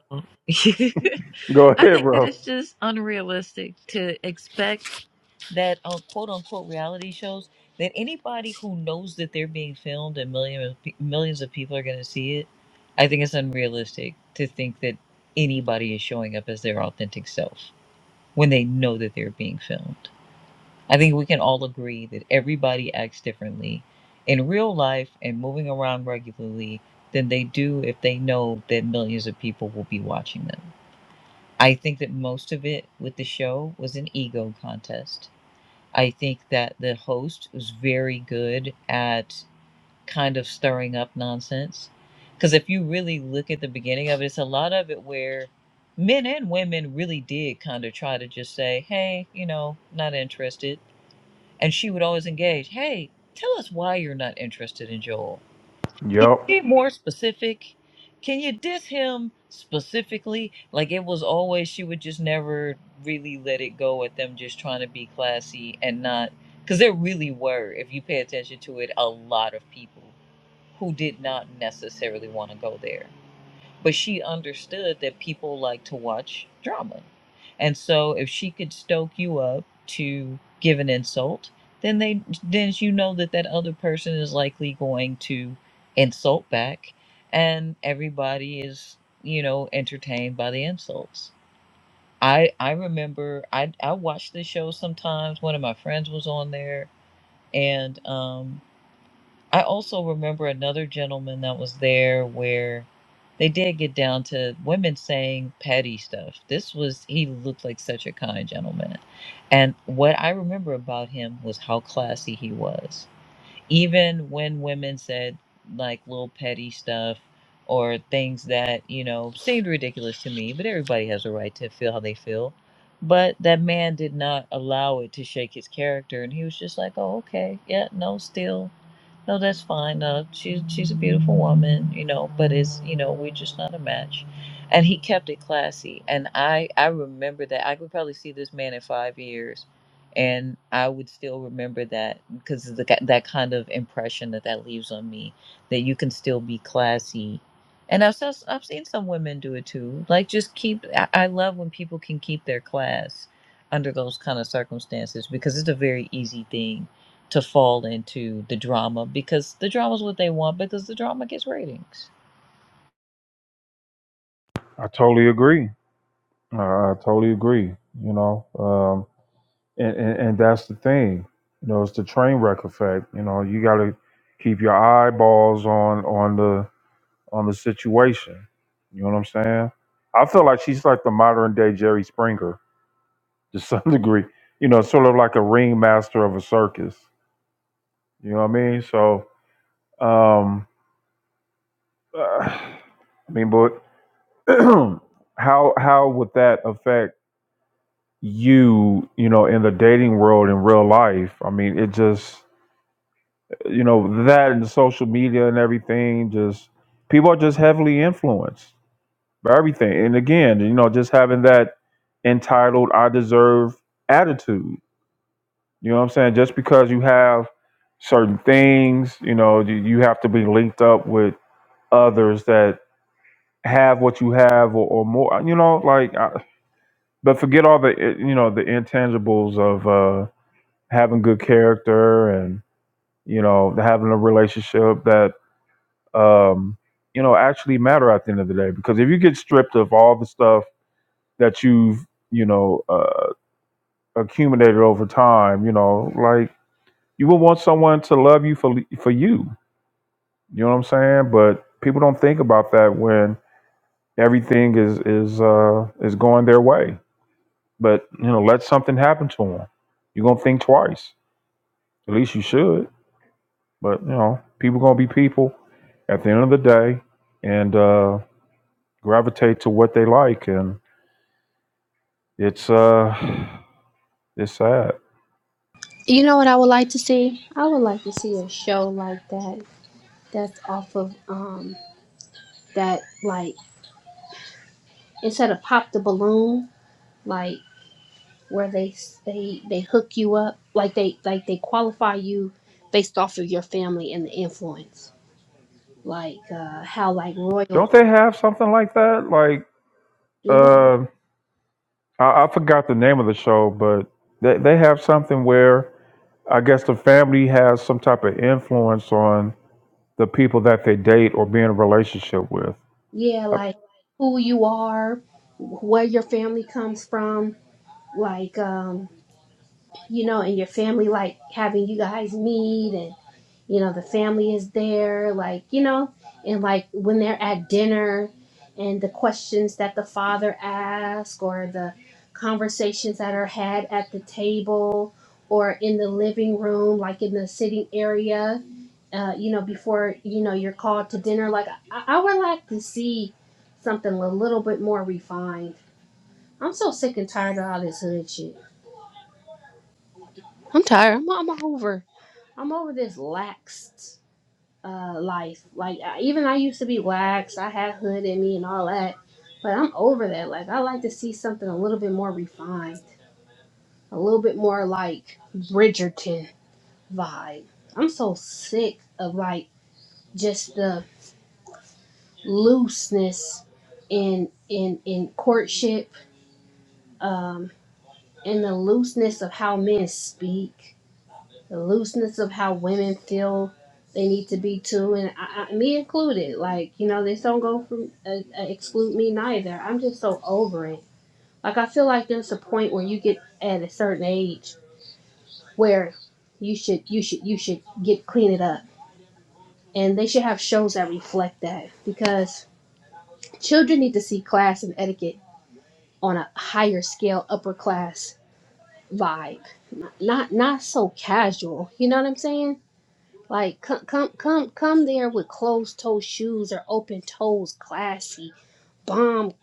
Speaker 2: (laughs) Go
Speaker 7: I
Speaker 2: ahead,
Speaker 7: think that
Speaker 2: bro.
Speaker 7: it's just unrealistic to expect. that uh, quote unquote reality shows that anybody who knows that they're being filmed and millions of, pe- millions of people are going to see it, I think it's unrealistic to think that anybody is showing up as their authentic self when they know that they're being filmed. I think we can all agree that everybody acts differently in real life and moving around regularly than they do if they know that millions of people will be watching them. I think that most of it with the show was an ego contest I think that the host was very good at kind of stirring up nonsense. Because if you really look at the beginning of it, it's a lot of it where men and women really did kind of try to just say, hey, you know, not interested. And she would always engage, hey, tell us why you're not interested in Joel can
Speaker 2: Yep,
Speaker 7: you be more specific? Can you diss him specifically? Like it was always, she would just never really let it go at them just trying to be classy and not. Because there really were, if you pay attention to it, a lot of people who did not necessarily want to go there but she understood that people like to watch drama. And so if she could stoke you up to give an insult, then they then you know that that other person is likely going to insult back and everybody is, you know, entertained by the insults. I I remember I I watched this show sometimes one of my friends was on there and um I also remember another gentleman that was there where they did get down to women saying petty stuff. This was, he looked like such a kind gentleman. And what I remember about him was how classy he was. Even when women said like little petty stuff or things that, you know, seemed ridiculous to me, but everybody has a right to feel how they feel. But that man did not allow it to shake his character. And he was just like, oh, okay. Yeah, no, still. No, that's fine. No, she's she's a beautiful woman, you know, but it's you know we're just not a match. And he kept it classy, and I I remember that. I could probably see this man in five years, and I would still remember that because of the ki- that kind of impression that that leaves on me that you can still be classy. And I've s- I've seen some women do it too. Like just keep. I I love when people can keep their class under those kind of circumstances because it's a very easy thing to fall into the drama because the drama is what they want because the drama gets ratings.
Speaker 2: I totally agree. Uh, I totally agree. You know, um, and, and and that's the thing. You know, it's the train wreck effect. You know, you got to keep your eyeballs on on the on the situation. You know what I'm saying? I feel like she's like the modern day Jerry Springer to some (laughs) degree. You know, sort of like a ringmaster of a circus. You know what I mean? So, um, (sighs) I mean, but (clears throat) how how would that affect you? You know, in the dating world in real life? I mean, it just you know that and social media and everything. Just people are just heavily influenced But everything. And again, you know, just having that entitled I deserve attitude. You know what I'm saying? Just because you have certain things, you know, you you have to be linked up with others that have what you have or, or more, you know, like, I, but forget all the, eh, you know, the intangibles of uh, having good character and, you know, having a relationship that, um, you know, actually matter at the end of the day. Because if you get stripped of all the stuff that you've you know uh, accumulated over time. You know, like you would want someone to love you for for you. You know what I'm saying? But people don't think about that when everything is is uh, is going their way. But you know, let something happen to them. You're gonna think twice. At least you should. But you know, people gonna be people at the end of the day, and uh, gravitate to what they like. And it's uh, (sighs) it's sad.
Speaker 10: You know what I would like to see? I would like to see a show like that that's off of um that like instead of pop the balloon like where they they they hook you up like they like they qualify you based off of your family and the influence like uh how like royal
Speaker 2: Don't they have something like that? Like
Speaker 10: do that
Speaker 2: Uh, I, I forgot the name of the show, but they, they have something where I guess the family has some type of influence on the people that they date or be in a relationship with.
Speaker 10: yeah
Speaker 2: I,
Speaker 10: like who you are where your family comes from like um you know and your family like having you guys meet and. you know the family is there like you know and like when they're at dinner and the questions that the father asks or the conversations that are had at the table or in the living room like in the sitting area uh, you know before you know you're called to dinner like I, I would like to see something a little bit more refined i'm so sick and tired of all this hood shit i'm tired i'm, I'm over i'm over this laxed uh life. Like I, even I used to be waxed, I had hood in me and all that, but I'm over that. Like I like to see something a little bit more refined, a little bit more like Bridgerton vibe. I'm so sick of like just the looseness in in in courtship, um, and the looseness of how men speak. the looseness of how women feel they need to be too, and I, I, me included. Like you know, this don't go from uh, uh, exclude me neither. I'm just so over it. Like I feel like there's a point where you get at a certain age where you should you should you should get clean it up, and they should have shows that reflect that because children need to see class and etiquette on a higher scale, upper class vibe, not not so casual. You know what I'm saying? Like come come come come there with closed toe shoes or open toes, classy, bomb,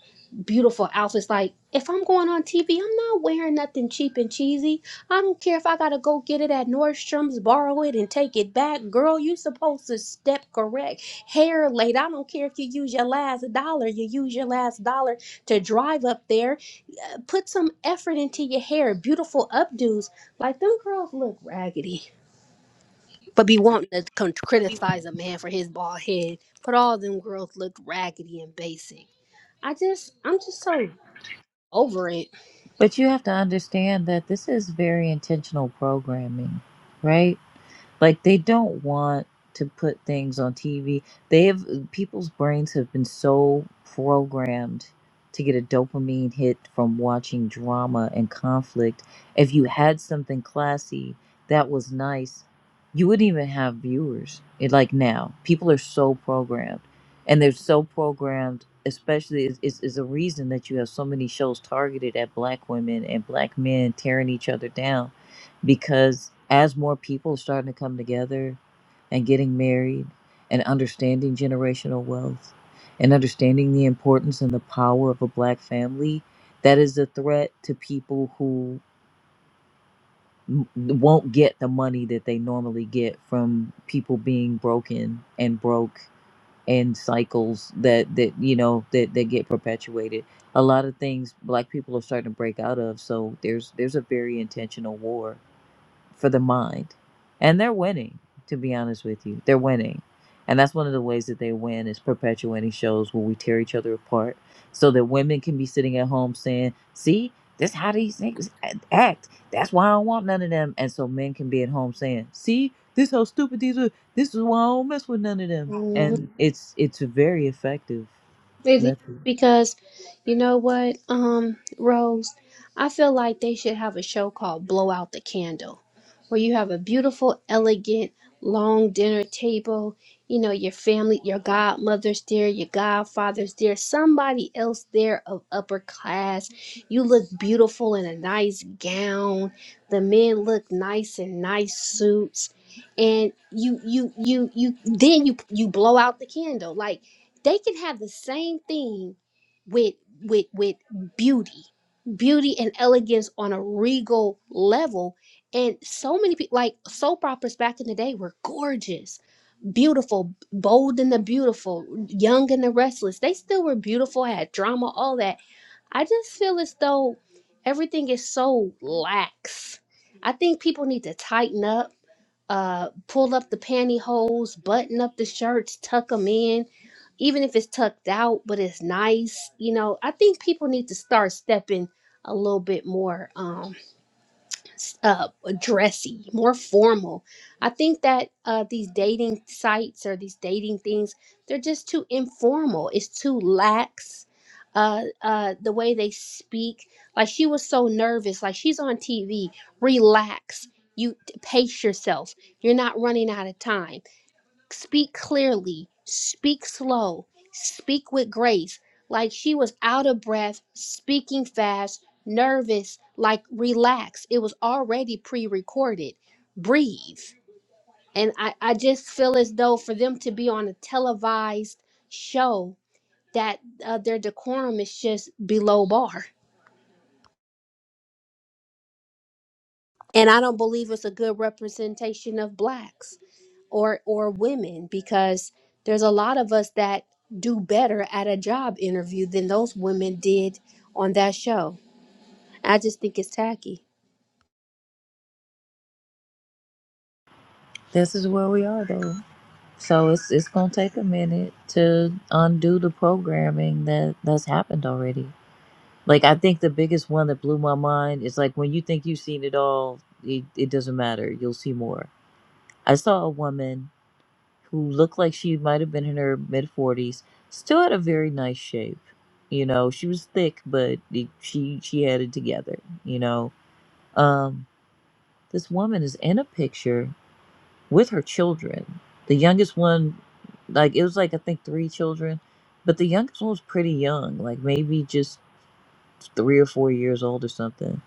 Speaker 10: beautiful outfits. Like if I'm going on TV, I'm not wearing nothing cheap and cheesy. I don't care if I gotta go get it at Nordstrom's, borrow it and take it back. Girl, you supposed to step correct. Hair laid. I don't care if you use your last dollar. You use your last dollar to drive up there. Put some effort into your hair. Beautiful updos. Like them girls look raggedy. But be wanting to con- criticize a man for his bald head. But all them girls looked raggedy and basic. I just, I'm just so over it.
Speaker 7: But you have to understand that this is very intentional programming, right? Like they don't want to put things on TV. They have people's brains have been so programmed to get a dopamine hit from watching drama and conflict. If you had something classy that was nice, you wouldn't even have viewers. It like now, people are so programmed, and they're so programmed. Especially is, is, is a reason that you have so many shows targeted at black women and black men tearing each other down because as more people are starting to come together and getting married and understanding generational wealth and understanding the importance and the power of a black family, that is a threat to people who m- won't get the money that they normally get from people being broken and broke and cycles that that you know that that get perpetuated a lot of things black people are starting to break out of so there's there's a very intentional war for the mind. And they're winning, to be honest with you. They're winning. And that's one of the ways that they win is perpetuating shows where we tear each other apart so that women can be sitting at home saying, see, that's how these things act. That's why I don't want none of them. And so men can be at home saying, see, this how stupid these are. This is why I don't mess with none of them. And it's it's a very effective
Speaker 10: It is
Speaker 7: method.
Speaker 10: because you know what, um, Rose, I feel like they should have a show called Blow Out the Candle, where you have a beautiful, elegant, long dinner table, you know, your family, your godmother's there, your godfather's there, somebody else there of upper class. You look beautiful in a nice gown. The men look nice in nice suits. And you you you you then you you blow out the candle. Like they can have the same thing with with with beauty beauty and elegance on a regal level and so many people like soap operas back in the day were gorgeous beautiful bold and the beautiful young and the restless they still were beautiful had drama all that i just feel as though everything is so lax i think people need to tighten up uh, pull up the pantyhose, button up the shirts, tuck them in, even if it's tucked out, but it's nice. You know, I think people need to start stepping a little bit more. Um s- uh, dressy, more formal. I think that uh, these dating sites or these dating things, they're just too informal. It's too lax. Uh, uh, the way they speak, like she was so nervous, like she's on TV. Relax. You t- pace yourself. You're not running out of time. Speak clearly, speak slow, speak with grace. Like she was out of breath, speaking fast, nervous, like relax. It was already pre recorded. Breathe. And I, I just feel as though for them to be on a televised show, that uh, their decorum is just below bar. And I don't believe it's a good representation of blacks. or or women because there's a lot of us that do better at a job interview than those women did on that show. I just think it's tacky.
Speaker 7: This is where we are though. So it's it's gonna take a minute to undo the programming that that's happened already. Like I think the biggest one that blew my mind is like when you think you've seen it all, it, it doesn't matter. You'll see more. I saw a woman who looked like she might have been in her mid forties, still had a very nice shape. You know, she was thick, but it, she she had it together. You know, um, this woman is in a picture with her children. The youngest one, like it was like I think three children, but the youngest one was pretty young, like maybe just three or four years old or something.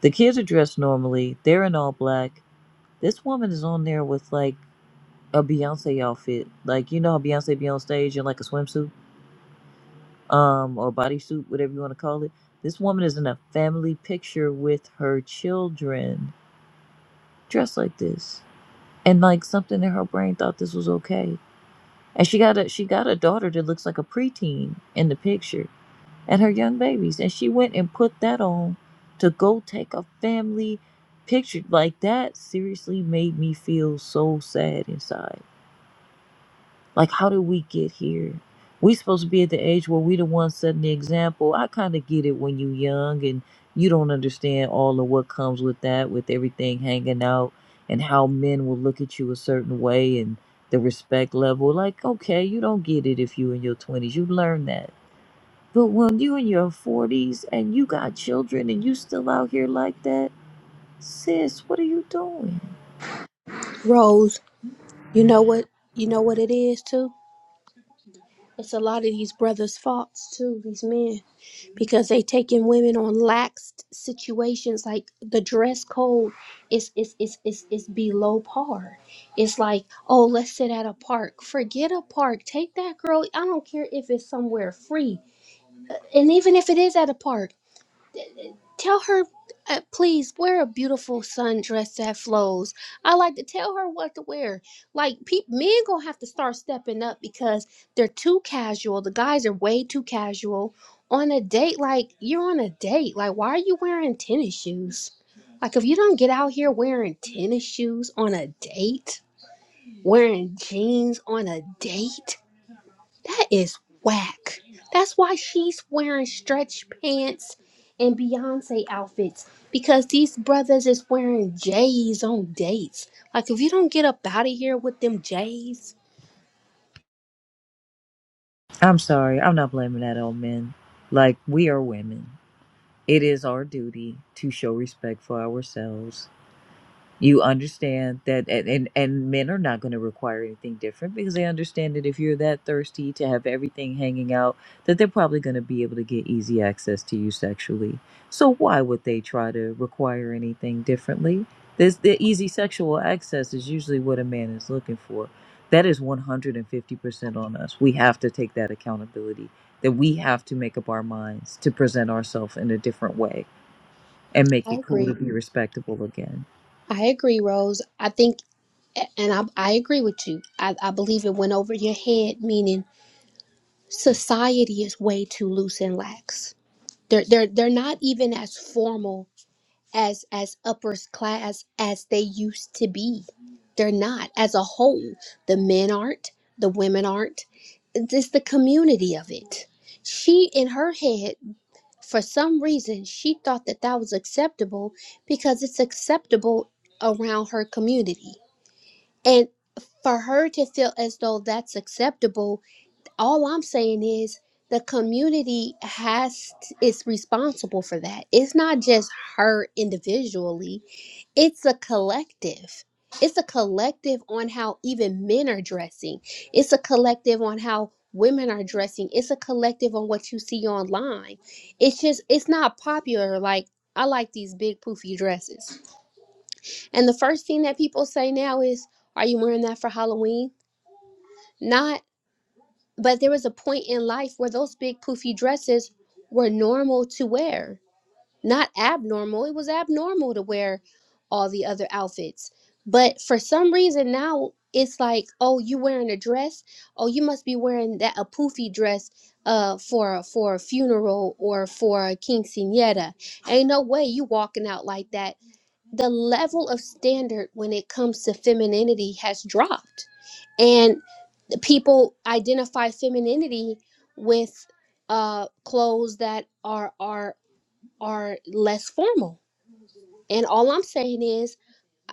Speaker 7: The kids are dressed normally. They're in all black. This woman is on there with like a Beyonce outfit, like you know how Beyonce be on stage in like a swimsuit, um, or bodysuit, whatever you want to call it. This woman is in a family picture with her children, dressed like this, and like something in her brain thought this was okay And she got a she got a daughter that looks like a preteen in the picture and her young babies. And she went and put that on to go take a family picture. Like that seriously made me feel so sad inside like, how did we get here? We supposed to be at the age where we the ones setting the example. I kind of get it when you young and you don't understand all of what comes with that, with everything hanging out and how men will look at you a certain way and the respect level. Like, okay, you don't get it if you in your twenties. You learn that. But when you in your forties and you got children and you still out here like that, sis, what are you doing?
Speaker 10: Rose, you know what you know what it is too? It's a lot of these brothers' faults too, these men. Because they taking women on lax situations like the dress code is is is is is below par. It's like, oh let's sit at a park. Forget a park. Take that girl. I don't care if it's somewhere free And even if it is at a park, tell her, uh, please wear a beautiful sundress that flows. I like to tell her what to wear. Like, peop men gonna have to start stepping up because they're too casual. The guys are way too casual. On a date, like, you're on a date. Like, why are you wearing tennis shoes? Like, if you don't get out here wearing tennis shoes on a date, wearing jeans on a date, that is whack. That's why she's wearing stretch pants and Beyonce outfits because these brothers is wearing J's on dates. Like, if you don't get up out of here with them J's,
Speaker 7: I'm sorry, I'm not blaming that on men. Like we are women. It is our duty to show respect for ourselves. You understand that, and, and, and men are not going to require anything different because they understand that if you're that thirsty to have everything hanging out, that they're probably going to be able to get easy access to you sexually. So why would they try to require anything differently? This the easy sexual access is usually what a man is looking for. That is 150% on us. We have to take that accountability. That we have to make up our minds to present ourselves in a different way and make
Speaker 10: I
Speaker 7: it cool
Speaker 10: agree.
Speaker 7: to be respectable again.
Speaker 10: I agree, Rose. I think, and I, I agree with you. I, I believe it went over your head, meaning society is way too loose and lax. They're, they're, they're not even as formal as as upper class as they used to be. They're not as a whole. The men aren't, the women aren't. It's just the community of it. She in her head for some reason she thought that that was acceptable because it's acceptable around her community. And for her to feel as though that's acceptable, all I'm saying is the community has is responsible for that. It's not just her individually it's a collective it's a collective on how even men are dressing it's a collective on how women are dressing it's a collective on what you see online it's just it's not popular like i like these big poofy dresses and the first thing that people say now is are you wearing that for halloween not but there was a point in life where those big poofy dresses were normal to wear not abnormal. It was abnormal to wear all the other outfits. But for some reason now it's like, oh, you wearing a dress? Oh, you must be wearing that a poofy dress uh for for a funeral or for a quinceanera. Ain't no way you walking out like that. The level of standard when it comes to femininity has dropped. And the people identify femininity with uh clothes that are are are less formal. And all I'm saying is,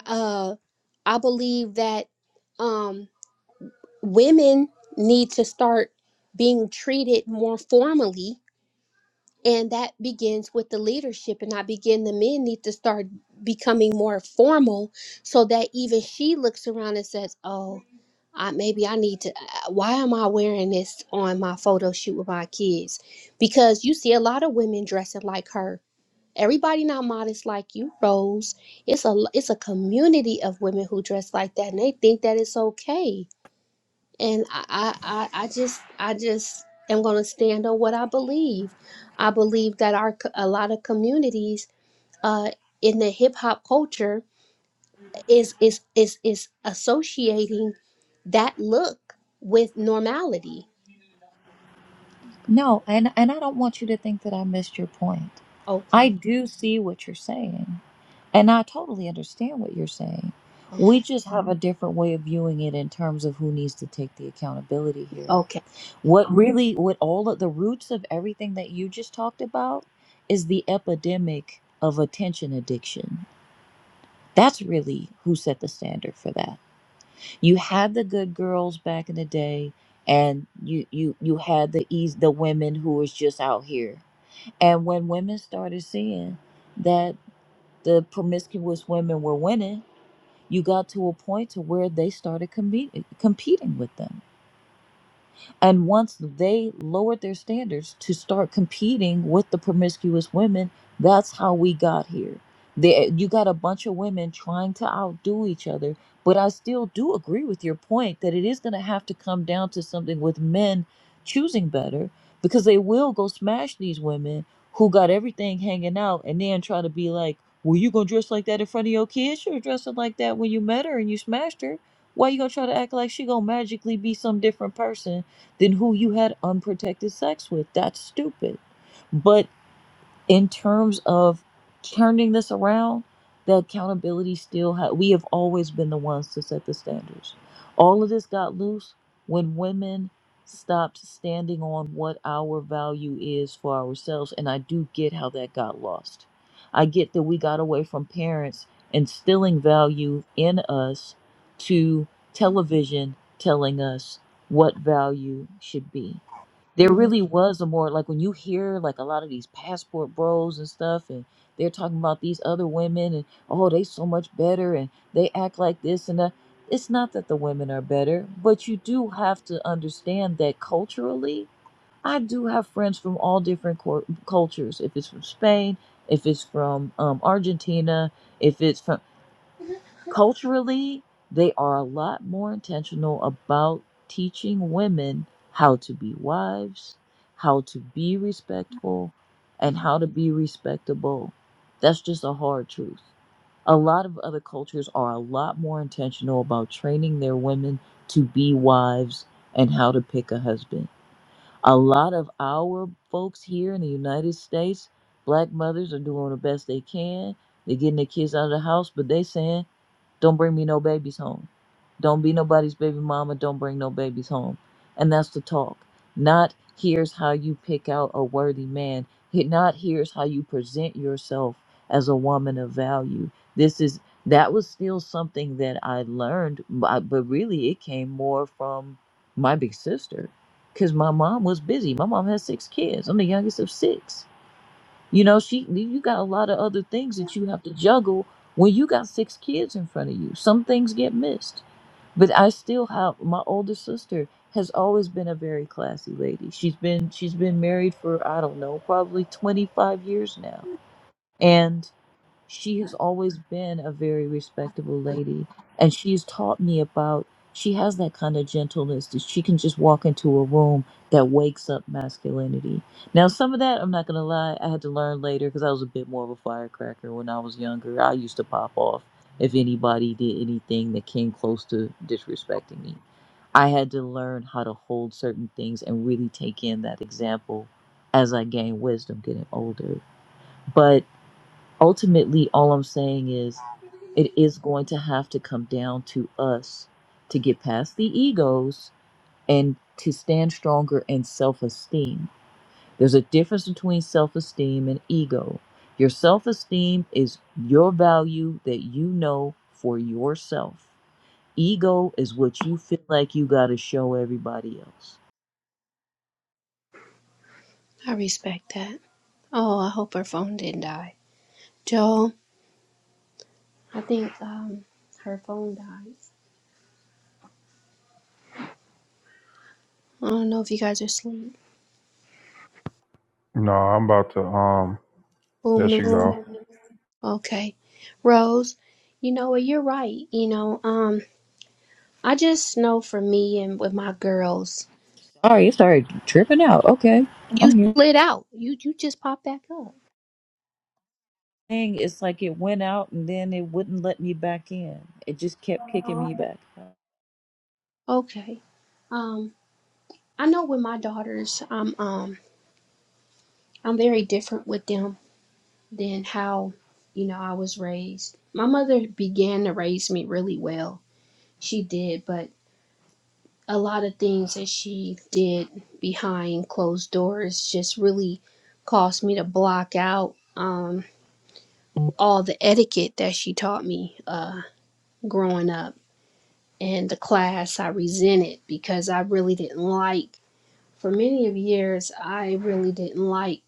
Speaker 10: uh, I believe that um, women need to start being treated more formally, and that begins with the leadership. And I begin the men need to start becoming more formal, so that even she looks around and says, "Oh, I, maybe I need to. uh, Why am I wearing this on my photo shoot with my kids?" Because you see a lot of women dressing like her Everybody not modest like you, Rose. It's a it's a community of women who dress like that, and they think that it's okay. And I I I I just I just am gonna stand on what I believe. I believe that our co- a lot of communities uh in the hip hop culture is is is is associating that look with normality.
Speaker 7: No, and and I don't want you to think that I missed your point. I
Speaker 10: Okay,
Speaker 7: do see what you're saying, and I totally understand what you're saying. We
Speaker 10: okay,
Speaker 7: just have a different way of viewing it in terms of who needs to take the accountability here.
Speaker 10: okay.
Speaker 7: What really, what all of the roots of everything that you just talked about is the epidemic of attention addiction. That's really who set the standard for that. you had the good girls back in the day and you you you had the eas the women who was just out here and when women started seeing that the promiscuous women were winning you got to a point to where they started competing competing with them and once they lowered their standards to start competing with the promiscuous women, that's how we got here. They, you got a bunch of women trying to outdo each other. But I still do agree with your point that it is going to have to come down to something with men choosing better because they will go smash these women who got everything hanging out and then try to be like, well, you going to dress like that in front of your kids? Should have dressing like that when you met her and you smashed her. Why you going to try to act like she going to magically be some different person than who you had unprotected sex with. That's stupid. But in terms of turning this around, the accountability still ha- we have always been the ones to set the standards. All of this got loose when women stopped standing on what our value is for ourselves and I do get how that got lost. I get that we got away from parents instilling value in us to television telling us what value should be there
Speaker 10: Mhm.
Speaker 7: really was a more like when you hear like a lot of these passport bros and stuff and they're talking about these other women and oh they so much better and they act like this and that it's not that the women are better but you do have to understand that culturally i do have friends from all different cor- cultures if it's from spain if it's from um, argentina if it's from Culturally, they are a lot more intentional about teaching women how to be wives, how to be respectful, and how to be respectable. That's just a hard truth. A lot of other cultures are a lot more intentional about training their women to be wives and how to pick a husband a lot of our folks here in the United States, black mothers are doing the best they can. They're getting their kids out of the house, but they saying, don't bring me no babies home. Don't be nobody's baby mama. Don't bring no babies home. And that's the talk. Not here's how you pick out a worthy man. He- Not here's how you present yourself as a woman of value. This is that was still something that I learned, but but really it came more from my big sister because my mom was busy. My mom has six kids. I'm the youngest of six. You know, she you got a lot of other things that you have to juggle when you got six kids in front of you. Some things get missed. But I still have my older sister has always been a very classy lady. She's been she's been married for I don't know, probably 25 years now. And she has always been a very respectable lady and she's taught me about she has that kind of gentleness that she can just walk into a room that wakes up masculinity now some of that i'm not going to lie i had to learn later because i was a bit more of a firecracker when i was younger i used to pop off if anybody did anything that came close to disrespecting me i had to learn how to hold certain things and really take in that example as i gained wisdom getting older But ultimately all i'm saying is it is going to have to come down to us to get past the egos and to stand stronger in self-esteem there's a difference between self-esteem and ego your self-esteem is your value that you know for yourself ego is what you feel like you got to show everybody else
Speaker 10: I respect that. Oh, I hope her phone didn't die. Joel. I think um her phone died. I don't know if you guys are asleep.
Speaker 2: no, I'm about to. Um, there
Speaker 10: Boom the
Speaker 2: she
Speaker 10: room.
Speaker 2: go.
Speaker 10: Okay. Rose, you know what, you're right. You know, um, I just know for me and with my girls,
Speaker 7: sorry i started tripping out okay
Speaker 10: you
Speaker 7: i'm here
Speaker 10: slid out. You you just popped back up.
Speaker 7: thing, it's like it went out and then it wouldn't let me back in. It just kept kicking
Speaker 10: Oh,
Speaker 7: me
Speaker 10: okay.
Speaker 7: back out.
Speaker 10: Okay. Um, I know with my daughters, I'm um I'm very different with them than how, you know, I was raised. My mother began to raise me really well. She did, but a lot of things that she did behind closed doors just really caused me to block out um, all the etiquette that she taught me uh, growing up and the class i resented because i really didn't like for many of years i really didn't like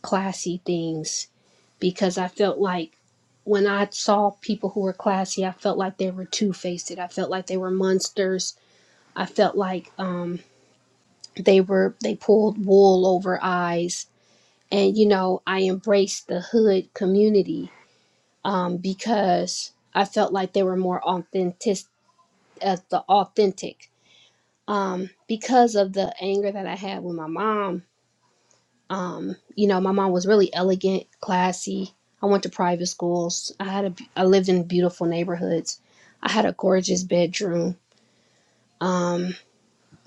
Speaker 10: classy things because i felt like when i saw people who were classy i felt like they were two-faced i felt like they were monsters i felt like um, they were they pulled wool over eyes and you know i embraced the hood community um, because i felt like they were more authentic uh, the authentic um, because of the anger that i had with my mom um, you know my mom was really elegant classy i went to private schools i had a I lived in beautiful neighborhoods i had a gorgeous bedroom um,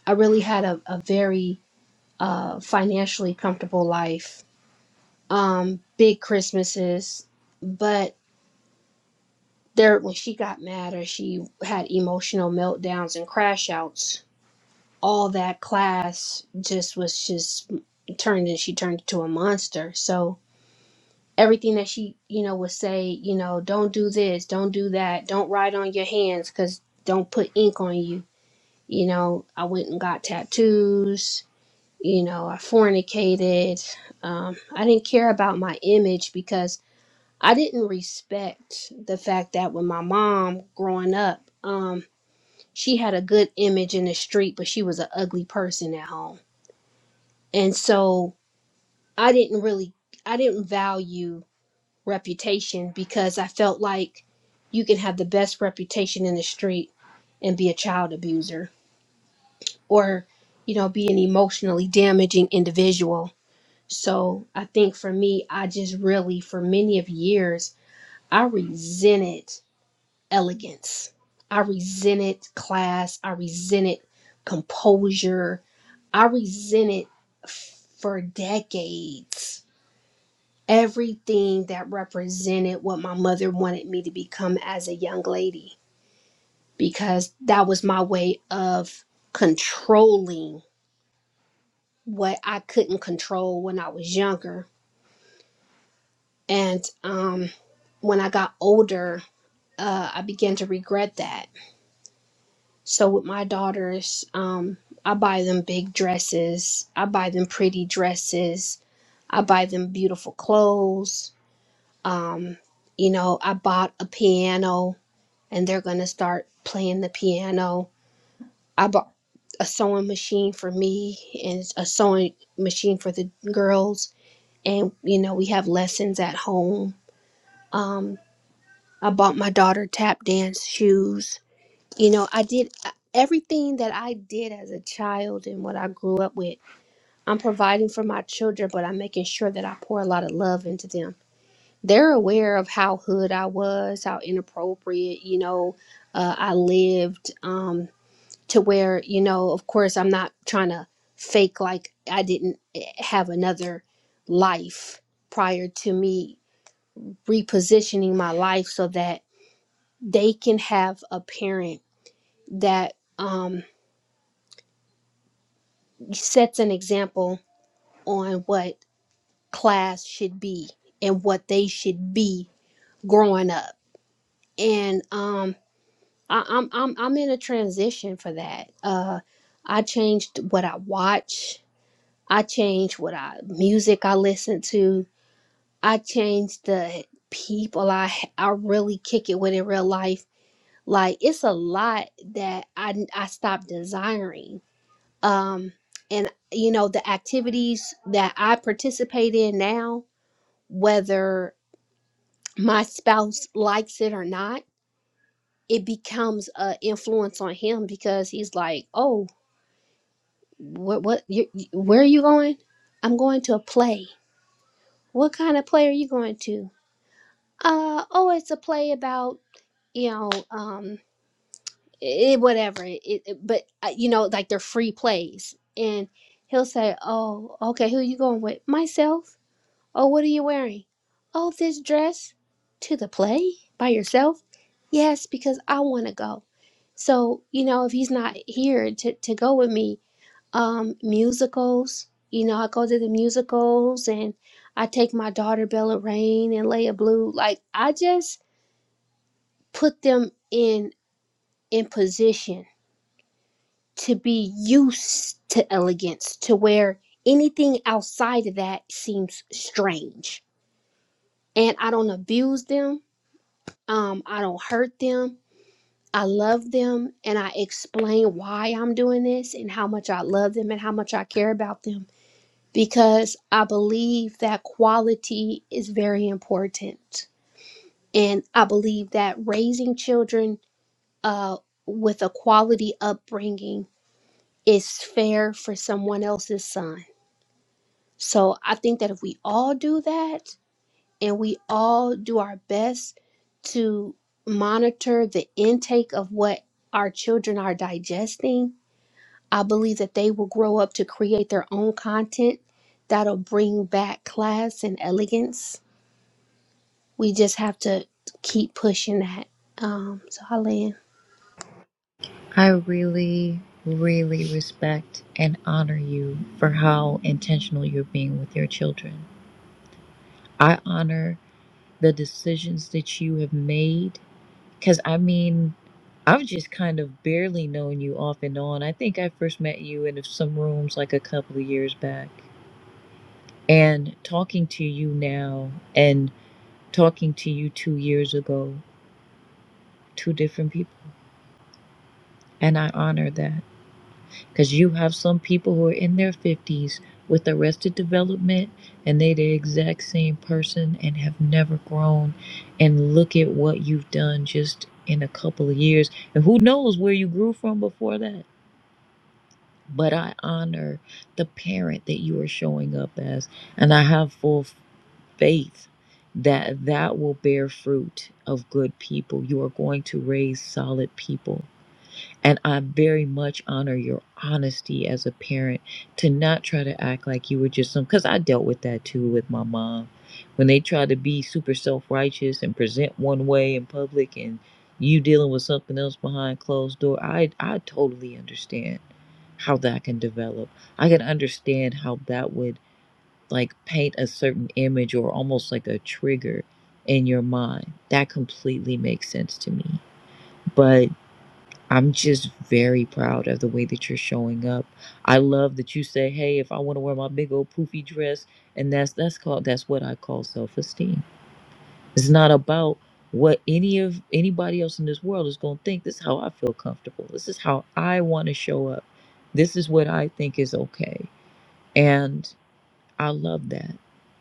Speaker 10: i really had a, a very uh, financially comfortable life um big christmases but there when she got mad or she had emotional meltdowns and crash outs all that class just was just turned and she turned into a monster so everything that she you know would say you know don't do this don't do that don't write on your hands because don't put ink on you you know i went and got tattoos you know i fornicated um, i didn't care about my image because. I didn't respect the fact that when my mom growing up, um, she had a good image in the street, but she was an ugly person at home. And so I didn't really, I didn't value reputation because I felt like you can have the best reputation in the street and be a child abuser or, you know, be an emotionally damaging individual. So I think for me, I just really, for many of years, I resented elegance. I resented class. I resented composure. I resented for decades everything that represented what my mother wanted me to become as a young lady because that was my way of controlling what I couldn't control when I was younger. And um, when I got older, uh, I began to regret that So with my daughters, um, I buy them big dresses. I buy them pretty dresses. I buy them beautiful clothes. Um, you know, I bought a piano, and they're gonna start playing the piano. I bought a sewing machine for me and a sewing machine for the girls. And you know, we have lessons at home. Um, I bought my daughter tap dance shoes You know, I did uh, everything that I did as a child and what I grew up with. I'm providing for my children, but I'm making sure that I pour a lot of love into them. They're aware of how hood I was, how inappropriate, you know, uh, I lived um, to where, you know, of course, I'm not trying to fake like I didn't eh, have another life prior to me repositioning my life so that they can have a parent that um, sets an example on what class should be and what they should be growing up. And um, I, I'm I'm I'm in a transition for that. Uh, I changed what I watch. I changed what I music I listen to. I changed the people I I really kick it with in real life. Like it's a lot that I I stopped desiring um, and you know the activities that i participate in now whether my spouse likes it or not it becomes a influence on him because he's like oh what what you, you- where are you going i'm going to a play what kind of play are you going to uh oh it's a play about you know um it, whatever it, it but uh, you know like they're free plays and he'll say oh okay who you going with myself Oh, what are you wearing? Oh, this dress. To the play? By yourself? Yes, because I want to go. So, you know, if he's not here to, to go with me, um, musicals, you know, I go to the musicals and I take my daughter Bella Rain and Leia Blue. Like, I just put them in in position to be used to elegance, to where anything outside of that seems strange. And I don't abuse them Um, I don't hurt them. I love them and I explain why I'm doing this and how much I love them and how much I care about them because I believe that quality is very important. And I believe that raising children uh, with a quality upbringing is fair for someone else's son. So I think that if we all do that, and we all do our best to monitor the intake of what our children are digesting, I believe that they will grow up to create their own content that'll bring back class and elegance. We just have to keep pushing that. Um, so, Helen,
Speaker 7: I really, really respect and honor you for how intentional you're being with your children. I honor the decisions that you have made because I mean, I've just kind of barely known you off and on. I think I first met you in some rooms like a couple of years back. And talking to you now and talking to you two years ago. two different people. And I honor that because you have some people who are in their 50s with arrested development and they the exact same person and have never grown. And look at what you've done just in a couple of years. And who knows where you grew from before that. But I honor the parent that you are showing up as. And I have full faith that that will bear fruit of good people. You are going to raise solid people And I very much honor your honesty as a parent to not try to act like you were just some, because I dealt with that too with my mom. When they tried to be super self righteous and present one way in public and you dealing with something else behind closed door, I, I totally understand how that can develop. I can understand how that would like paint a certain image or almost like a trigger in your mind. That completely makes sense to me. But. I'm just very proud of the way that you're showing up. I love that you say, "Hey, if I want to wear my big old poofy dress," and that's that's called that's what I call self-esteem. It's not about what any of anybody else in this world is going to think. This is how I feel comfortable. This is how I want to show up. This is what I think is okay. And I love that.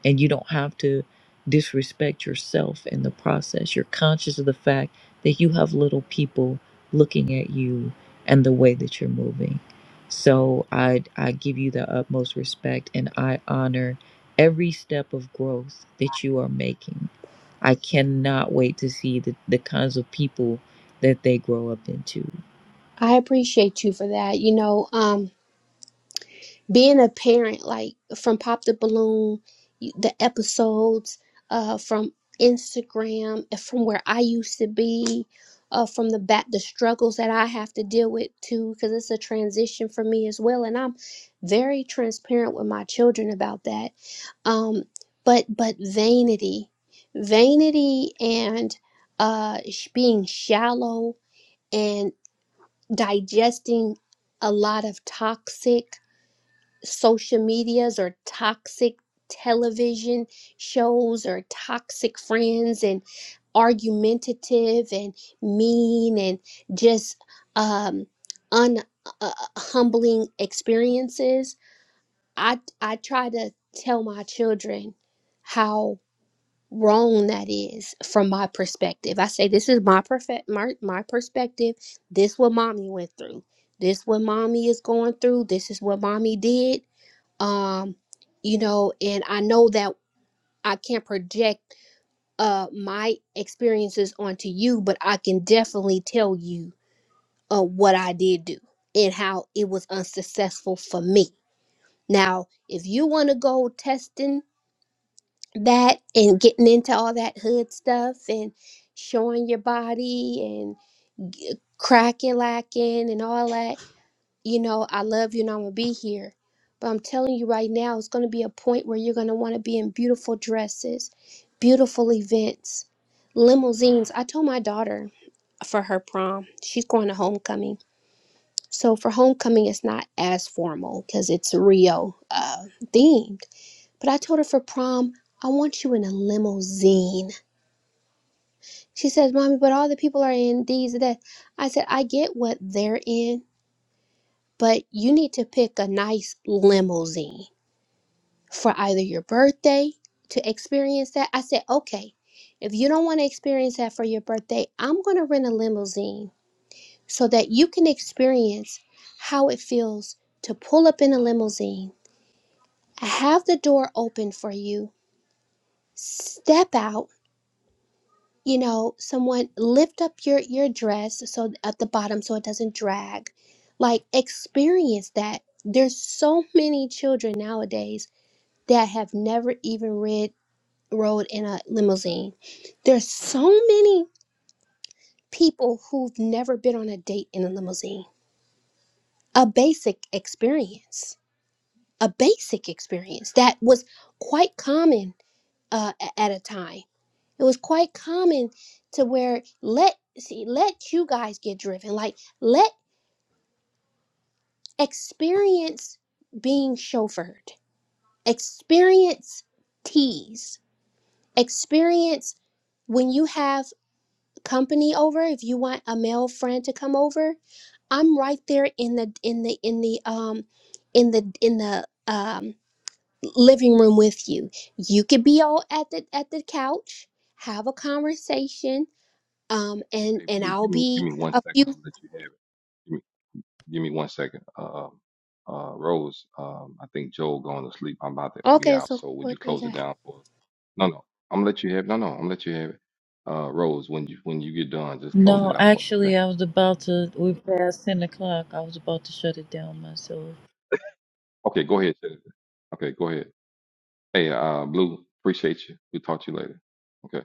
Speaker 7: And you don't have to disrespect yourself in the process. You're conscious of the fact that you have little people looking at you and the way that you're moving. So I I give you the utmost respect and I honor every step of growth that you are making. I cannot wait to see the, the kinds of people that they grow up into.
Speaker 10: I appreciate you for that. You know, um, being a parent, like from Pop the Balloon, you- the episodes uh, from Instagram, and from where I used to be, uh, from the back, the struggles that I have to deal with too, because it's a transition for me as well, and I'm very transparent with my children about that. Um, but but vanity, vanity, and uh, sh- being shallow and digesting a lot of toxic social medias or toxic television shows or toxic friends and argumentative and mean and just um un uh, humbling experiences i i try to tell my children how wrong that is from my perspective i say this is my perfect my, my perspective this what mommy went through this what mommy is going through this is what mommy did um you know and i know that i can't project uh my experiences onto you but i can definitely tell you uh what i did do and how it was unsuccessful for me now if you want to go testing that and getting into all that hood stuff and showing your body and cracking lacking and all that you know, I love you and I'm gonna be here. But I'm telling you right now, it's gonna be a point where you're gonna wanna be in beautiful dresses, beautiful events, limousines. I told my daughter for her prom, she's going to homecoming. So for homecoming, it's not as formal because it's Rio uh, themed. But I told her for prom, I want you in a limousine. She says, Mommy, but all the people are in these and that. I said, I get what they're in, but you need to pick a nice limousine for either your birthday to experience that. I said, okay, if you don't want to experience that for your birthday, I'm going to rent a limousine so that you can experience how it feels to pull up in a limousine. I have the door open for you. Step out, you know, someone lift up your your dress so at the bottom so it doesn't drag. Like experience that. There's so many children nowadays that have never even read rode in a limousine. There's so many people who've never been on a date in a limousine. A basic experience, a basic experience that was quite common uh, a- at a time. It was quite common to where let see let you guys get driven, like let experience being chauffeured, experience tease, experience when you have company over if you want a male friend to come over i'm right there in the in the in the um in the in the um living room with you you could be all at the at the couch have a conversation um and
Speaker 3: Hey,
Speaker 10: and
Speaker 3: Blue,
Speaker 10: i'll
Speaker 3: give me
Speaker 10: be
Speaker 3: give me one
Speaker 10: a
Speaker 3: second.
Speaker 10: few
Speaker 3: I'm gonna let you have it. Give me give me one second. Um, uh, Rose, um, I think Joel going to sleep. I'm about to be
Speaker 10: okay
Speaker 3: out,
Speaker 10: so
Speaker 3: so would you close it
Speaker 10: okay,
Speaker 3: down for us? No, no, I'm gonna let you have. No, no, I'm gonna let you have it. Uh, Rose, when you when you get done, just close
Speaker 7: No,
Speaker 3: it out for me,
Speaker 7: actually
Speaker 3: okay?
Speaker 7: I was about to we passed ten o'clock. I was about to shut it down myself.
Speaker 3: Okay, go ahead. Jennifer. Okay, go ahead. Hey, uh, Blue, appreciate you. We'll talk to you later. Okay.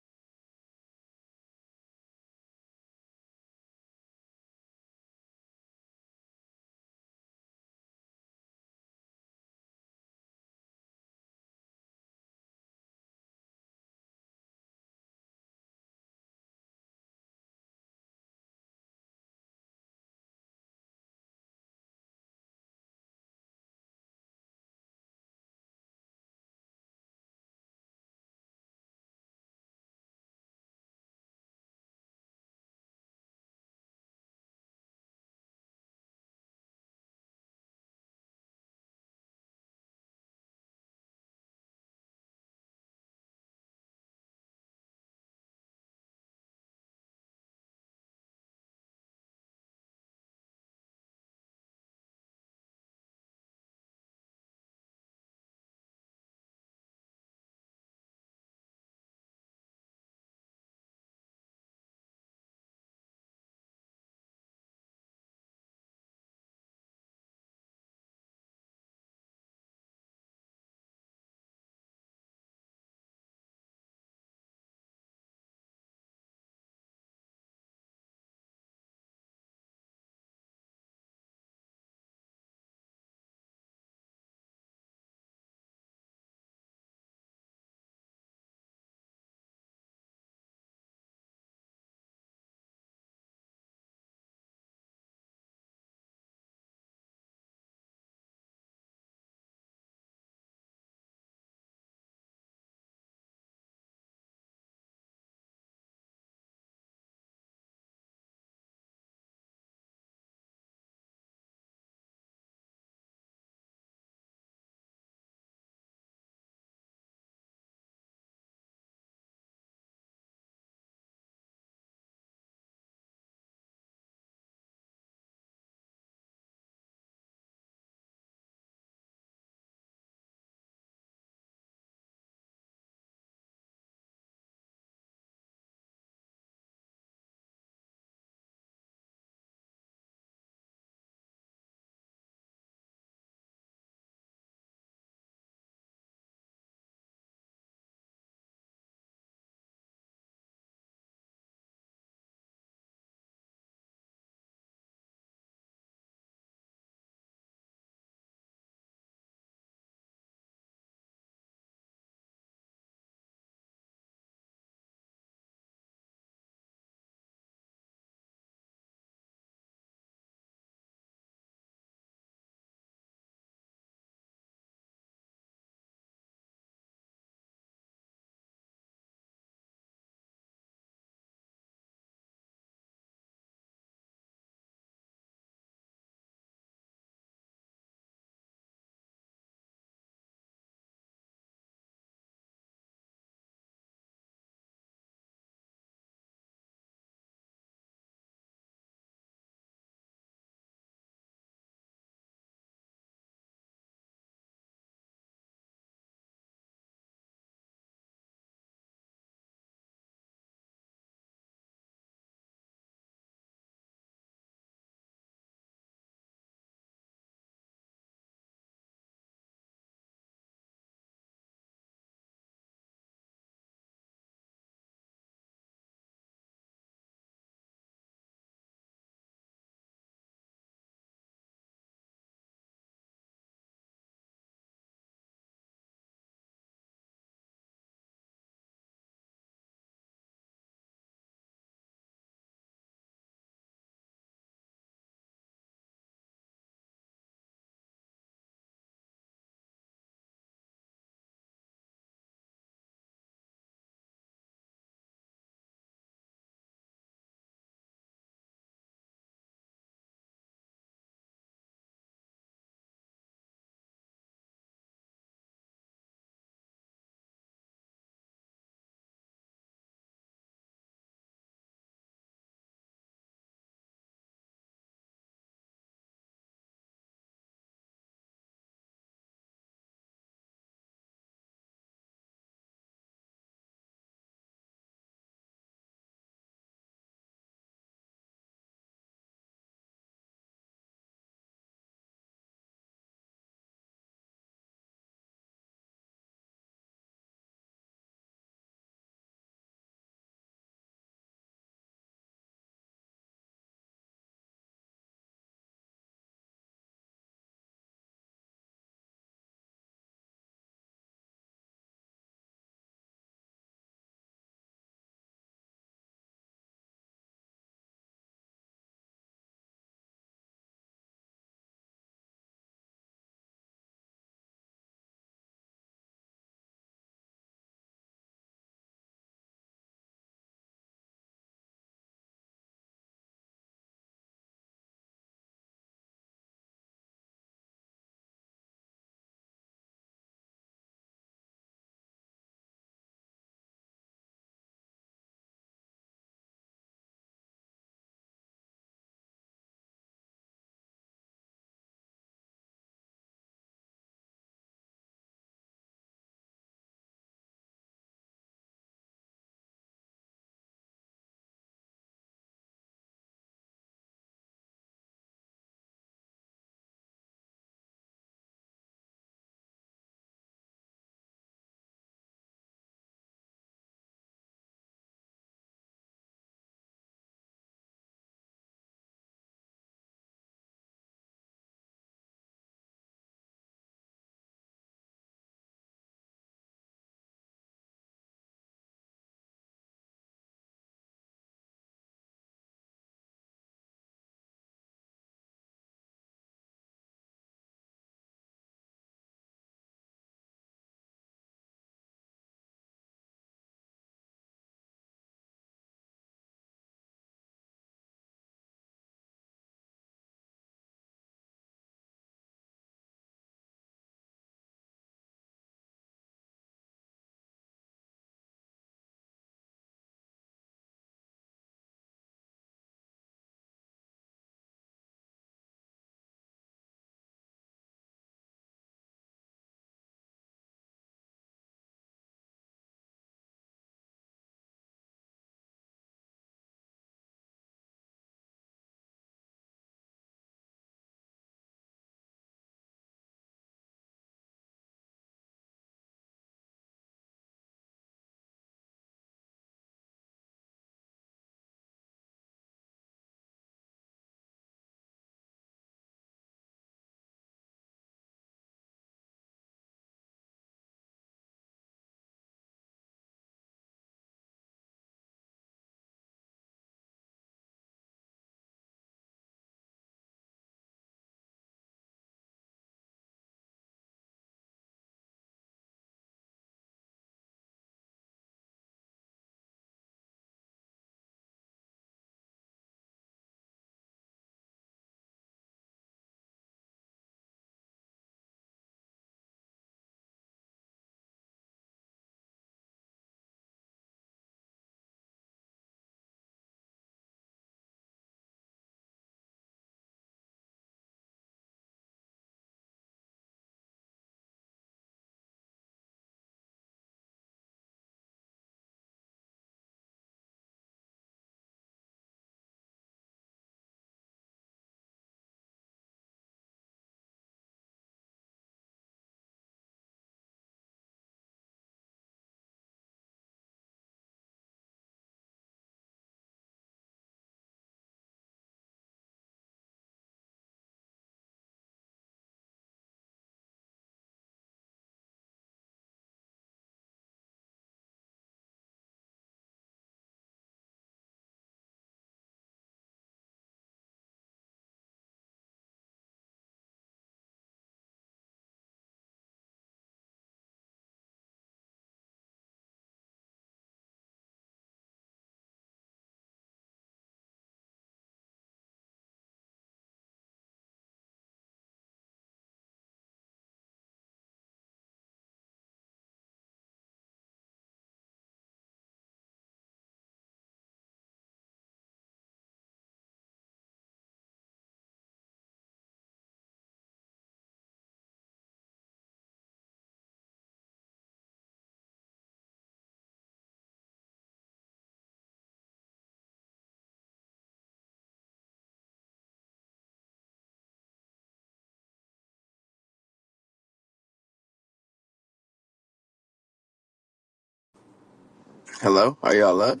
Speaker 9: Hello, are y'all up?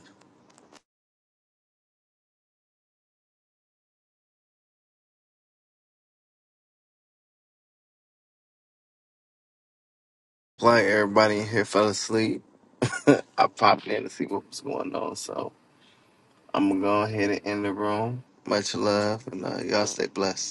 Speaker 9: Like everybody in here fell asleep. (laughs) I popped in to see what was going on, so I'm gonna go ahead and end the room. Much love. Stay blessed.